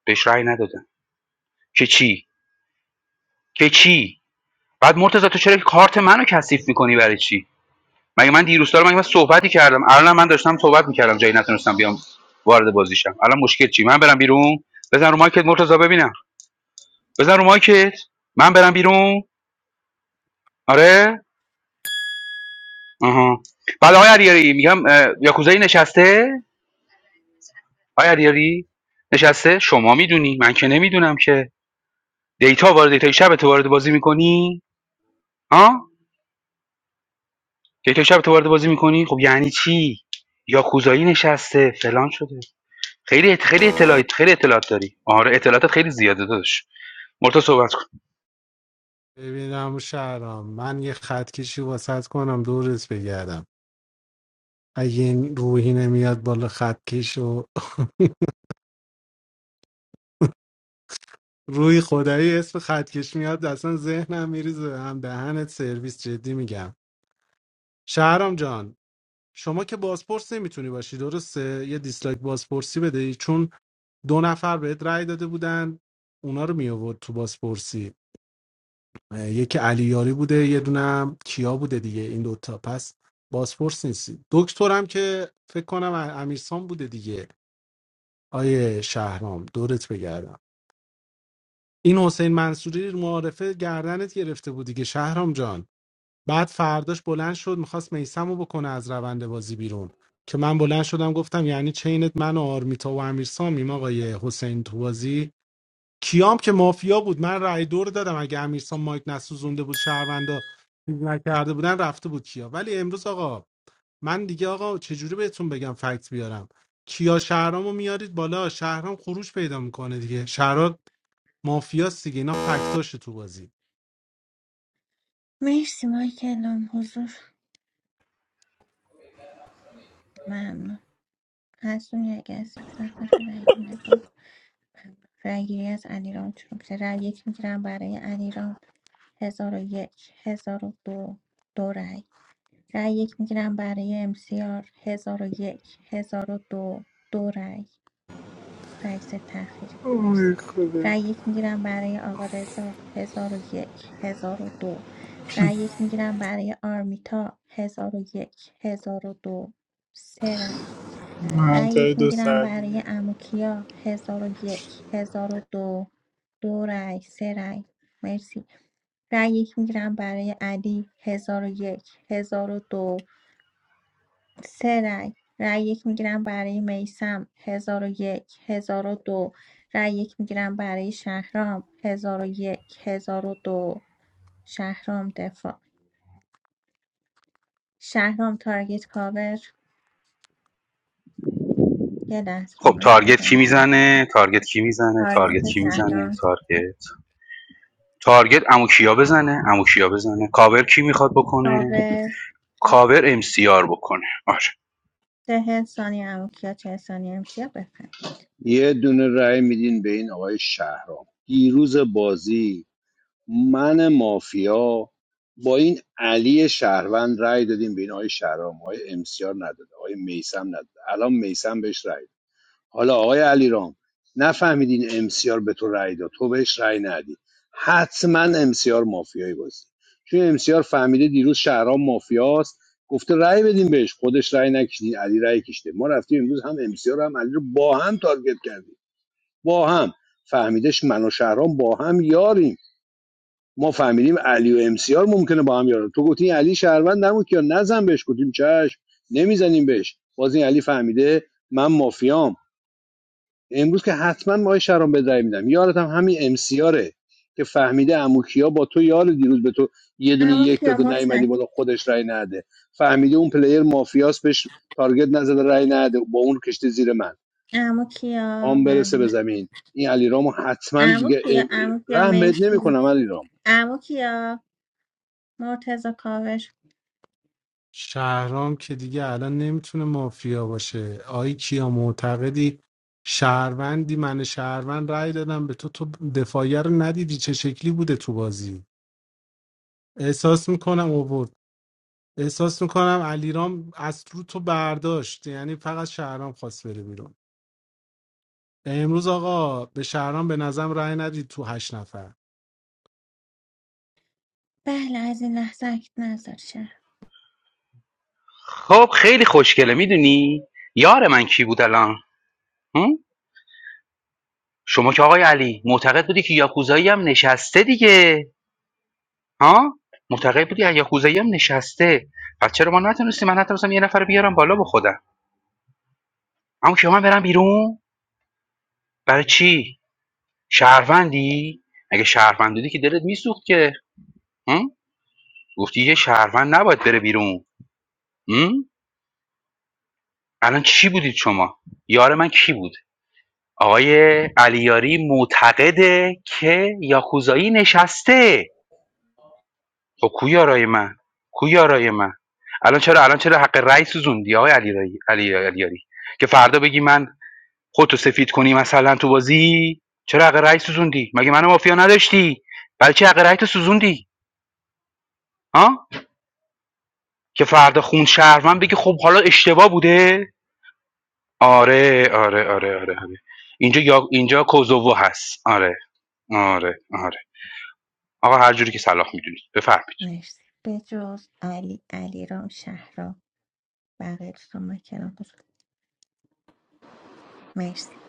بهش رأی ندادم که چی که چی بعد مرتضی تو چرا کارت منو کثیف میکنی برای چی مگه من دیروز دارم مگه من صحبتی کردم الان من داشتم صحبت میکردم جایی نتونستم بیام وارد بازیشم الان مشکل چی من برم بیرون بزن رو مایکت مرتضا ببینم بزن رو مایکت من برم بیرون آره آها بعد آقای علیاری میگم اه، یاکوزایی نشسته آقای علیاری نشسته شما میدونی من که نمیدونم که دیتا وارد دیتا شب تو وارد بازی میکنی ها دیتا شب تو وارد بازی میکنی خب یعنی چی یاکوزایی نشسته فلان شده خیلی خیلی اطلاعات خیلی اطلاعات داری آره اطلاعاتت خیلی زیاده داداش مرتا صحبت کن ببینم شهرام من یه خط کشی واسط کنم دورت بگردم اگه این روحی نمیاد بالا خطکش و روی خدایی اسم خطکش میاد اصلا ذهنم میریزه به هم دهنت سرویس جدی میگم شهرام جان شما که بازپرس نمیتونی باشی درسته یه دیسلایک بازپرسی بدهی چون دو نفر بهت رأی داده بودن اونا رو می آورد تو بازپرسی اه، یکی علی یاری بوده یه دونه هم کیا بوده دیگه این دوتا پس بازپرس نیستی دکترم که فکر کنم امیرسان بوده دیگه آیه شهرام دورت بگردم این حسین منصوری رو معارفه گردنت گرفته بود دیگه شهرام جان بعد فرداش بلند شد میخواست میسم رو بکنه از روند بازی بیرون که من بلند شدم گفتم یعنی چینت من و آرمیتا و امیر آقای حسین تو بازی کیام که مافیا بود من رأی دور دادم اگه امیرسام مایک نسوزونده بود شهروندا چیز نکرده بودن رفته بود کیا ولی امروز آقا من دیگه آقا چجوری بهتون بگم فکت بیارم کیا شهرامو میارید بالا شهرام خروج پیدا میکنه دیگه شهرام مافیاست دیگه اینا فکتاشه تو بازی مرسی مایکلام حضور ممنون هستونی اگه هستی به زحمت بده اگه نگاه. رأیگیری از علیرام شروع میشه رأی یک میگیرم برای علیرام هزار و یک هزار و دو دو رأی رأی یک میگیرم برای امسیار هزار و یک هزار و دو دو رأی رئیس تأخیری Oh my مرسی God! رأی یک میگیرم برای آقا رضا هزار و یک هزار و دو رأی یک میگیرم برای آرمیتا هزار و یک هزار و دو سه رأی I'm رأی یک so میگیرم sad. برای اموکیا هزار و یک هزار و دو دو رأی سه رأی مرسی رأی یک میگیرم برای علی هزار و یک هزار و دو سه رأی رأی یک میگیرم برای میسم هزار و یک هزار و دو رأی یک میگیرم برای شهرام هزار و یک هزار و دو شهرام دفاع شهرام تارگت کاور یه لحظه رو خب مایک تارگت کی نزنه جواب میزنه تارگت کی میزنه تارگت تارگت کی میزنه شهرام تارگت تارگت امو کیا بزنه امو کیا بزنه کاور کی میخواد بکنه کاور کاور ام سی آر بکنه آره 40 ثانیه عمو کیا 40 ثانیه امسیا بفهم یه دونه رأی میدین به این آقای شهرام دیروز بازی من مافیا با این علی شهروند رأی دادیم به این آقای شهرام آقای امسیار نداده آقای میسم نداده الان میسم بهش رأی حالا آقای علیرام نفهمیدین امسیار به تو رأی داد تو بهش رأی ندی حتما امسیار مافیایی بازی چون امسیار فهمیده دیروز شهرام مافیاست گفته رأی بدیم بهش خودش رأی نکشید علی رأی کشیده ما رفتیم امروز هم امسیار هم علی رو با هم تارگت کردیم با هم فهمیدش من و شهرام با هم یاریم ما فهمیدیم علی و امسیار ممکنه با هم یارن تو گفتی علی شهروند نبود که نزن بهش گفتیم چش نمیزنیم بهش باز این علی فهمیده من مافیام امروز که حتما ما شرم به رای میدم یارت هم همین امسیاره که فهمیده اموکیا با تو یار دیروز به تو یه دونه عمو یک کیا داده نیومدی متشکرم بالا خودش رای نده فهمیده اون پلیر مافیاس بهش تارگت نزده رای نده با اون کشته زیر من عمو کیا پام برسه به ممنون زمین این علی رامو حتما عمو دیگه کیا ام- عمو کیا رحم بهت مرسی نمیکنم علی رام عمو کیا مرتضی کاوش شهرام که دیگه الان نمیتونه مافیا باشه آی کیا معتقدی شهروندی من شهروند رأی دادم به تو تو دفاعیه رو ندیدی چه شکلی بوده تو بازی احساس میکنم اوورد احساس میکنم علیرام از رو تو برداشت یعنی فقط شهرام خواست بره بیرون امروز آقا به شهرام به نظرم رأی ندید تو هشت نفر بله از این لحظه اکت نظر شهر خب خیلی خوشگله میدونی یار من کی بود الان هم؟ شما که آقای علی معتقد بودی که یاکوزایی هم نشسته دیگه ها معتقد بودی یاکوزایی هم نشسته پس چرا ما نتونستیم من نتونستم یه نفر رو بیارم بالا با خودم اما که من برم بیرون برای چی شهروندی اگه شهروند بودی که دلت میسوخت که هم؟ گفتی یه شهروند نباید بره بیرون هم؟ الان چی بودید شما یار من کی بود آقای علیاری معتقده که یاکوزایی نشسته خب کو یارای من کو یارای من الان چرا الان چرا حق رأی سوزوندی آقای علی علی علیاری که فردا بگی من خودتو سفید کنی مثلا تو بازی چرا حق رأی سوزوندی مگه منو مافیا نداشتی برای چی حق رأیتو سوزوندی ها که فردا خون شهروند بگی خب حالا اشتباه بوده آره آره آره آره, آره. اینجا یا اینجا کوزوو هست آره آره آره آقا هر جوری که صلاح میدونی بفرمایید مرسی به جز علی علی رام شهرام بقیه دوستان من کنار گذاشت. مرسی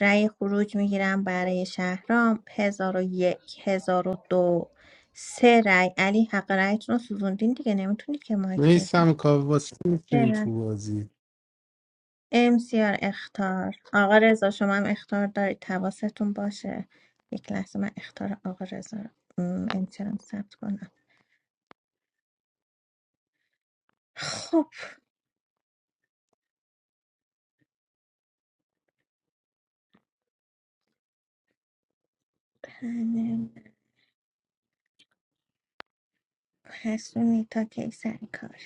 رأی خروج میگیرم برای شهرام هزار و یک هزار و دو سه رأی علی حق رأیتون رو سوزوندین دیگه نمیتونید که مایک میسم بدید کاوه واسه می‌شین تو بازی امسیار اختار آقا رضا شما هم اختار دارید حواستون باشه یک لحظه من اختار آقا رضا رو امسیار هم ثبت کنم خب پنل حسونی تا کی سر کار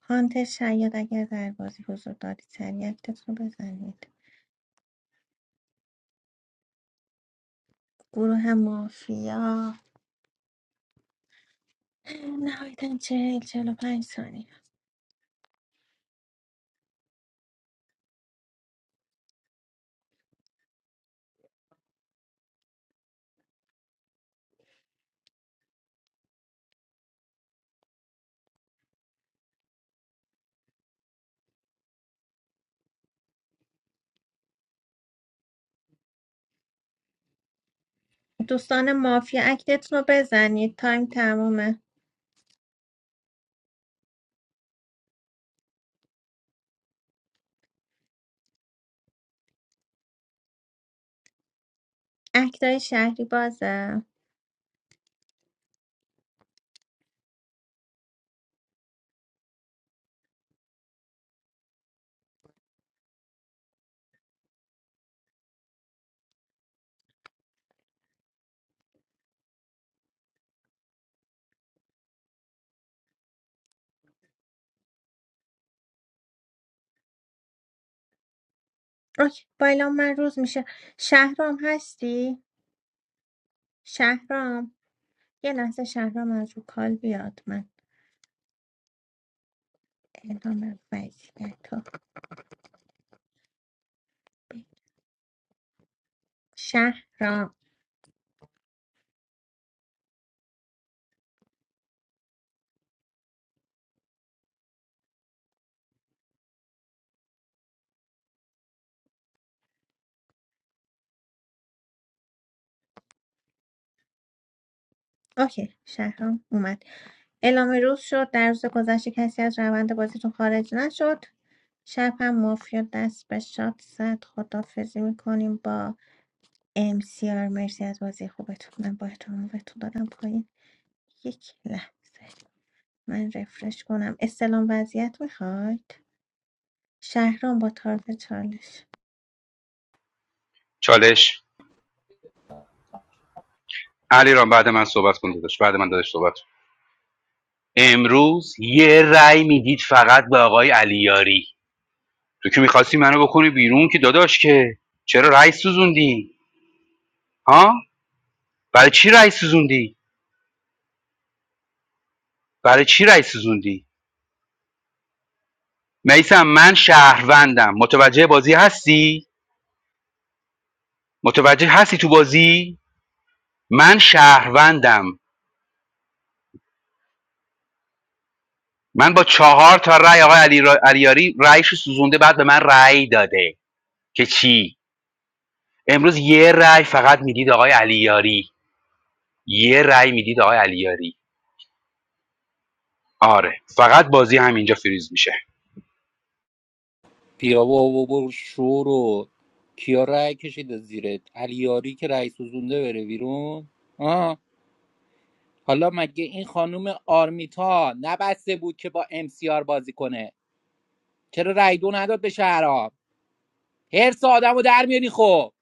هانت شاید اگر در بازی حضور دارید سریع اکتتون رو بزنید گروه مافیا نهایتا چهل چهل و پنج ثانیه دوستان مافیا اکتتون رو بزنید تایم تمومه اکتای شهری بازه اوکی با اعلام من روز میشه شهرام هستی شهرام یه لحظه شهرام از رو کال بیاد من اعلام وضعیت رو بگم. شهرام اوکی شهرام اومد اعلام روز شد در روز گذشته کسی از روند بازیتون خارج نشد شب هم مافیا دست به شاد زد خدافزی میکنیم با ام سی آر مرسی از بازی خوبتون من با احترام بهتون دادم پایین یک لحظه من رفرش کنم استلام وضعیت میخواید شهرام با طرف چالش چالش علیرام بعد من صحبت کن داداش بعد من داداش صحبت کن. امروز یه رأی میدید فقط به آقای علیاری تو که میخواستی منو بکنی بیرون که داداش که چرا رأی سوزوندی ها برای چی رأی سوزوندی برای چی رأی سوزوندی میسم من شهروندم متوجه بازی هستی متوجه هستی تو بازی من شهروندم من با چهار تا رأی آقای علی را... علیاری رأیش رو سوزونده بعد به من رأی داده که چی امروز یه رأی فقط میدید آقای علیاری یه رأی میدید آقای علیاری آره فقط بازی همینجا فریز میشه بیا بابا برو شو رو کیا رأی کشیده زیرت علیاری که رأی سوزونده بره بیرون آه حالا مگه این خانوم آرمیتا نبسته بود که با ام سی آر بازی کنه چرا رای دو نداد به شهرام هرس آدمو در میاری خب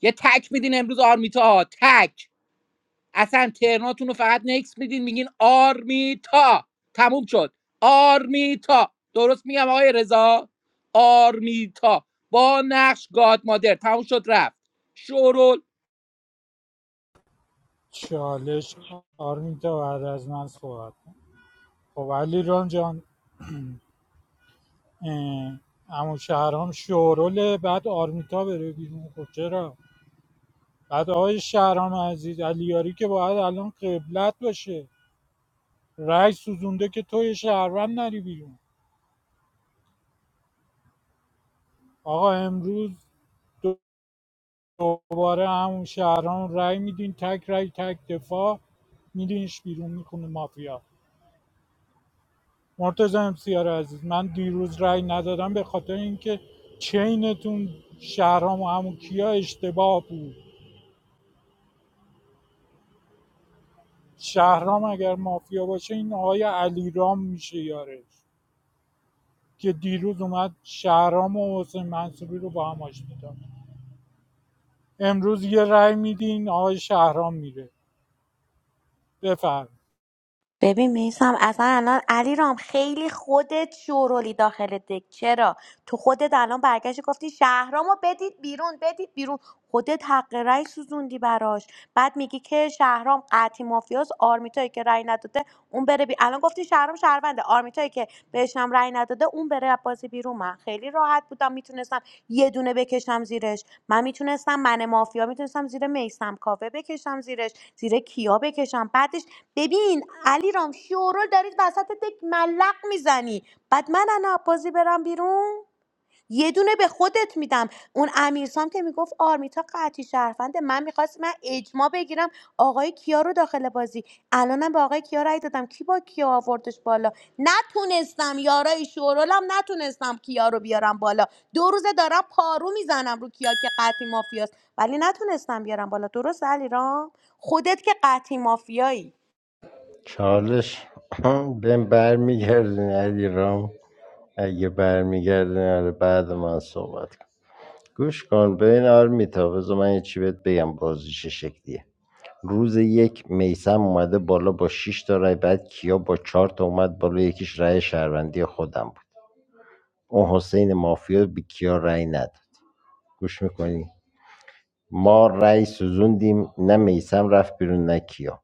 یه تک میدین امروز آرمیتا تک اصلا ترناتون رو فقط نکس میدین میگین آرمیتا تموم شد آرمیتا درست میگم آقای رضا آرمیتا با نقش گاد مادر تموم شد رفت شورول چالش آرمیتا بعد از من صحبت کن. خب علی ران جان امو شهرام شوروله بعد آرمیتا بره بیرون خب چرا بعد آقای شهرام عزیز علیاری که باید الان قبلت باشه رای سوزونده که توی شهروند نری بیرون آقا امروز دوباره همون شهرام رأی میدین تک رأی تک دفاع میدینش بیرون میکنه مافیا مرتضی امسیار عزیز من دیروز رأی ندادم به خاطر اینکه چینتون شهرام و همون کیا اشتباه بود شهرام اگر مافیا باشه این آقای علیرام میشه یارش که دیروز اومد شهرام و حسین منصوری رو با هم آشتی داد امروز یه رأی میدین آقای شهرام میره بفرم ببین میسم اصلا الان علی رام خیلی خودت شورولی داخل دک چرا تو خودت الان برگشتی گفتی شهرامو بدید بیرون بدید بیرون خودت حق رأی سوزوندی براش بعد میگی که شهرام قطعی مافیاس آرمیتایی که رأی نداده اون بره بی... الان گفتی شهرام شهرونده آرمیتایی که بهشم رأی نداده اون بره از بازی بیرون من خیلی راحت بودم میتونستم یه دونه بکشم زیرش من میتونستم من مافیا میتونستم زیر میسم کافه بکشم زیرش زیر کیا بکشم بعدش ببین علی رام شورول دارید وسط دک ملق میزنی بعد من انا بازی برم بیرون یه دونه به خودت میدم اون امیرسام که میگفت آرمیتا قطعی شرفنده من میخواست من اجماع بگیرم آقای کیا رو داخل بازی الانم به آقای کیا رای دادم کی با کیا آوردش بالا نتونستم یارای شورولم نتونستم کیا رو بیارم بالا دو روزه دارم پارو میزنم رو کیا که قطعی مافیاست ولی نتونستم بیارم بالا درست علی رام خودت که قطعی مافیایی چالش (clears throat) بهم برمیگردین علی رام اگه برمیگردین آره بعد من صحبت کن گوش کن ببین آرمیتا بذار من یه چی بهت بگم بازی چه شکلیه روز یک میثم اومده بالا با شش تا رای بعد کیا با چهار تا اومد بالا یکیش رای شهروندی خودم بود اون حسین مافیا به کیا رای نداد گوش میکنی ما رای سوزوندیم نه میسم رفت بیرون نه کیا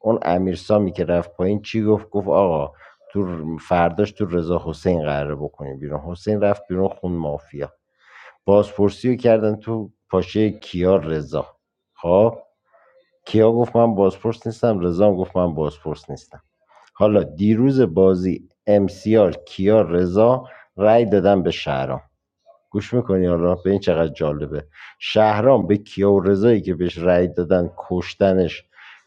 اون امیر سامی که رفت پایین چی گفت گفت آقا تو فرداش تو رضا حسین قراره بکنیم بیرون حسین رفت بیرون خون مافیا بازپرسی رو کردن تو پاشه کیا رضا خب کیا گفت من بازپرس نیستم رضا هم گفت من بازپرس نیستم حالا دیروز بازی امسیار کیا رضا رأی دادن به شهرام گوش میکنی حالا به این چقدر جالبه شهرام به کیا و رضایی که بهش رأی دادن کشتنش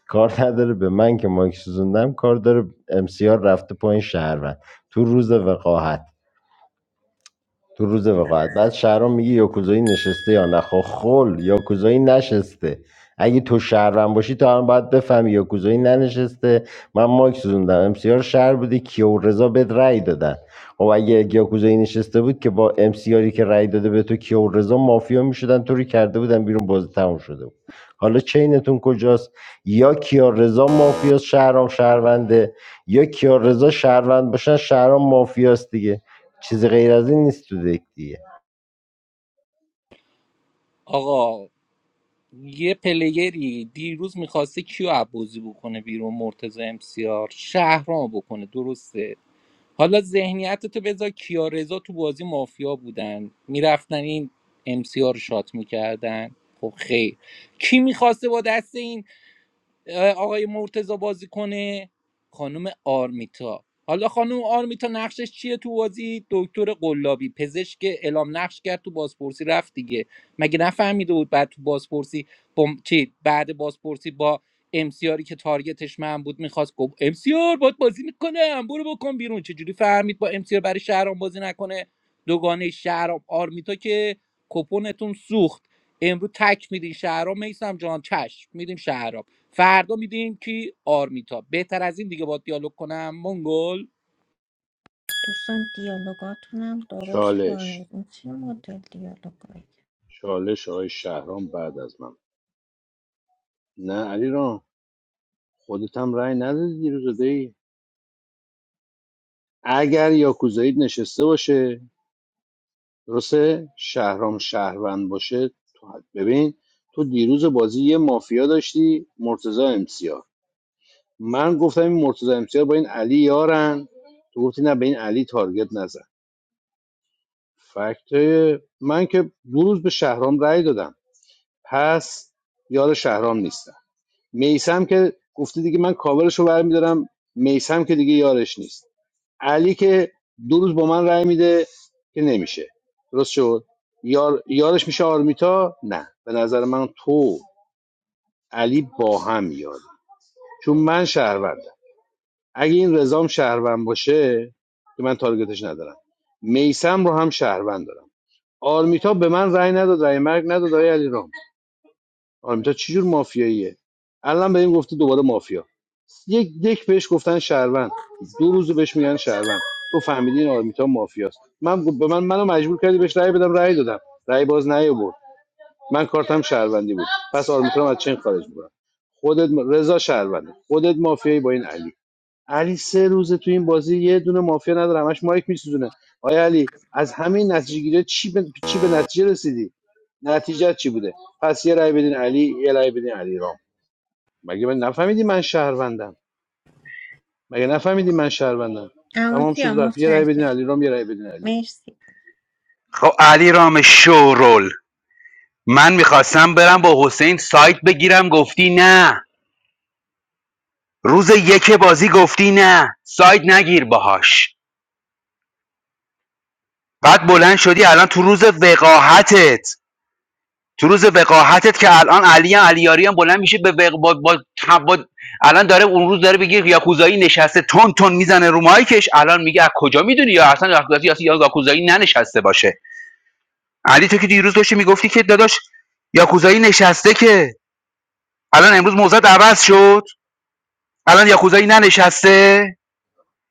کار نداره به من که مایک سوزوندم کار داره امسیار رفته پایین شهروند تو روز وقاحت تو روز وقاعت بعد شهرام میگه یاکوزایی نشسته یا نه خب خل یاکوزایی نشسته اگه تو شهرم باشی تو هم باید بفهمی یاکوزایی ننشسته من ماک سوزوندم امسیار شهر بودی کیا و رضا بهت رأی دادن خب اگه یاکوزایی نشسته بود که با امسیاری که رأی داده به تو کیا و رضا مافیا میشدن تو رو کرده بودن بیرون بازی تموم شده بود حالا چینتون کجاست یا کیا رضا مافیاست شهرام شهرونده یا کیا رضا شهروند باشن شهرام مافیاست دیگه چیز غیر از این نیست تو دک دیگه آقا یه پلیگری دیروز میخواسته کیو عبازی بکنه بیرون مرتضی امسیار شهرام بکنه درسته حالا ذهنیت تو بذار کیارزا تو بازی مافیا بودن میرفتن این امسیار رو شات میکردن خب خیر کی میخواسته با دست این آقای مرتزا بازی کنه خانم آرمیتا حالا خانم آرمیتا نقشش چیه تو بازی دکتر قلابی پزشک اعلام نقش کرد تو بازپرسی رفت دیگه مگه نفهمیده بود بعد تو بازپرسی با م- چی بعد بازپرسی با امسیاری که تارگتش من بود میخواست گفت امسیار باید بازی میکنم برو بکن بیرون چجوری فهمید با امسیار برای شهرام بازی نکنه دوگانه شهرام آرمیتا که کپونتون سوخت امروز تک میدین شهرام میسم جان چشم میدیم شهرام فردا میدیم کی آرمیتا بهتر از این دیگه با دیالوگ کنم منگل دوستان دیالوگاتونم درست چالش کنید این چه مدل دیالوگایی چالش آقای شهرام بعد از من نه علی رام خودت هم رای ندادی دیروز دی اگر یاکوزایید نشسته باشه درسته شهرام شهروند باشه تو ببین تو دیروز بازی یه مافیا داشتی مرتضی امسیار من گفتم این مرتضی امسیار با این علی یارن تو گفتی نه به این علی تارگت نزن فکت من که دو روز به شهرام رأی دادم پس یار شهرام نیستم میسم که گفتی دیگه من کاورش رو برمیدارم میسم که دیگه یارش نیست علی که دو روز با من رأی میده که نمیشه درست شد یار... یارش میشه آرمیتا نه به نظر من تو علی با هم یاری چون من شهروندم اگه این رضام شهروند باشه که من تارگتش ندارم میسم رو هم شهروند دارم آرمیتا به من رأی نداد رأی مرگ نداد آقای علی رام آرمیتا چجور مافیاییه الان به این گفته دوباره مافیا یک دک بهش گفتن شهروند دو روز بهش میگن شهروند تو فهمیدی این آرمیتا مافیاست من به من منو مجبور کردی بهش رأی بدم رأی دادم رأی باز نیاورد من کارتم شهروندی بود پس آرمیتا رو از چین خارج میکنم خودت رضا شهرونده خودت مافیایی با این علی علی سه روزه تو این بازی یه دونه مافیا نداره همش مایک میسوزونه آیا علی از همین نتیجه گیری چی به, چی به نتیجه رسیدی نتیجه چی بوده پس یه رأی بدین علی یه رأی بدین علی رام مگه من نفهمیدی من شهروندم مگه نفهمیدی من شهروندم اما تمام شد کیا رفت یه رأی بدین متشکرم علیرام یه رأی بدین علی مرسی خب علی رام شورول من میخواستم برم با حسین سایت بگیرم گفتی نه روز یک بازی گفتی نه ساید نگیر باهاش بعد بلند شدی الان تو روز وقاحتت تو روز وقاحتت که الان علی هم علیاری هم بلند میشه به وق... با... با... با- الان داره اون روز داره بگه یاکوزایی نشسته تون تون میزنه رو مایکش الان میگه از کجا میدونی یا اصلا یاکوزایی یا یاکوزایی ننشسته باشه علی تو که دیروز داشتی میگفتی که داداش یاکوزایی نشسته که الان امروز موضع عوض شد الان یاکوزایی ننشسته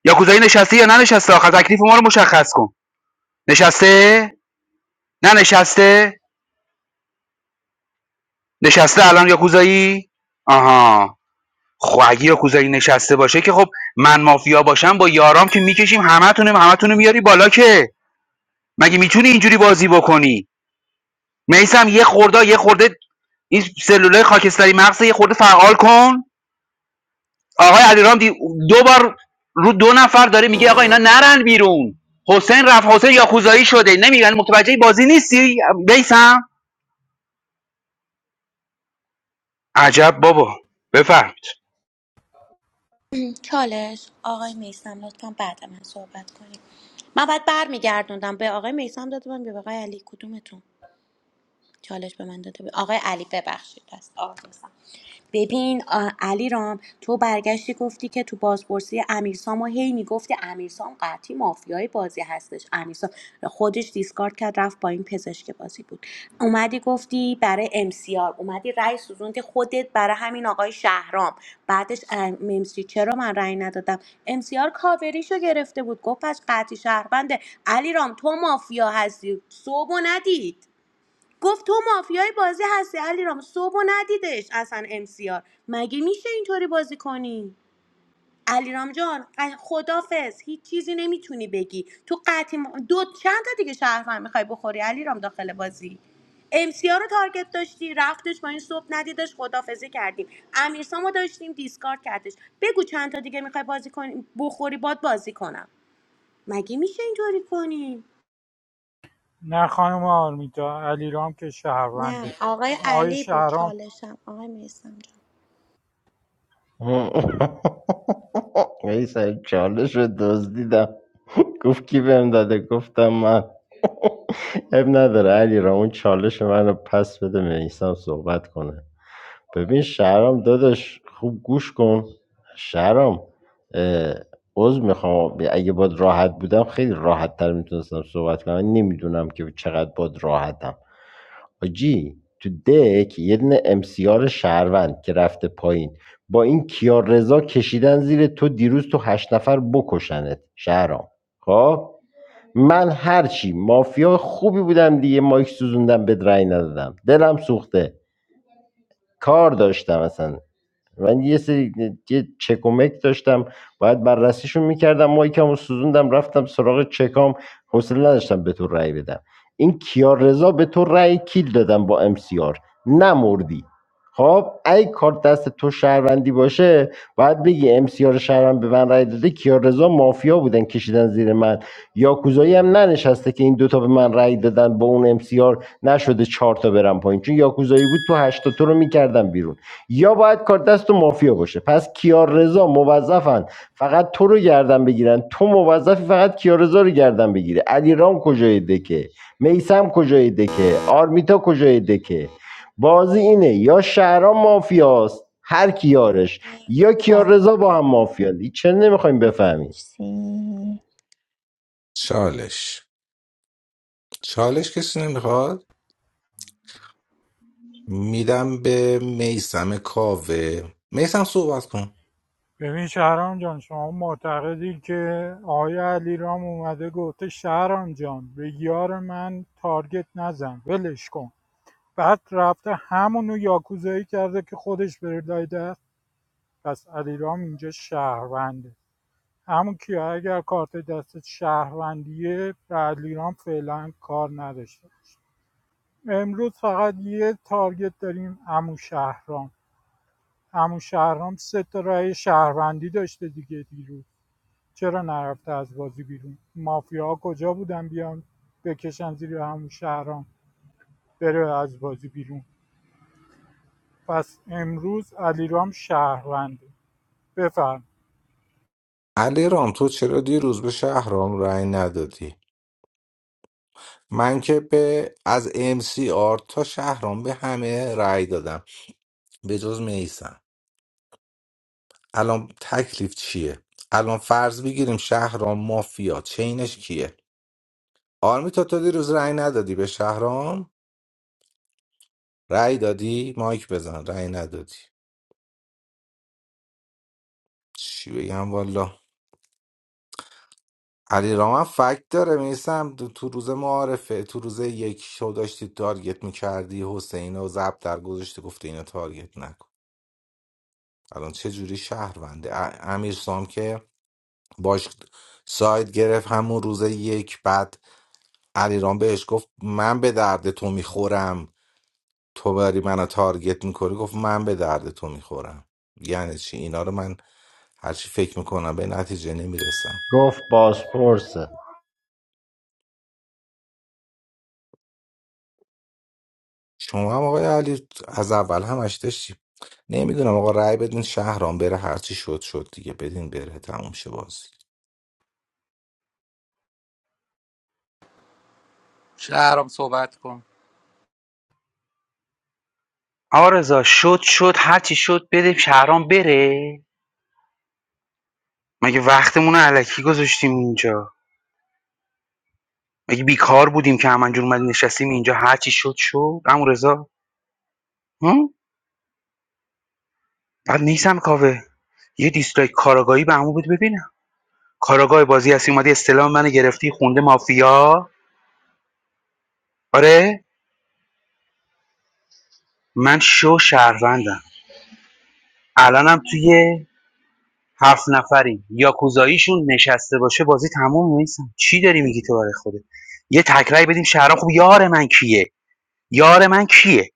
یاکوزایی نشسته یا ننشسته آخر تکلیف ما رو مشخص کن نشسته؟ نه نشسته؟ نشسته الان یاکوزایی؟ آها خب اگه یاکوزایی نشسته باشه که خب من مافیا باشم با یارام که میکشیم همتونم همتونو میاری بالا که مگه میتونی اینجوری بازی بکنی میسم یه خورده یه خورده این سلولای خاکستری مغز یه خورده فعال کن آقای علیرام دی... دو بار رو دو نفر داره میگه آقا اینا نرن بیرون حسین رفت حسین یاکوزایی شده نمیگن متوجه بازی نیستی بیسم عجب بابا بفرمایید چالش آقای میسم لطفا بعد من صحبت کنیم من بعد بر میگردوندم به آقای میسم داده بودم یا به آقای علی کدومتون چالش به من داده بود آقای علی ببخشید است آقای میثم. ببین علیرام تو برگشتی گفتی که تو بازپرسی امیرسام و هی میگفتی امیرسام قطعی مافیای بازی هستش امیرسام خودش دیسکارد کرد رفت با این پزشک بازی بود اومدی گفتی برای امسیار اومدی رأی سوزوندی خودت برای همین آقای شهرام بعدش ممسی چرا من رأی ندادم امسیار کاوریشو گرفته بود گفت پس قطعی شهربنده علی تو مافیا هستی صبح و ندید گفت تو مافیای بازی هستی علیرام صبح و ندیدش اصلا امسیار مگه میشه اینطوری بازی کنی علیرام جان ق- خدافظ هیچ چیزی نمیتونی بگی تو قطعی م- دو چند تا دیگه شهروند میخوای بخوری علیرام داخل بازی امسیار رو تارگت داشتی رفتش با این صبح ندیدش خدافظی کردیم امیرسامو داشتیم دیسکارد کردش بگو چند تا دیگه میخوای بازی کنی بخوری باد بازی کنم مگه میشه اینطوری کنی نه خانم آرمیتا علیرام که نه شهرونده آقای آقای علی بود شهرام چالشم آقای میسم (laughs) ولی سر چالش رو دزدیدم (laughs) گفت کی بهم داده گفتم من اب نداره علی را اون چالش من رو پس بده میسم صحبت کنه ببین شهرام داداش خوب گوش کن شهرام اه، عذر میخوام اگه باد راحت بودم خیلی راحت تر میتونستم صحبت کنم من نمیدونم که چقدر باد راحتم آجی، تو دک یه دونه امسیار شهروند که رفته پایین با این کیار رضا کشیدن زیر تو دیروز تو هشت نفر بکشنت شهرام خب من هرچی مافیا خوبی بودم دیگه مایک سوزوندم به رأی ندادم دلم سوخته کار داشتم اصلا من یه سری یه چکمک داشتم باید بررسیشون میکردم مایکم و سوزوندم رفتم سراغ چکام حوصله نداشتم به تو رأی بدم این کیار رضا به تو رأی کیل دادم با امسیار نمردی خب ای کارت دست تو شهروندی باشه باید بگی امسیار شهروند به من رأی داده کیار رضا مافیا بودن کشیدن زیر من یاکوزایی هم ننشسته که این دوتا به من رأی دادن با اون امسیار نشده چهار تا برم پایین چون یاکوزایی بود تو هشتا تو رو میکردم بیرون یا باید کار دست مافیا باشه پس کیاررضا موظفن فقط تو رو گردن بگیرن تو موظفی فقط کیاررضا رو گردن بگیره علیرام کجای دکه میسم کجای دکه آرمیتا کجای دکه بازی اینه یا شهرام مافیاست هر کیارش یا متشکرم. کیاررضا با هم مافیان چه نمیخوایم بفهمیم مرسی چالش چالش کسی نمیخواد میدم به میسم کاوه میسم صحبت کن ببین شهرام جان شما معتقدی که آقای علیرام اومده گفته شهرام جان به یار من تارگت نزن ولش کن بعد رفته همونو یاکوزایی کرده که خودش بره لای دست پس علیرام اینجا شهرونده همون که اگر کارت دست شهروندیه به علیرام فعلا کار نداشته امروز فقط یه تارگت داریم امو شهرام امو شهرام سه تا رأی شهروندی داشته دیگه دیروز چرا نرفته از بازی بیرون مافیاها کجا بودن بیان بکشن زیر همون شهرام بره از بازی بیرون پس امروز علیرام شهرونده بفرم علی رام تو چرا دیروز به شهرام رأی ندادی من که به از ام سی آر تا شهرام به همه رأی دادم به جز میسم الان تکلیف چیه الان فرض بگیریم شهرام مافیا چینش کیه آرمیتا تو دیروز رأی ندادی به شهرام رأی دادی مایک بزن رأی ندادی چی بگم والا علی رام فکت داره میسم تو تو روز معارفه تو روز یک شو داشتی تارگت میکردی حسین و زب در گذاشتی گفته اینو تارگت نکن الان چه جوری شهرونده ا- امیر سام که باش ساید گرفت همون روز یک بعد علیرام بهش گفت من به درد تو میخورم تو بری منو تارگت میکنی گفت من به درد تو میخورم یعنی چی اینا رو من هرچی فکر میکنم به نتیجه نمیرسم گفت بازپرسه شما هم آقای علی از اول همش داشتی نمیدونم آقا رأی بدین شهرام بره هرچی شد شد دیگه بدین بره تموم شه بازی شهرام صحبت کن آقا رضا شد شد هرچی شد بده شهرام بره مگه وقتمون رو علکی گذاشتیم اینجا مگه بیکار بودیم که همینجور اومد نشستیم اینجا هرچی شد شد عمو رضا هم؟ بعد نیستم کاوه یه دیسلایک کاراگاهی به عمو بود ببینم کاراگاه بازی هستی اومدی استلام منو گرفتی خونده مافیا آره من شو شهروندم الانم توی هفت نفریم یاکوزاییشون نشسته باشه بازی تموم نیستم چی داری میگی تو برای خودت یه تکرای بدیم شهرام خوب یار من کیه یار من کیه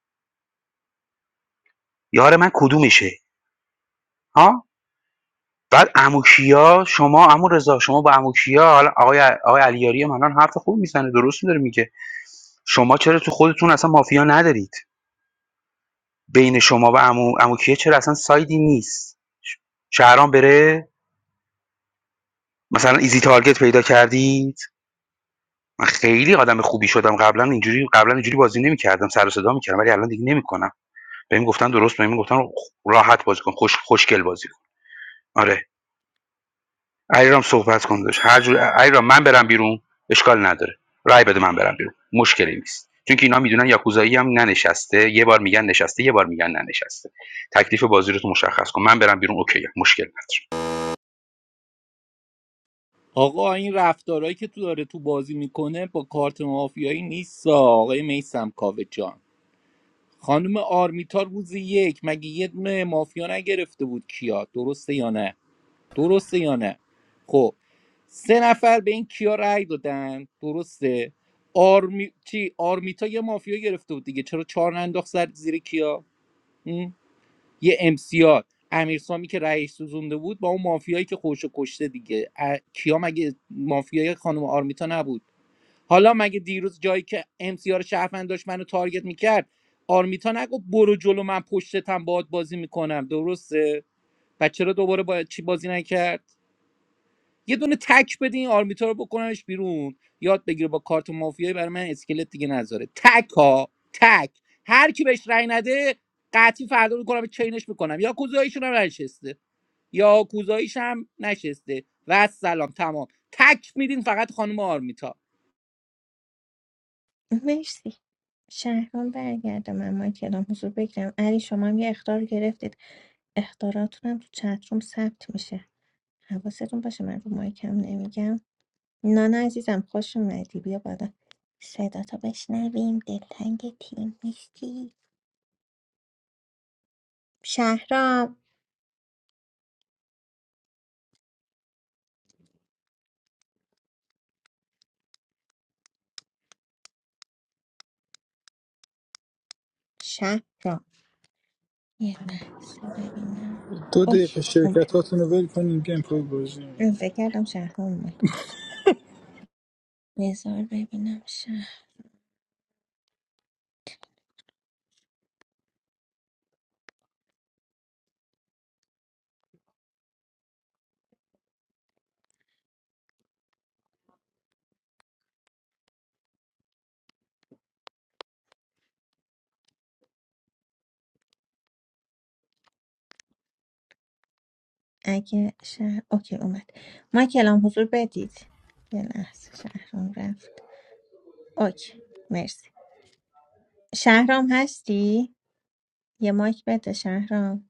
یار من کدومشه ها بعد اموکیا شما عمو رضا شما با اموکیا حالا آقای آقای علیاری هم الان حرف خوب میزنه درست میداره میگه شما چرا تو خودتون اصلا مافیا ندارید بین شما و امو اموکیا چرا اصلا سایدی نیست شهرام بره مثلا ایزی تارگت پیدا کردی من خیلی آدم خوبی شدم قبلا اینجوری قبلا اینجوری بازی نمی‌کردم سر و صدا می‌کردم ولی الان دیگه نمی‌کنم بهم گفتن درست بهم گفتن راحت بازی کن خوش خوشگل بازی کن آره علیرام صحبت کن داشت هر جور علیرام من برم بیرون اشکال نداره رای بده من برم بیرون مشکلی نیست چون که اینا میدونن یاکوزایی هم ننشسته یه بار میگن نشسته یه بار میگن ننشسته تکلیف بازی رو تو مشخص کن من برم بیرون اوکی مشکل نداره آقا این رفتارهایی که تو داره تو بازی میکنه با کارت مافیایی نیست آقای میسم کاوه جان خانم آرمیتا روز یک مگه یه دونه مافیا نگرفته بود کیا درسته یا نه درسته یا نه خب سه نفر به این کیا رأی دادن درسته آرمی... چی آرمیتا یه مافیا گرفته بود دیگه چرا چهار ننداخت سر زیر کیا یه امسیار امیرسامی که رئیس سوزونده بود با اون مافیایی که خودش کشته دیگه کیا مگه مافیای خانم آرمیتا نبود حالا مگه دیروز جایی که امسیار شهروند داشت منو تارگت میکرد آرمیتا نگفت برو جلو من پشتتم باهات بازی میکنم درسته و چرا دوباره با چی بازی نکرد یه دونه تک بده این آرمیتا رو بکننش بیرون یاد بگیره با کارت مافیایی برای من اسکلت دیگه نذاره تک ها تک هر کی بهش رأی نده قطعی فردا میکنم چینش میکنم یا کوزاییشون هم نشسته یا کوزاییش هم نشسته و سلام تمام تک میدین فقط خانم آرمیتا مرسی شهرام برگرده من من کلام حضور بگیرم علی شما هم یه اختار گرفتید اختاراتونم تو چتروم ثبت میشه حواستون باشه من رو مایکم نمیگم نانا عزیزم خوش اومدی بیا بالا صدا تا بشنویم دلتنگ تیم نیستی شهرام شهرام یه لحظه ببینم Do they اوکی share اومد that with everyone? من فکر کردم شهرام اومد بذار ببینم شهر اگه شهر اوکی اومد ما کلام حضور بدید یه لحظه شهرام رفت اوکی مرسی شهرام هستی؟ یه مایک بده شهرام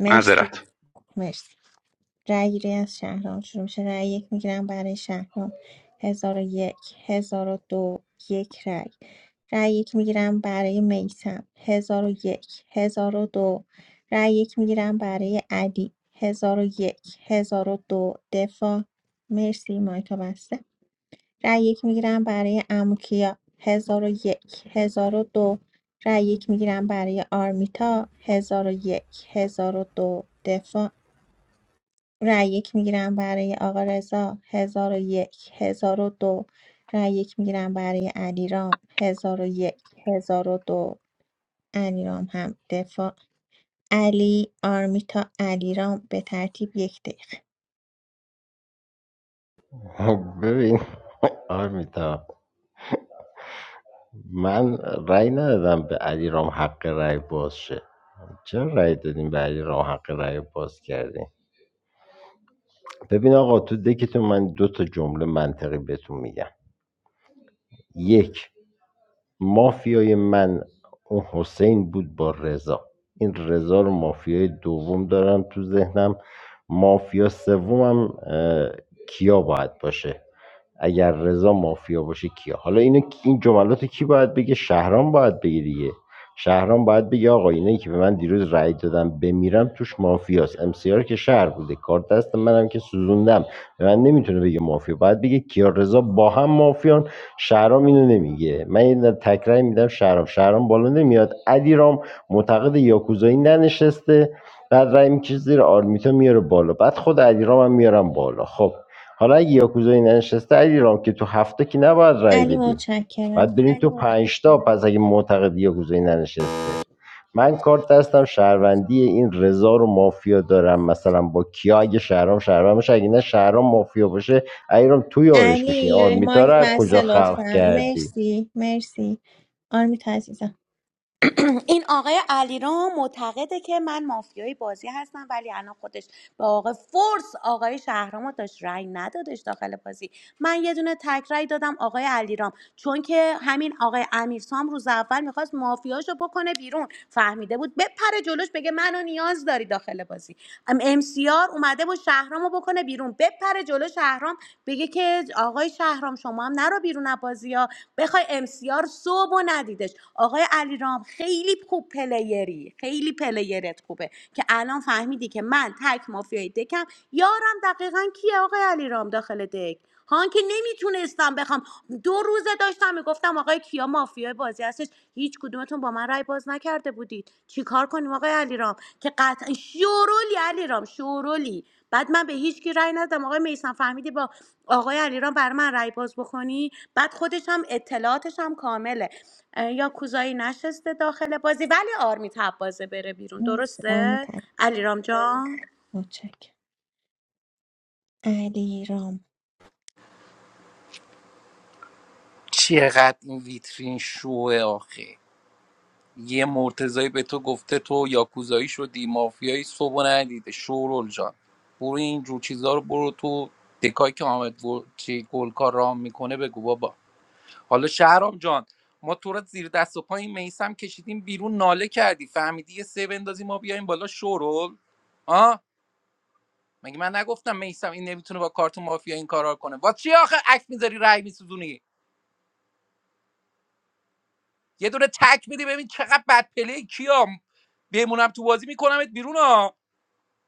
مرسی معذرت مرسی رأی گیری از شهرام شروع میشه رأی یک میگیرم برای شهرام هزار و یک هزار و دو یک رأی رأی یک میگیرم برای میسم هزار و یک هزار و دو رأی یک میگیرم برای علی هزار و یک هزار و دو دفاع مرسی مایکا بسته رأی یک میگیرم برای اموکیا هزار و یک هزار و دو رأی یک میگیرم برای آرمیتا هزار و یک هزار و دو دفاع رای یک میگیرم برای آقا رضا هزار و یک هزار و دو رای یک میگیرم برای علیرام هزار و یک هزار و دو علیرام هم دفاع علی آرمیتا علیرام به ترتیب یک دقیقه (laughs) ببین آرمیتا من رأی ندادم به علیرام حق رأی باز شه چرا رأی دادیم به علی رام حق رأی رو باز کردیم ببین آقا تو دکتون من دو تا جمله منطقی بهتون میگم یک مافیای من اون حسین بود با رضا این رضا رو مافیای دوم دارم تو ذهنم مافیا سومم اه، کیا باید باشه اگر رضا مافیا باشه کیا حالا اینو این جملات کی باید بگه شهرام باید بگه دیگه شهرام باید بگه آقا اینایی که به من دیروز رأی دادم بمیرم توش مافیاست امسیار که شهر بوده کارت دست منم که سوزوندم به من نمیتونه بگه مافیا باید بگه کیا رضا با هم مافیان شهرام اینو نمیگه من یه تکرار میدم شهرام شهرام بالا نمیاد علیرام معتقد یاکوزایی ننشسته بعد رأی میکشه زیر آرمیتا میاره بالا بعد خود علیرام هم میارم بالا خب حالا اگه یاکوزایی ننشسته علیرام که تو هفته که نباید رأی علی بدیم متشکرم باید بریم تو پنجتا پس اگه معتقد یاکوزایی ننشسته من کارت دستم شهروندی این رضا رو مافیا دارم مثلا با کیا اگه شهرام شهرام باشه اگه نه شهرام مافیا باشه ایرام تو یارش میشین علی آرمیتا رو مایک از کجا بسته خلق لطفا کردی مرسی مرسی آرمیتا عزیزم این آقای علیرام معتقده که من مافیای بازی هستم ولی الان خودش به آقای فورس آقای شهرام رو داشت رأی ندادش داخل بازی من یه دونه تک رأی دادم آقای علیرام چون که همین آقای امیرسام روز اول میخواست مافیاشو بکنه بیرون فهمیده بود بپره جلوش بگه منو نیاز داری داخل بازی ام ام سی آر اومده بود شهرامو بکنه بکنه بیرون بپره جلو شهرام بگه که آقای شهرام شما هم نرو بیرون از بازی ها ام امسیار صبح و ندیدش آقای علیرام خیلی خوب پلیری خیلی پلیرت خوبه که الان فهمیدی که من تک مافیای دکم یارم دقیقاً کیه آقای علیرام داخل دک هان که نمیتونستم بخوام دو روزه داشتم میگفتم آقای کیا مافیای بازی هستش هیچ کدومتون با من رای باز نکرده بودید چیکار کنیم آقای علیرام که قطعا شورولی علیرام شورولی بعد من به هیچ کی رای ندادم آقای میسان فهمیدی با آقای علیرام بر من رای باز بکنی بعد خودش هم اطلاعاتش هم کامله یا کوزایی نشسته داخل بازی ولی آرمی بازه بره بیرون مرسی درسته آرمیتا علیرام جان متشکرم علی چقدر این ویترین شوه آخه یه مرتضایی به تو گفته تو یاکوزایی شدی مافیایی صبح و ندیده شورول جان برو این جور چیزا رو برو تو دکایی که حامد گل- چی گلکار رام میکنه بگو بابا حالا شهرام جان ما تو را زیر دست و پا میسم کشیدیم بیرون ناله کردی فهمیدی یه سه بندازی ما بیایم بالا شورول آه مگه من نگفتم میسم این نمیتونه با کارت مافیا این کارا رو کنه واسه چی آخه عکس میذاری رای میسوزونی یه دونه تک میدی ببین چقدر بد پلی کیام بمونم تو بازی میکنمت بیرون ها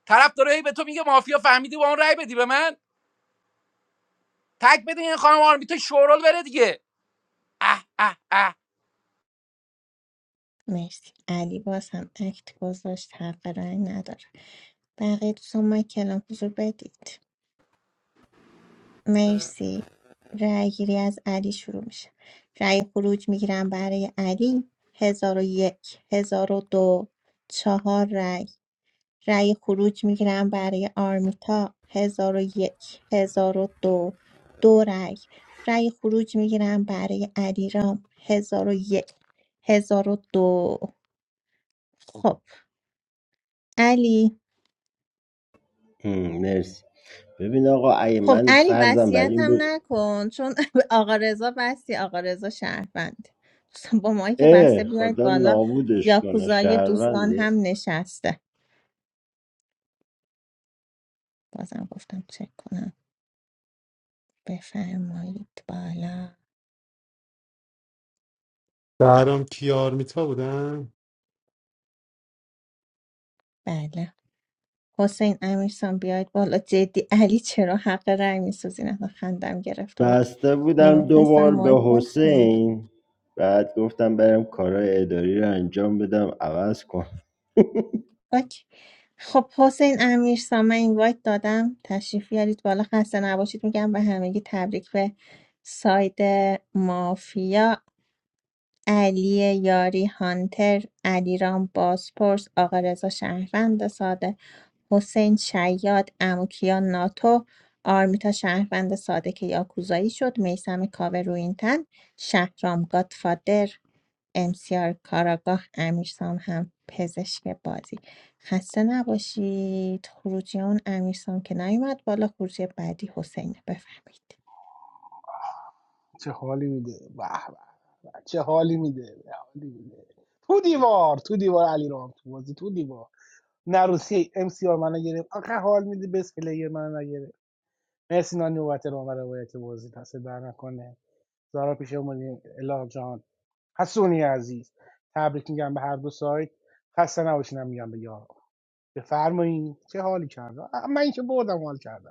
طرف داره هی به تو میگه مافیا فهمیدی با اون رأی بدی به من تک بده این خانم آرمیتا شورول بره دیگه اه اه اه مرسی علی باز هم اکت گذاشت حق رأی نداره بقیه دوستان ما کلام حضور بدید مرسی رأی گیری از علی شروع میشه رای خروج میگیرم برای علی هزار و یک هزار و دو چهار رای. رای خروج میگیرم برای آرمیتا هزار و یک هزار و دو دو رای. رای خروج میگیرم برای علیرام هزار و یک هزار و دو خب علی هم، مرسی ببین آقا ای خب من علی فرضم بر وصیت این هم بود نکن چون (laughs) آقا رضا بستی آقا رضا شهروند دوستان با مایی که اه بسته بیاید خدا بالا نابودش کنه یاکوزای دوستان شهرونده هم نشسته بازم گفتم چک کنم بفرمایید بالا شهرام کیار میتا بودن بله حسین امیرسان بیاید بالا جدی علی چرا حق رأی میسوزین خندم گرفته بود بسته بودم دو نمیتونستم بار مایک به باشم حسین بعد گفتم برم کارهای اداری رو انجام بدم عوض کن اوکی. خب حسین امیر سامن اینوایت دادم تشریف بیارید بالا خسته نباشید میگم به همگی تبریک به ساید مافیا علی یاری هانتر علیرام بازپرس آقا رضا شهروند ساده حسین شیاد اموکیا ناتو آرمیتا شهروند ساده که یاکوزایی شد میسم کاوه روینتن شهرام گادفادر امسیار کاراگاه امیرسام هم پزشک بازی خسته نباشید خروجی اون امیرسام که نیومد بالا خروجی بعدی حسینه بفهمید چه حالی میده به به به. چه حالی میده چه حالی میده تو دیوار تو دیوار علی رام تو بازی تو دیوار نروسی ام سی آر منو گرفت آخه حال میده بس پلیر منو نگرفت مرسی نانی نوبت رو برای روایت بازی دست در نکنه زارا پیشمونی الا جان حسونی عزیز تبریک میگم به هر دو سایت خسته نباشینم میگم به یارا بفرمایین چه حالی کردم اه، این که بردم حال کردم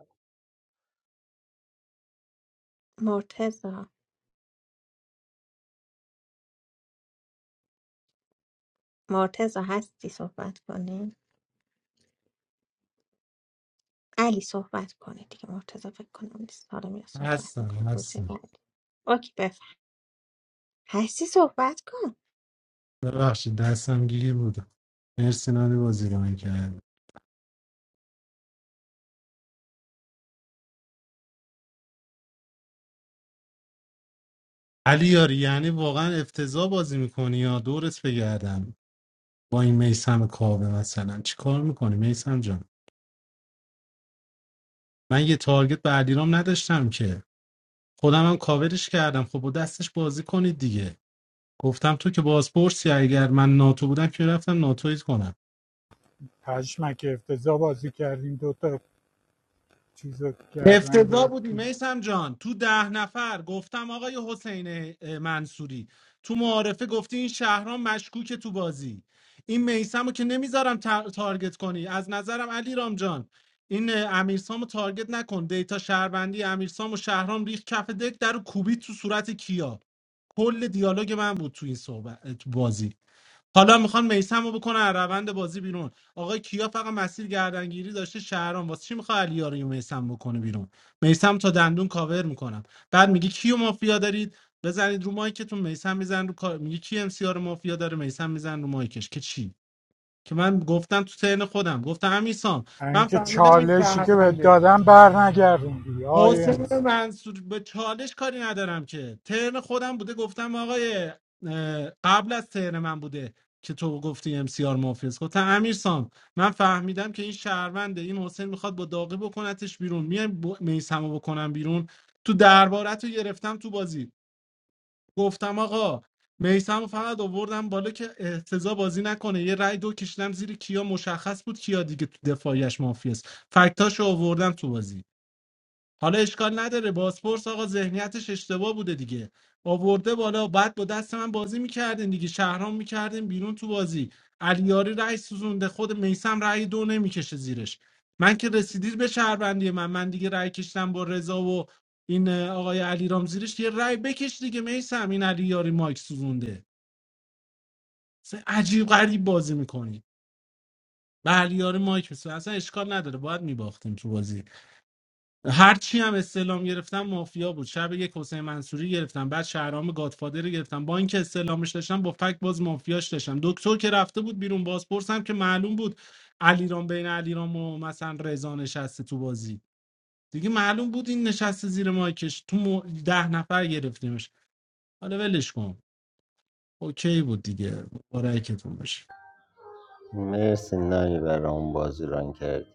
مرتزا مرتزا هستی صحبت کنی علی صحبت کنی دیگه مرتزا فکر کنم نیست حالا میره صحبت هستم میکنه خروج هستم بعدی. اوکی بفهم هستی صحبت کن ببخشید دستم گیر بودم مرسی نانی بازی رو کرد علی یاری یعنی واقعا افتضاح بازی میکنی یا دورت بگردم با این میسم کاوه مثلا چیکار میکنی میسم جان من یه تارگت به علیرام نداشتم که خودم هم کاورش کردم خب با دستش بازی کنید دیگه گفتم تو که بازپرسی اگر من ناتو بودم که رفتم ناتویت کنم پشمک افتضاح بازی کردیم دوتا چیز رو گردن افتضاح بودی گرفتیم میسم جان تو ده نفر گفتم آقای حسین منصوری تو معارفه گفتی این شهرام مشکوکه تو بازی این میسم رو که نمیذارم تار- تارگت کنی از نظرم علی رام جان این اه، امیرسام رو تارگت نکن دیتا شهروندی امیرسام و شهرام ریخ کف دک در و کوبید تو صورت کیا کل دیالوگ من بود تو این صحبت تو بازی حالا میخوان میسم رو بکنن از روند بازی بیرون آقای کیا فقط مسیر گردنگیری داشته شهرام واسه چی میخواد علی یاری میسم بکنه بیرون میسم تا دندون کاور میکنم بعد میگه کیو مافیا دارید بزنید رو مایکتون میسم میزن رو کا- میگه کی ام سی رو مافیا داره میسم میزن رو مایکش که چی که من گفتم تو ترن خودم گفتم امیسام من اینکه فهمیدم این چالشی که بهت شهرونده دادم بر نگردوندی آیه حسین امس منصور به چالش کاری ندارم که ترن خودم بوده گفتم آقای اه، قبل از ترن من بوده که تو گفتی ام سی آر مافیاس گفتم امیر سام من فهمیدم که این شهرونده این حسین میخواد با داغی بکنتش بیرون میایم ب... میسمو بکنم بیرون تو دربارت رو گرفتم تو بازی گفتم آقا میسمو فقط آوردم بالا که احتضا بازی نکنه یه رای دو کشیدم زیر کیا مشخص بود کیا دیگه تو دفاعیش مافیاس فکتاشو آوردم تو بازی حالا اشکال نداره بازپرس آقا ذهنیتش اشتباه بوده دیگه آورده بالا بعد با دست من بازی میکردین دیگه شهرام میکردین بیرون تو بازی علیاری رأی سوزونده خود میسم رأی دو نمیکشه زیرش من که رسیدید به شهروندی من من دیگه رأی کشتم با رضا و این اه، آقای علیرام زیرش یه رأی بکش دیگه میسم این علیاری مایک سوزونده اصلا عجیب غریب بازی میکنی به علیاری مایک میسم اصلا اشکال نداره باید میباختیم تو بازی هر چی هم استعلام گرفتم مافیا بود شب یک حسین منصوری گرفتم بعد شهرام گادفادر رو گرفتم با اینکه استعلامش داشتم با فک باز مافیاش داشتم دکتر که رفته بود بیرون بازپرسم که معلوم بود علیرام بین علیرام و مثلا رضا نشسته تو بازی دیگه معلوم بود این نشسته زیر مایکش تو مو- ده نفر گرفتیمش حالا ولش کن اوکی بود دیگه بارکتون باشه مرسی نانی برای اون بازی ران کرد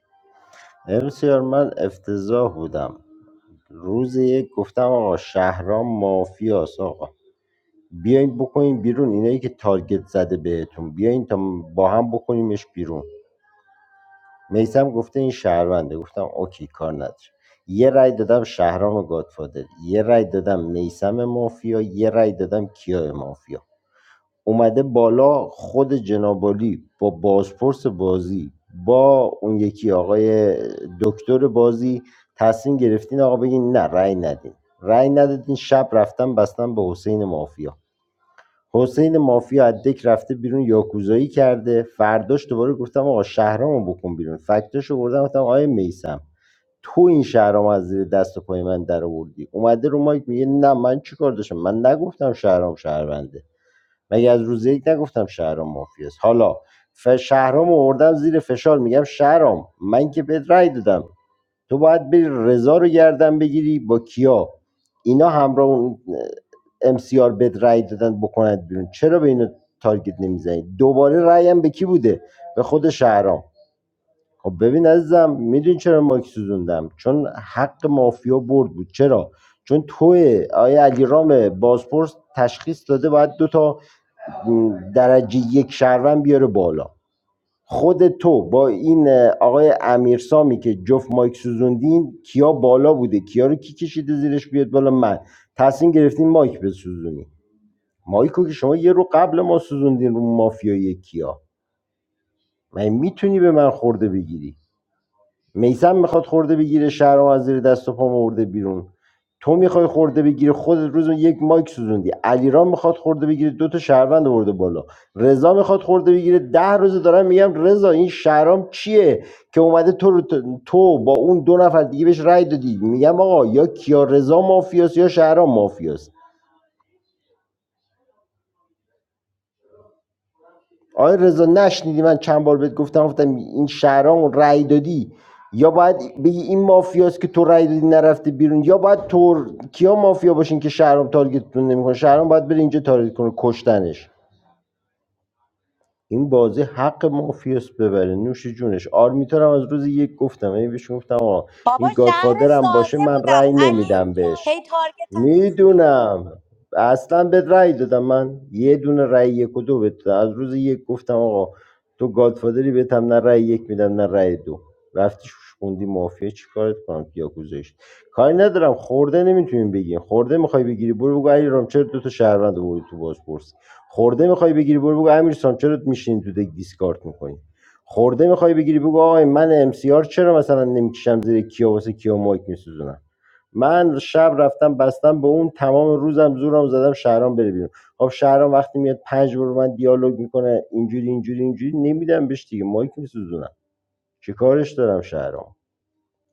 امسیار من افتضاح بودم روز یک گفتم آقا شهرام مافیاست آقا بیاین بکنین بیرون اینایی که تارگت زده بهتون بیاین تا با هم بکنیمش بیرون میسم گفته این شهرونده گفتم اوکی کار نداره یه رای دادم شهرام گادفادر یه رای دادم میسم مافیا یه رای دادم کیا مافیا اومده بالا خود جنابالی با بازپرس بازی با اون یکی آقای دکتر بازی تصمیم گرفتین آقا بگین نه رای ندین رأی ندادین شب رفتم بستم به حسین مافیا حسین مافیا از دک رفته بیرون یاکوزایی کرده فرداش دوباره گفتم آقا شهرامو بکن بیرون فکتاش آوردم گفتم آقا میسم تو این شهرام از زیر دست و پای من در آوردی اومده رو مایک میگه نه من چیکار داشتم من نگفتم شهرام شهرونده مگه از روز یک نگفتم شهرام مافیاست حالا ف شهرام آوردم زیر فشار میگم شهرام من که بهت رأی دادم تو باید بری رضا رو گردن بگیری با کیا اینا همراه اون ام سی آر بد رای دادن بکنند بیرون چرا به اینا تارگت نمیزنی دوباره رأی هم به کی بوده به خود شهرام خب ببین عزیزم میدونی چرا مایک سوزوندم چون حق مافیا برد بود چرا چون توی آیا علی رام بازپرس تشخیص داده باید دو تا درجه یک شهروند بیاره بالا خود تو با این آقای امیرسامی که جفت مایک سوزوندین کیا بالا بوده کیا رو کی کشیده زیرش بیاد بالا من تصمیم گرفتین مایک بسوزونی مایکو که شما یه رو قبل ما سوزوندین رو مافیای کیا من میتونی به من خورده بگیری میسم میخواد خورده بگیره شهرام از زیر دست و پا مرده بیرون تو میخوای خورده بگیری خودت روز یک مایک سوزوندی علیرام میخواد خورده بگیره دو تا شهروند آورده بالا رضا میخواد خورده بگیره ده روز دارم میگم رضا این شهرام چیه که اومده تو رو- تو با اون دو نفر دیگه بهش رأی دادی میگم آقا یا کیا رضا مافیاس یا شهرام مافیاس آقای رضا نشنیدی من چند بار بهت گفتم گفتم این شهرام رأی دادی یا باید بگی این مافیاست که تو رأی دادی نرفته بیرون یا باید تو کیا مافیا باشین که شهرام تارگتتون نمیکنه شهرام باید بره اینجا تارگت کنه کشتنش این بازی حق مافیاست ببره نوش جونش آرمیتارم از روز یک گفتم این بهش گفتم آقا بابا این شهر گادفادر هم باشه ساده من بودم رأی علی نمیدم بهش هی تارگت میدونم اصلا بهت رأی دادم من یه دونه رأی یک و دو بهت دادم. از روز یک گفتم آقا تو گادفادری بهت هم نه رأی یک میدم نه رأی دو رفتی شوش خوندی مافیا چی کارت کنم یا گذاشت کاری ندارم خورده نمیتونیم بگیم خورده میخوای بگیری برو بگو علی رام چرا دو تا شهروند آوردی تو بازپرس خورده میخوای بگیری برو بگو امیر سام چرا میشین تو دک دیسکارد میکنی خورده میخوای بگیری بگو آقای من ام سی آر چرا مثلا نمیکشم زیر کیا واسه کیا مایک میسوزونم من شب رفتم بستم به اون تمام روزم زورم زدم شهرام بره بیرون خب شهرام وقتی میاد پنج بار من دیالوگ میکنه اینجوری اینجوری اینجوری نمیدم بهش دیگه مایک میسوزونم چه کارش دارم شهرام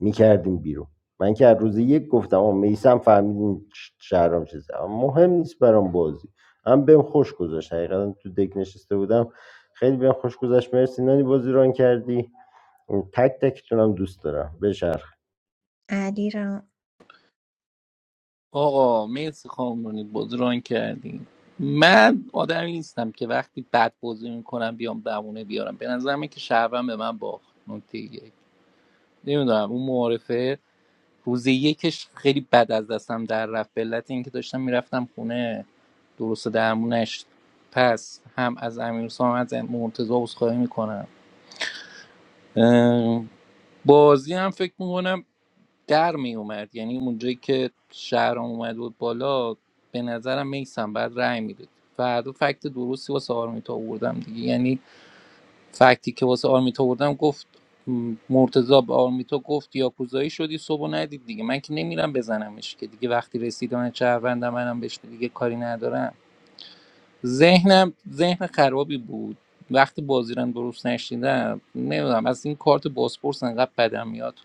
میکردیم بیرون من که از روز یک گفتم آه میسم فهمیدیم شهرام چیزه اما مهم نیست برام بازی هم بهم خوش گذشت حقیقتا تو دک نشسته بودم خیلی بهم خوش گذشت مرسی نانی بازی ران کردی تک تکتونم دوست دارم بشه علی را آقا مرسی خامنه‌ای بازی ران کردین من آدمی نیستم که وقتی بد بازی میکنم بیام بمونه بیارم به نظرم که شهرم به من باخت نکته یک نمیدونم اون معارفه روز یکش خیلی بد از دستم در رفت به علت اینکه داشتم میرفتم خونه درست و درمونش پس هم از امیر هم از مرتضی عذرخواهی میکنم بازی هم فکر میکنم در می اومد یعنی اونجایی که شهرام اومد بود بالا به نظرم میسم بعد رأی میداد فردا فکت درستی واسه آرمیتا آوردم دیگه یعنی فکتی که واسه آرمیتا آوردم گفت م، مرتضی به آرمیتا گفت یاکوزایی شدی صبح و ندید دیگه من که نمیرم بزنمش که دیگه وقتی رسیدن چهروندم منم بهش دیگه کاری ندارم ذهنم ذهن خرابی بود وقتی بازی رو درست نشیدم نمیدونم از این کارت بازپرس انقدر بدم میاد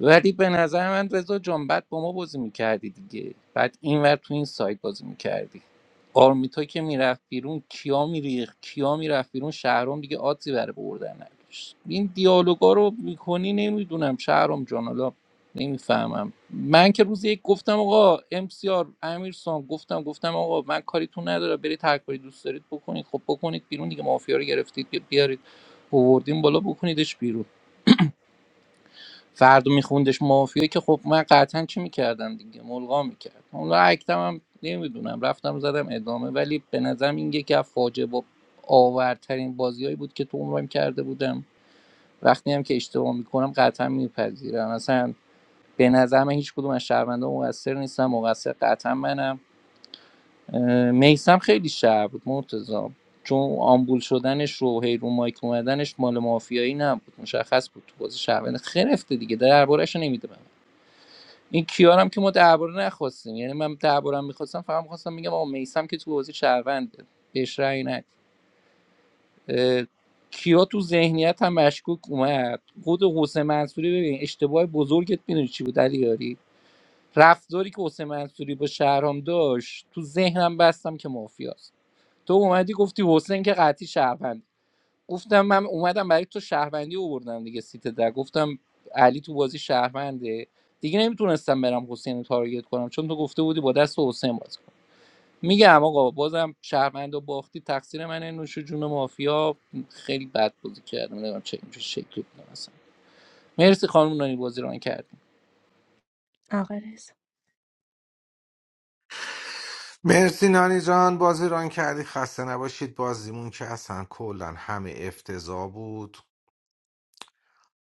ولی به نظر من رضا جان بعد با ما بازی میکردی دیگه بعد اینور تو این سایت بازی میکردی آرمیتا که میرفت بیرون کیا میریخ کیا میرفت بیرون شهرام دیگه آدزی برای بردن نداشت این دیالوگا رو میکنی نمیدونم شهرام جان حالا نمیفهمم من که روز یک گفتم آقا ام امسیار امیرسان گفتم گفتم آقا من کاریتون نداره برید هر کاری دوست دارید بکنید خب بکنید بیرون دیگه مافیا رو گرفتید بیارید آوردیم بالا بکنیدش بیرون فردا میخوندش مافیا که خب من قطعا چی میکردم دیگه ملغا میکردم اون اکتم هم نمیدونم رفتم زدم ادامه ولی به نظرم این یکی از فاجعه با آورترین بازیایی بود که تو عمرم کرده بودم وقتی هم که اشتباه میکنم قطعا میپذیرم اصلا به نظر من هیچ کدوم از شهروندا مقصر نیستم مقصر قطعا منم میسم خیلی شهر بود مرتضی چون آمبول شدنش رو هیرون مایک اومدنش مال مافیایی نبود مشخص بود تو بازی شهروند خرفته دیگه دربارهش نمیده این کیارم که ما درباره نخواستیم یعنی من دربارم میخواستم فقط میخواستم میگم آقا میسم که تو بازی شهرونده بهش رأی ند اه، کیا تو ذهنیت هم مشکوک اومد خود حسین منصوری ببین اشتباه بزرگت میدونی چی بود علی یاری رفتاری که حسین منصوری با شهرام داشت تو ذهنم بستم که مافیاست تو اومدی گفتی حسین که قطعی شهرونده گفتم من اومدم برای تو شهروندی آوردم دیگه سیت در گفتم علی تو بازی شهرونده دیگه نمیتونستم برم حسین رو تارگت کنم چون تو گفته بودی با دست حسین بازی کن میگم آقا بازم شهروند و باختی تقصیر منه نوش جون مافیا خیلی بد بازی کردم نمیدونم چه اینجور شکلی بودم اصلا مرسی خانم نانی بازی ران کردیم آقا رزا مرسی نانی جان بازی ران کردی خسته نباشید بازیمون که اصلا کلا همه افتضاح بود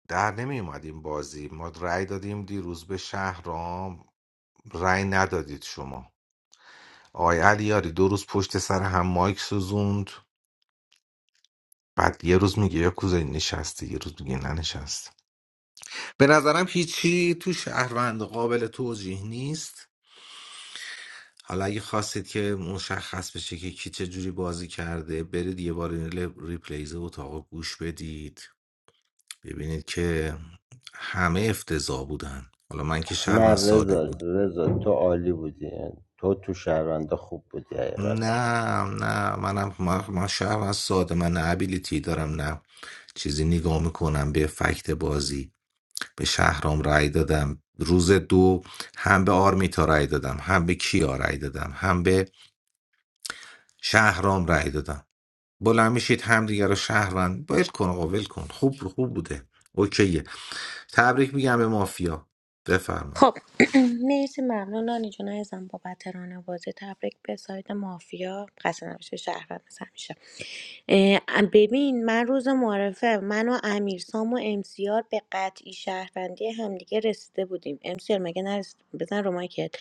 در نمی اومد این بازی ما رأی دادیم دیروز به شهرام رأی ندادید شما آقای علیاری دو روز پشت سر هم مایک سوزوند بعد یه روز میگه یا کوزه نشسته یه روز میگه ننشسته به نظرم هیچی تو شهروند قابل توجیه نیست حالا اگه خواستید که مشخص بشه که کی چه جوری بازی کرده برید یه بار این ل- ریپلیز اتاق گوش بدید ببینید که همه افتضاح بودن حالا من که نه شهروند ساده رضا بود رضا تو عالی بودی تو تو شهروندا خوب بودی حقیقتا نه نه منم من, من شهروند ساده من نه ابیلیتی دارم نه چیزی نگاه میکنم به فکت بازی به شهرام رأی دادم روز دو هم به آرمیتا رأی دادم هم به کیا رأی دادم هم به شهرام رأی دادم بلند میشید هم دیگه رو شهروند ول کن آقا ول کن خوب خوب بوده اوکیه تبریک میگم به مافیا بفرمایید خب (clears throat) مرسی ممنون نانی جون عزیزم بابت ران بازی تبریک به سایت مافیا قصد نباشه شهروند مثل همیشه اه، ببین من روز معرفه من و امیر سام و امسیار به قطعی شهروندی همدیگه رسیده بودیم امسیار مگه نرسید بزن رو مایکت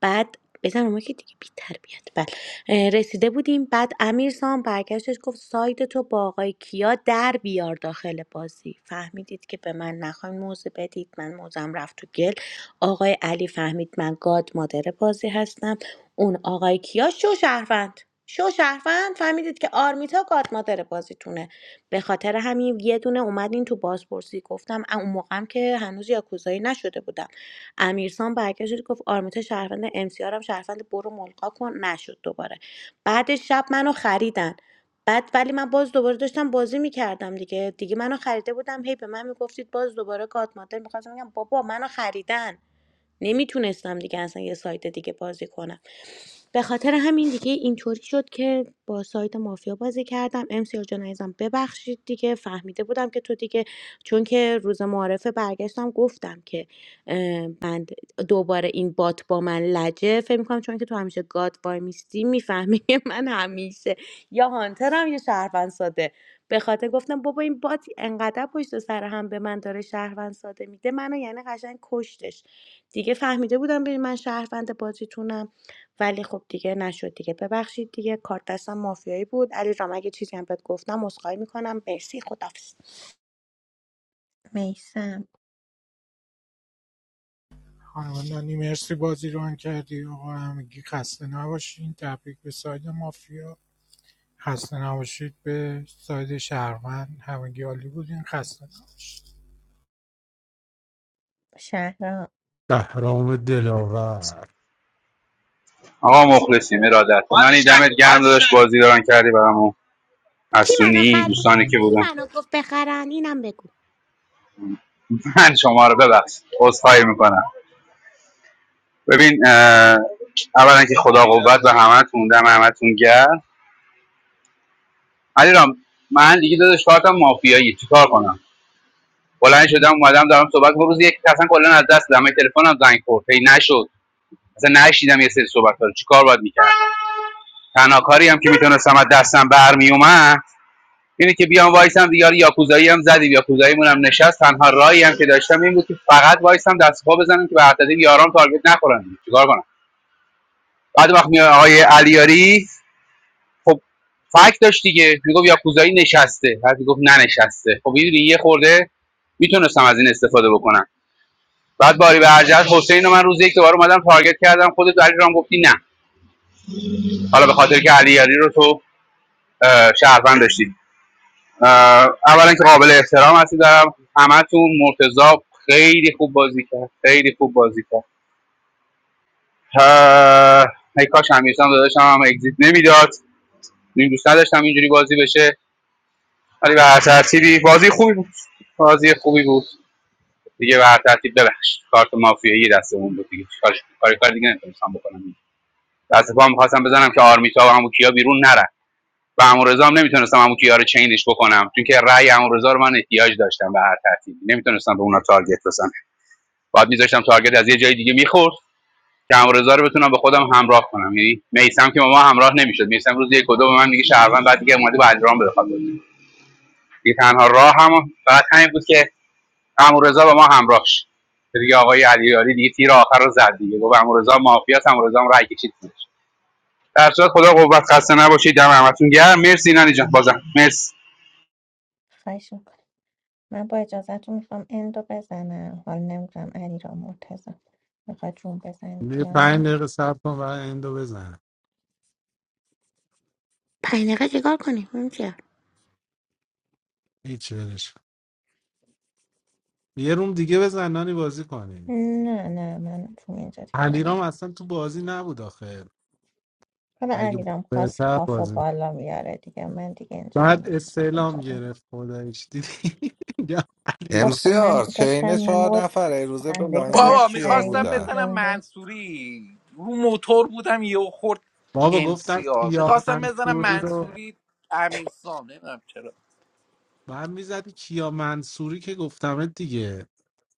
بعد بزن رو مایکت دیگه بی تربیت بعد اه، رسیده بودیم بعد امیر سام برگشتش گفت سایت تو با آقای کیا در بیار داخل بازی فهمیدید که به من نخواین موزه بدید من موزم رفت تو گل آقای علی فهمید من گاد مادر بازی هستم اون آقای کیا شو شهروند شو شهروند فهمیدید که آرمیتا گاد مادر بازیتونه به خاطر همین یه دونه اومدین تو بازپرسی گفتم اه، اون موقعم که هنوز یاکوزایی نشده بودم امیرسان برگشت گفت آرمیتا شهروند ام هم شهروند برو ملقا کن نشد دوباره بعد شب منو خریدن بعد ولی من باز دوباره داشتم بازی میکردم دیگه دیگه منو خریده بودم هی به من میگفتید باز دوباره گات مادر میخواستم بگم بابا منو خریدن نمیتونستم دیگه اصلا یه سایت دیگه بازی کنم به خاطر همین دیگه اینطوری شد که با سایت مافیا بازی کردم امسیار جان عزیزم ببخشید دیگه فهمیده بودم که تو دیگه چون که روز معارفه برگشتم گفتم که اه، من دوباره این بات با من لجه فکر میکنم چون که تو همیشه گاد وای میستی میفهمی که (laughs) من همیشه یا هانترم یا شهروند ساده به خاطر گفتم بابا این بات انقدر پشت سر هم به من داره شهروند ساده میده منو یعنی قشنگ کشتش دیگه فهمیده بودم ببین من شهروند بازیتونم ولی خب دیگه نشد دیگه ببخشید دیگه کارت دستم مافیایی بود علی رام اگه چیزی هم بهت گفتم عذرخواهی میکنم مرسی خدافظ میسم خانم نانی مرسی بازی رو آن کردی آقا همگی خسته نباشین تبریک به ساید مافیا خسته نباشید به ساید شهروند همگی عالی بودین خسته نباشید شهرام شهرام دلاور آقا مخلصیم ارادت من دمت گرم داداش بازی دارن کردی برامو کی منو حسونی خرید دوستانی که کی بودن منو گفت بخرن اینم بگو من شما رو ببخشید عذرخواهی میکنم ببین اه، اولا که خدا قوت به همتون دم همتون گرم علیرام من دیگه داداش کارتم مافیایی چیکار کنم بلند شدم اومدم دارم صحبت با روز یک اصلا کلا از دست دادم من تلفنم زنگ خورد هی نشد اصلا نشیدم یه سری صحبت رو چیکار باید میکردم تنها کاری هم که میتونستم از دستم برمیومد اینه که بیام وایسم دیگه حالا یاکوزایی هم زدیم یاکوزایی مون هم نشست تنها راهی هم که داشتم این بود که فقط وایسم دست و پا بزنم که به عدد یارام تارگت نخورن چیکار کنم بعد وقت میاد آقای علیاری خب فکت داشت دیگه میگفت یاکوزایی نشسته بعد میگفت ننشسته خب میدونی یه خورده میتونستم از این استفاده بکنم بعد باری به ارجحت حسین رو من روز یک دوباره اومدم تارگت کردم خودت علی رام گفتی نه حالا به خاطر که علیاری رو تو اه، شهروند داشتی اه، اولا که قابل احترام هستی دارم همتون مرتضا خیلی خوب بازی کرد خیلی خوب بازی کرد اه، کاش همیشه هم داداشم هم اگزیت نمیداد این دوست نداشتم اینجوری بازی بشه ولی به هر ترتیبی بازی خوبی بود بازی خوبی بود دیگه به هر ترتیب ببخش کارت مافیایی دستمون بود دیگه چیکارش کاری کار دیگه نمیتونستم بکنم دست پا میخواستم بزنم که آرمیتا و عمو کیا بیرون نرن و عمو رضا هم نمیتونستم عمو کیا رو چینش بکنم چون که رأی عمو رضا رو من احتیاج داشتم به هر ترتیبی نمیتونستم به اونا تارگت بزنم بعد میذاشتم تارگت از یه جای دیگه میخورد که عمو رضا رو بتونم به خودم همراه کنم یعنی میسم که ما همراه نمیشد میسم روز یک و دو به من میگه شهروند بعد دیگه اومده با علیرام بخواد بازی. تنها راه هم فقط همین بود که امورزا با ما همراه شد دیگه آقای علیاری دیگه تیر آخر رو زد دیگه گفت امورزا مافیا است امورزا هم رای کشید زیرش. در صورت خدا قوت خسته نباشید دم همتون گرم مرسی نانی جان بازم مرسی خواهش من با اجازهتون میخوام اندو بزنم حالا نمیدونم علی را مرتزا میخواد روم بزنید یه یا نه پنج دقیقه صبر کن و اندو بزن پنج دقیقه چیکار کنیم هیچ ولش کن. یه روم دیگه بزن نانی بازی کنیم. نه نه من تو اینجا دیگه بالا علیرام نی- اصلا تو بازی نبود آخه حالا اگه علی بود رام خواست بهتر کافو بازی می‌کرد. بالا میاره دیگه من دیگه اینجا بعد امروز کافو استعلام بالا نی- گرفت خدایش دیدی (laughs) یا علیرام اخ من امسیار چین داشتم چهار میمردم نفره از روزه به خندگی بلایندت بابا حق کیا رعی میخواستم بودن بزنم میسوزوندیم منصوری رو موتور بودم یهو خورد بابا ام گفتم سی آر کیا میخواستم بزنم منصوری رو منصوری امیرسام نمیدونم چرا من میزدی کیا منصوری که گفتمت دیگه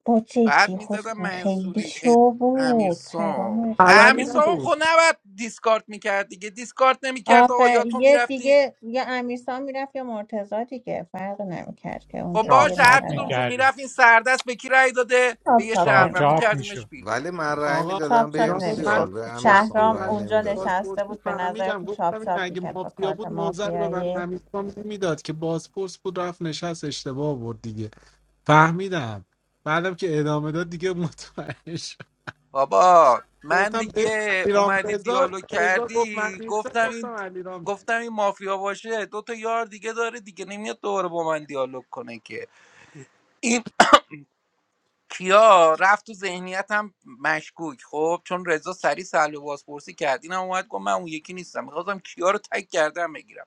با بعد جدی میزدم حسن خیلی منصوری شو امیر بود سام پرام رفته خبری امیر بود سام نبود خب نباید دیسکارد میکرد دیگه دیسکارد نمیکرد آقا آخه یا تو یه میرفتی دیگه یا امیرسا میرفت یا مرتزا دیگه فرق نمیکرد که اون خب روز چاپ یه باشه هر چاپ نفر رفت. کدومشون میکردیم میرفت این سردست به کی رأی داده به چاپ یه چاپ چاپ شهروند چاپ نمیکرد میکردیمش میشد بیرون ولی من رأی آقا چاپ میدادم به چاپ ام ایران رو سی آر من نمیشد به امیر وقتی سام شهرام رأی اومد اونجا نمیدادم نشسته بازپرسی بود به فهمیدم نظرتون چاپ گفتم این چاپ اگه میکرد با مافیا کارت بود موزه رو به من مافیایی همیستان نمیداد که بازپرس بود رفت نشست اشتباه آورد دیگه فهمیدم بعدم که ادامه داد دیگه مطمئن شد بابا من گفتم به دیگه علیرام اومدی رضا دیالوگ رضا گفت من کردی گفتم نیستم گفتم این علیرام گفتم این مافیا باشه دو تا یار دیگه داره دیگه نمیاد دوباره با من دیالوگ کنه که این کیا رفت تو ذهنیتم مشکوک خب چون رضا سری سلب بازپرسی کرد اینم اومد گفت من اون یکی نیستم میخواستم کیا رو تک کردم بگیرم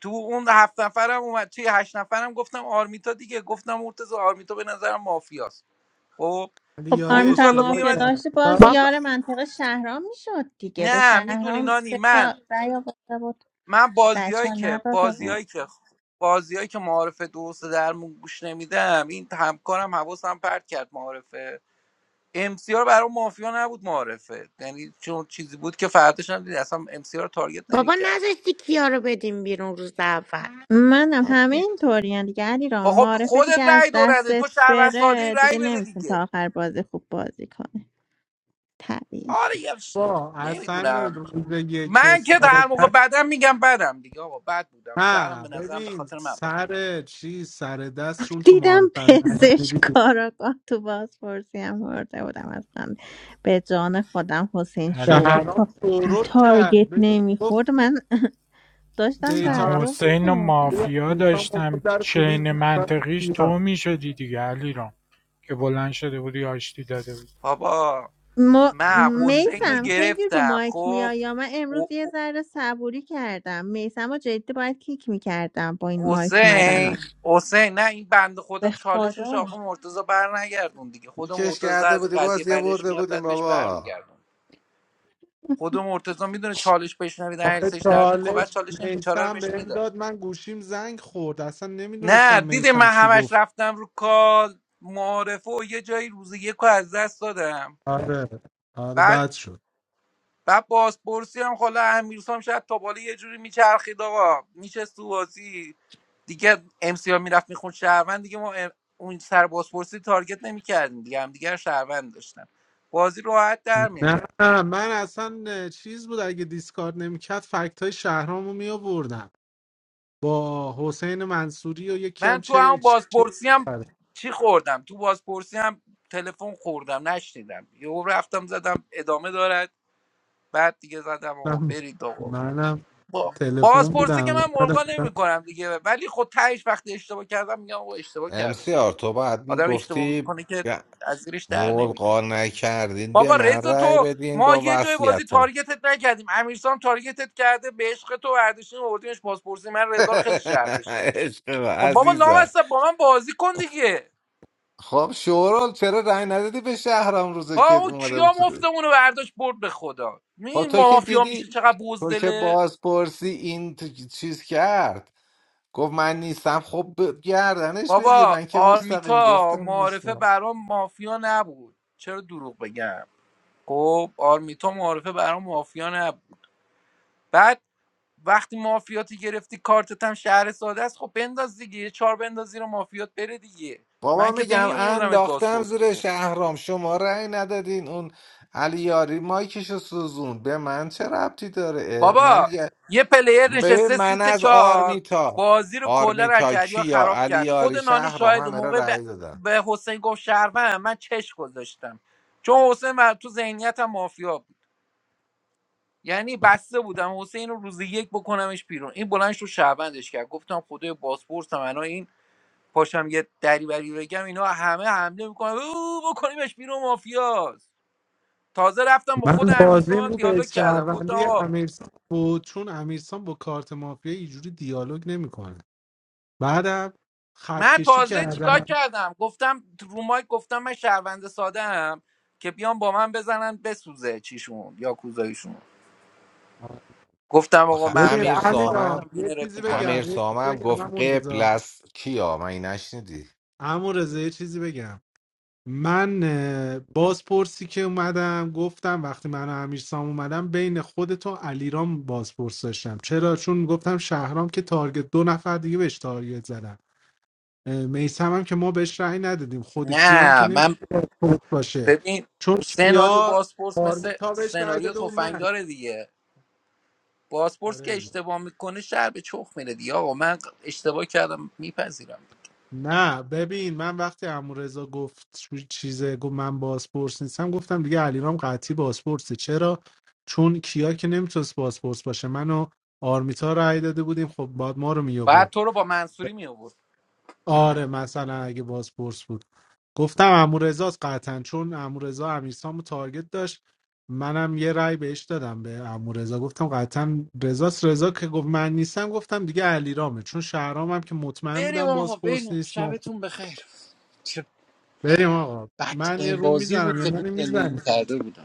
تو اون هفت نفرم اومد توی هشت نفرم گفتم آرمیتا دیگه گفتم مرتضی آرمیتا به نظرم مافیاست خب علی خب یاره اون روز آرمیتار حالا اشتباه مافیا میومد کرد داشتی باز تا بابا یار منطقه شهرام میشد دیگه به نه میدونی شهرام نانی سه تا من رأی آورده بود من رأی بازیایی چهار که نداده بود بازیایی که بازیایی که معارف درست درمون گوش نمیدم این همکارم حواسم پرت کرد معارفه امسیار برای مافیا نبود معارفه یعنی چون چیزی بود که فرداش هم دیدی اصلا امسیار تارگت بابا نمیکردم نذاشتی کیا رو بدیم بیرون روز اول منم همه این طوری دیگه علیرام با خب معرفه خودت دیگه از رأی دو نده تو دستت شهروند ساده بره دیگه رأی بده نمیتونی تا دیگه آخر بازی خوب بازی کنه طبیعی آره یه ش... با حسن نمیدونم روز یک من که سر در موقع دست بدم میگم بدم دیگه آقا بد بودم شهرم نه به نظرم به ببین خاطر من باخت سر چی سر دست چون تو دیدم معارفن پزشکارا (laughs) کاراگاه تو بازپرسی هم برده بودم اصلا به جان خودم حسین شو بود علیرام تا شهرام شورول کرد تارگت ببین گفت نمیخورد من (laughs) داشتم من دیتا تعجب حسین و میکردم اخیری مافیا انسان با خود داشتم در کوبید چین بود صورت منطقیش ایران. تو میشدی دیگه علیرام که بلند شده بودی آشتی داده بودی بابا هر من کار حسین رو میسم میکردم خیلی رو گرفتم مایک خب میای یا من امروز او- یه او- ذره صبوری کردم میسم و جدی باید کیک میکردم با این مایک حسین اومدناش حسین نه این بند خدا به چالشش خدا آقا مرتضی بر نگردون دیگه خود کش مرتضی کرده از بودی قضیه بازی بدش برده میاد بودیم بعد بهش بابا برمیگردون خود مرتضی میدونه چالش بشنوی در آخه حرسش در میاد خب بعد چالش چالش این بیچاره رو میسم بهش بهم میداد داد من گوشیم زنگ خورد اصلا نه نمیدونستم دیدی میسم من چی همش گفت رفتم رو کال معارفه و یه جایی روز یک رو از دست دادم آره آره بعد بد شد بعد بازپرسی هم خلا امیرسام شاید تا بالا یه جوری میچرخید آقا میشه سوازی دیگه امسیا میرفت میخوند شهروند دیگه ما ام- اون سر بازپرسی تارگت نمیکردیم دیگه هم دیگه شهروند داشتم بازی راحت در میومد نه من اصلا چیز بود اگه دیسکارد نمیکرد فکت های شهرام رو میآوردم با حسین منصوری و یکی هم من تو چه, همون چه... بازپرسی هم چی خوردم تو بازپرسی هم تلفن خوردم نشنیدم یهو رفتم زدم ادامه دارد بعد دیگه زدم آقا منم برید آقا منم با تلفن بازپرسی بودم که من ملغا اومدم نمی کنم دیگه ولی خود تهش وقتی اشتباه کردم میگم آقا اشتباه کردم امسیار دیگه تو بعد آدم اشتباه میگفتی میکنه که از زیرش در نمیره ملغا نکردین به بابا من رضا رأی تو بدین ما با یه جای بازی وصیتم تارگتت نکردیم امیرسام تارگتت کرده به عشق تو برداشتیم آوردیمش بازپرسی من (laughs) رضا رو خیلی شهر داشتم عشق من، خب بابا عزیزم لامصب با من بازی کن دیگه خب شورال چرا رأی ندادی به شهرام روزه ها که او اومده بود کیا تو ده؟ مفتمونو برداشت برد به خدا خب این تو که مافیا میشه دیدی چقدر تو که بزدله بازپرسی این تو- چیز کرد گفت من نیستم خب ب- گردنش بگیر بابا من که مستقیم آرمیتا گفتم معارفه نیستم برام مافیا نبود چرا دروغ بگم خب آرمیتا معارفه برام مافیا نبود بعد وقتی مافیاتی گرفتی کارتت هم شهر ساده است خب بنداز دیگه یه چهار بنداز زیر مافیات بره دیگه من بابا که میگم نمی آوردمت انداختم زیر بازپرس شهرام شما رأی ندادین اون علی یاری مایکشو سوزون به من چه ربطی داره اه، بابا من یه پلیر ببین نشسته من سیت از چهار آرمیتا بازی رو کلا از آرمیتا جریان کیا خراب علی کرد خود یاری نانی شهرام شاهد همه را موقع به, رأی دادن به حسین گفت شهروند من چش گذاشتم چون حسین من تو ذهنیتم مافیا بود یعنی بسته بودم حسین رو روز یک بکنمش بیرون این بلنش رو شهروندش کرد گفتم خدای بازپرسم الان این پاشم یه دریوری بگم اینا همه حمله میکنن او بکنیمش بیرون مافیاست تازه رفتم با من خود بازیم امیرسان رو به دیالوگ کردم گفتم شهروندی آقا امیرسان بود چون امیرسان با کارت مافیا اینجوری دیالوگ نمیکنه بعدم خط من کشی تازه چیکار کردم کردم گفتم رو مایک گفتم من شهروند ساده ام که بیان با من بزنن بسوزه چیشون یا کوزایشون گفتم آقا آخه من ببین به امیر علی امیرسان را سامم گفتم یه وینرت چیزی بگم امیر میکنم یه چیزی سامم بگم گفت عمو قبل رضا از کیا من این نشنیدی عمو رضا یه چیزی بگم من اه، بازپرسی که اومدم گفتم وقتی من و امیرسام اومدم بین خودت و علیرام بازپرس داشتم چرا چون گفتم شهرام که تارگت دو نفر دیگه بهش تارگت زدن میسم هم که ما بهش رأی ندادیم خود کیام که نه نمیتونه من پاسپورت باشه ببین چون سناریو کیا باسپورس مثل آرمیتا بهش رأی سناریو داده اون من تفنگدار دیگه باسپورس آره که دیگه. اشتباه میکنه شهر به چخ میره دیگه آقا من اشتباه کردم میپذیرم نه ببین من وقتی امورزا گفت چ- چیزه گفت من بازپرس نیستم گفتم دیگه علیرام قطعی بازپرسه چرا چون کیا که نمیتونست بازپرس باشه من و آرمیتا رأی داده بودیم خب بعد ما رو می بعد تو رو با منصوری میآورد آره مثلا اگه بازپرس بود گفتم امورزاست قطعا چون امورزا امیرسامو تارگت داشت منم یه رأی بهش دادم به امورزا گفتم قطعا رزاست رضا که گفت من نیستم گفتم دیگه علیرامه چون شهرامم که مطمئن بریم بودم آقا بازپرس بریم نیست ما خب شبتون بخیر چه بریم آقا بچه من یه این روم بازی بود میزنم یا که تو نانی زندگی میزنی کرده بودم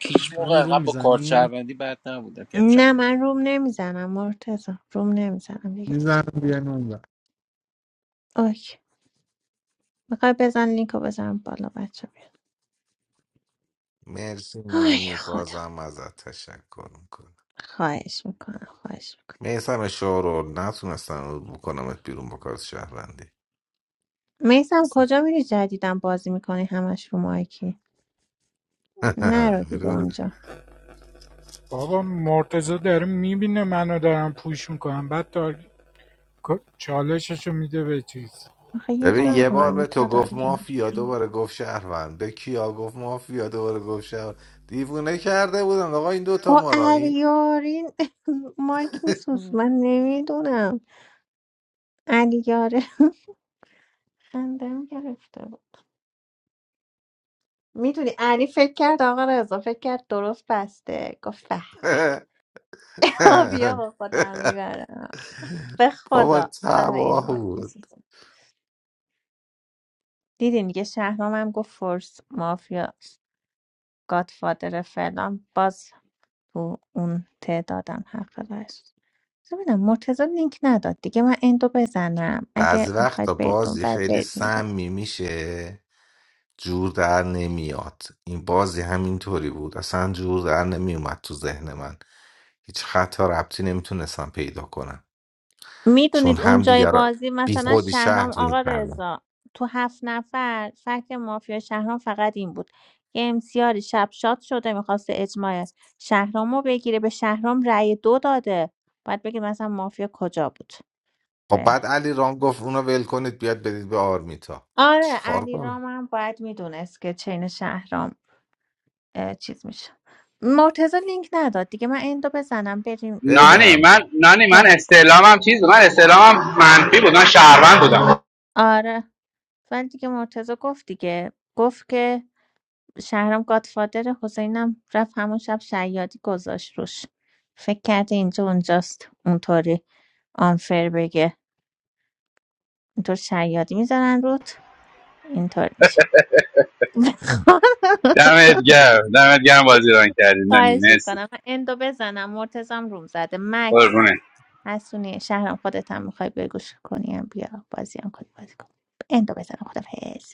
که هیچ موقع نانی انقدر روم با کارت میزنی شهروندی بد نبودم که امشب نه بود من روم نمیزنم مرتزم روم نمیزنم دیگه میزنم بیا اوکی میخوای بزن لینکو بزنم بالا بچه مرسی آی نانی خدا بازم ازت تشکر میکنم خواهش میکنم خواهش میکنم میسم شورو نتونستم بکنمت بیرون با کارت شهروندی میسم کجا میری جدیدم بازی میکنی همش رو مایکی نرو دیگه (laughs) اونجا بابا مرتزا داره میبینه منو دارم پوش میکنم بعد تا چالششو میده به چیز آخه یه ببین دونم یه آرمیتا بار به تو آرمیتا گفت داره مافیا دوباره گفت شهروند به کیا گفت مافیا دوباره گفت شهروند دیوونه کرده بودن آقا این دوتا با ما را اریارین (laughs) مایک میسوز من نمیدونم علیاره (laughs) خندم گرفته بود میدونی علی فکر کرد آقا رضا فکر کرد درست بسته گفت به به (laughs) (laughs) آبیا با خودم میبرم به بابا خدا برای این تباه مایک بود میسوزم. دیدین یه شهرامم گفت فورس مافیا گادفادر فلان باز تو اون تعدادم حق داشت ببینم مرتضی لینک نداد دیگه من اندو بزنم بعضی اگه وقتا میخواید برید بازی اونور خیلی برید اونور سمی میشه جور در نمیاد این بازی همینطوری بود اصلا جور در نمیومد تو ذهن من هیچ خطا ربطی نمیتونستم پیدا کنم چون میدونید هم اونجای دیگر را بازی بی مثلا خودی شهرام شهر آقا میکردم رضا تو هفت نفر فکر مافیا شهرام فقط این بود یه امسیاری شب شاد شده میخواست اجماع شهرام رو بگیره به شهرام رأی دو داده باید بگید مثلا مافیا کجا بود خب بعد علی رام گفت اونو ول کنید بیاد بدید به آرمیتا آره چیکار کنم علیرامم باید میدونست که چین شهرام اه، چیز میشه مرتزا لینک نداد دیگه من اندو بزنم بریم اونور نانی بزن من نانی من جان. استعلامم چیز بود. من استعلامم منفی بود من شهروند بودم آره ولی دیگه مرتزا گفت دیگه گفت که شهرام گادفادر حسینم رفت همون شب شیادی گذاشت روش فکر کرده اینجا اونجاست اونطوری آنفر بگه اینطور شیادی میزنن روت اینطور میشه دمت (laughs) گرم دمت گرم بازی ران کردید نانی خواهش مرسی میکنم من اندو بزنم مرتزم روم زده مکس قربونت حسونی شهرم خودت هم میخوای بگوش کنیم بیا بازی هم کنی بازی کن اندو بزنم خدافز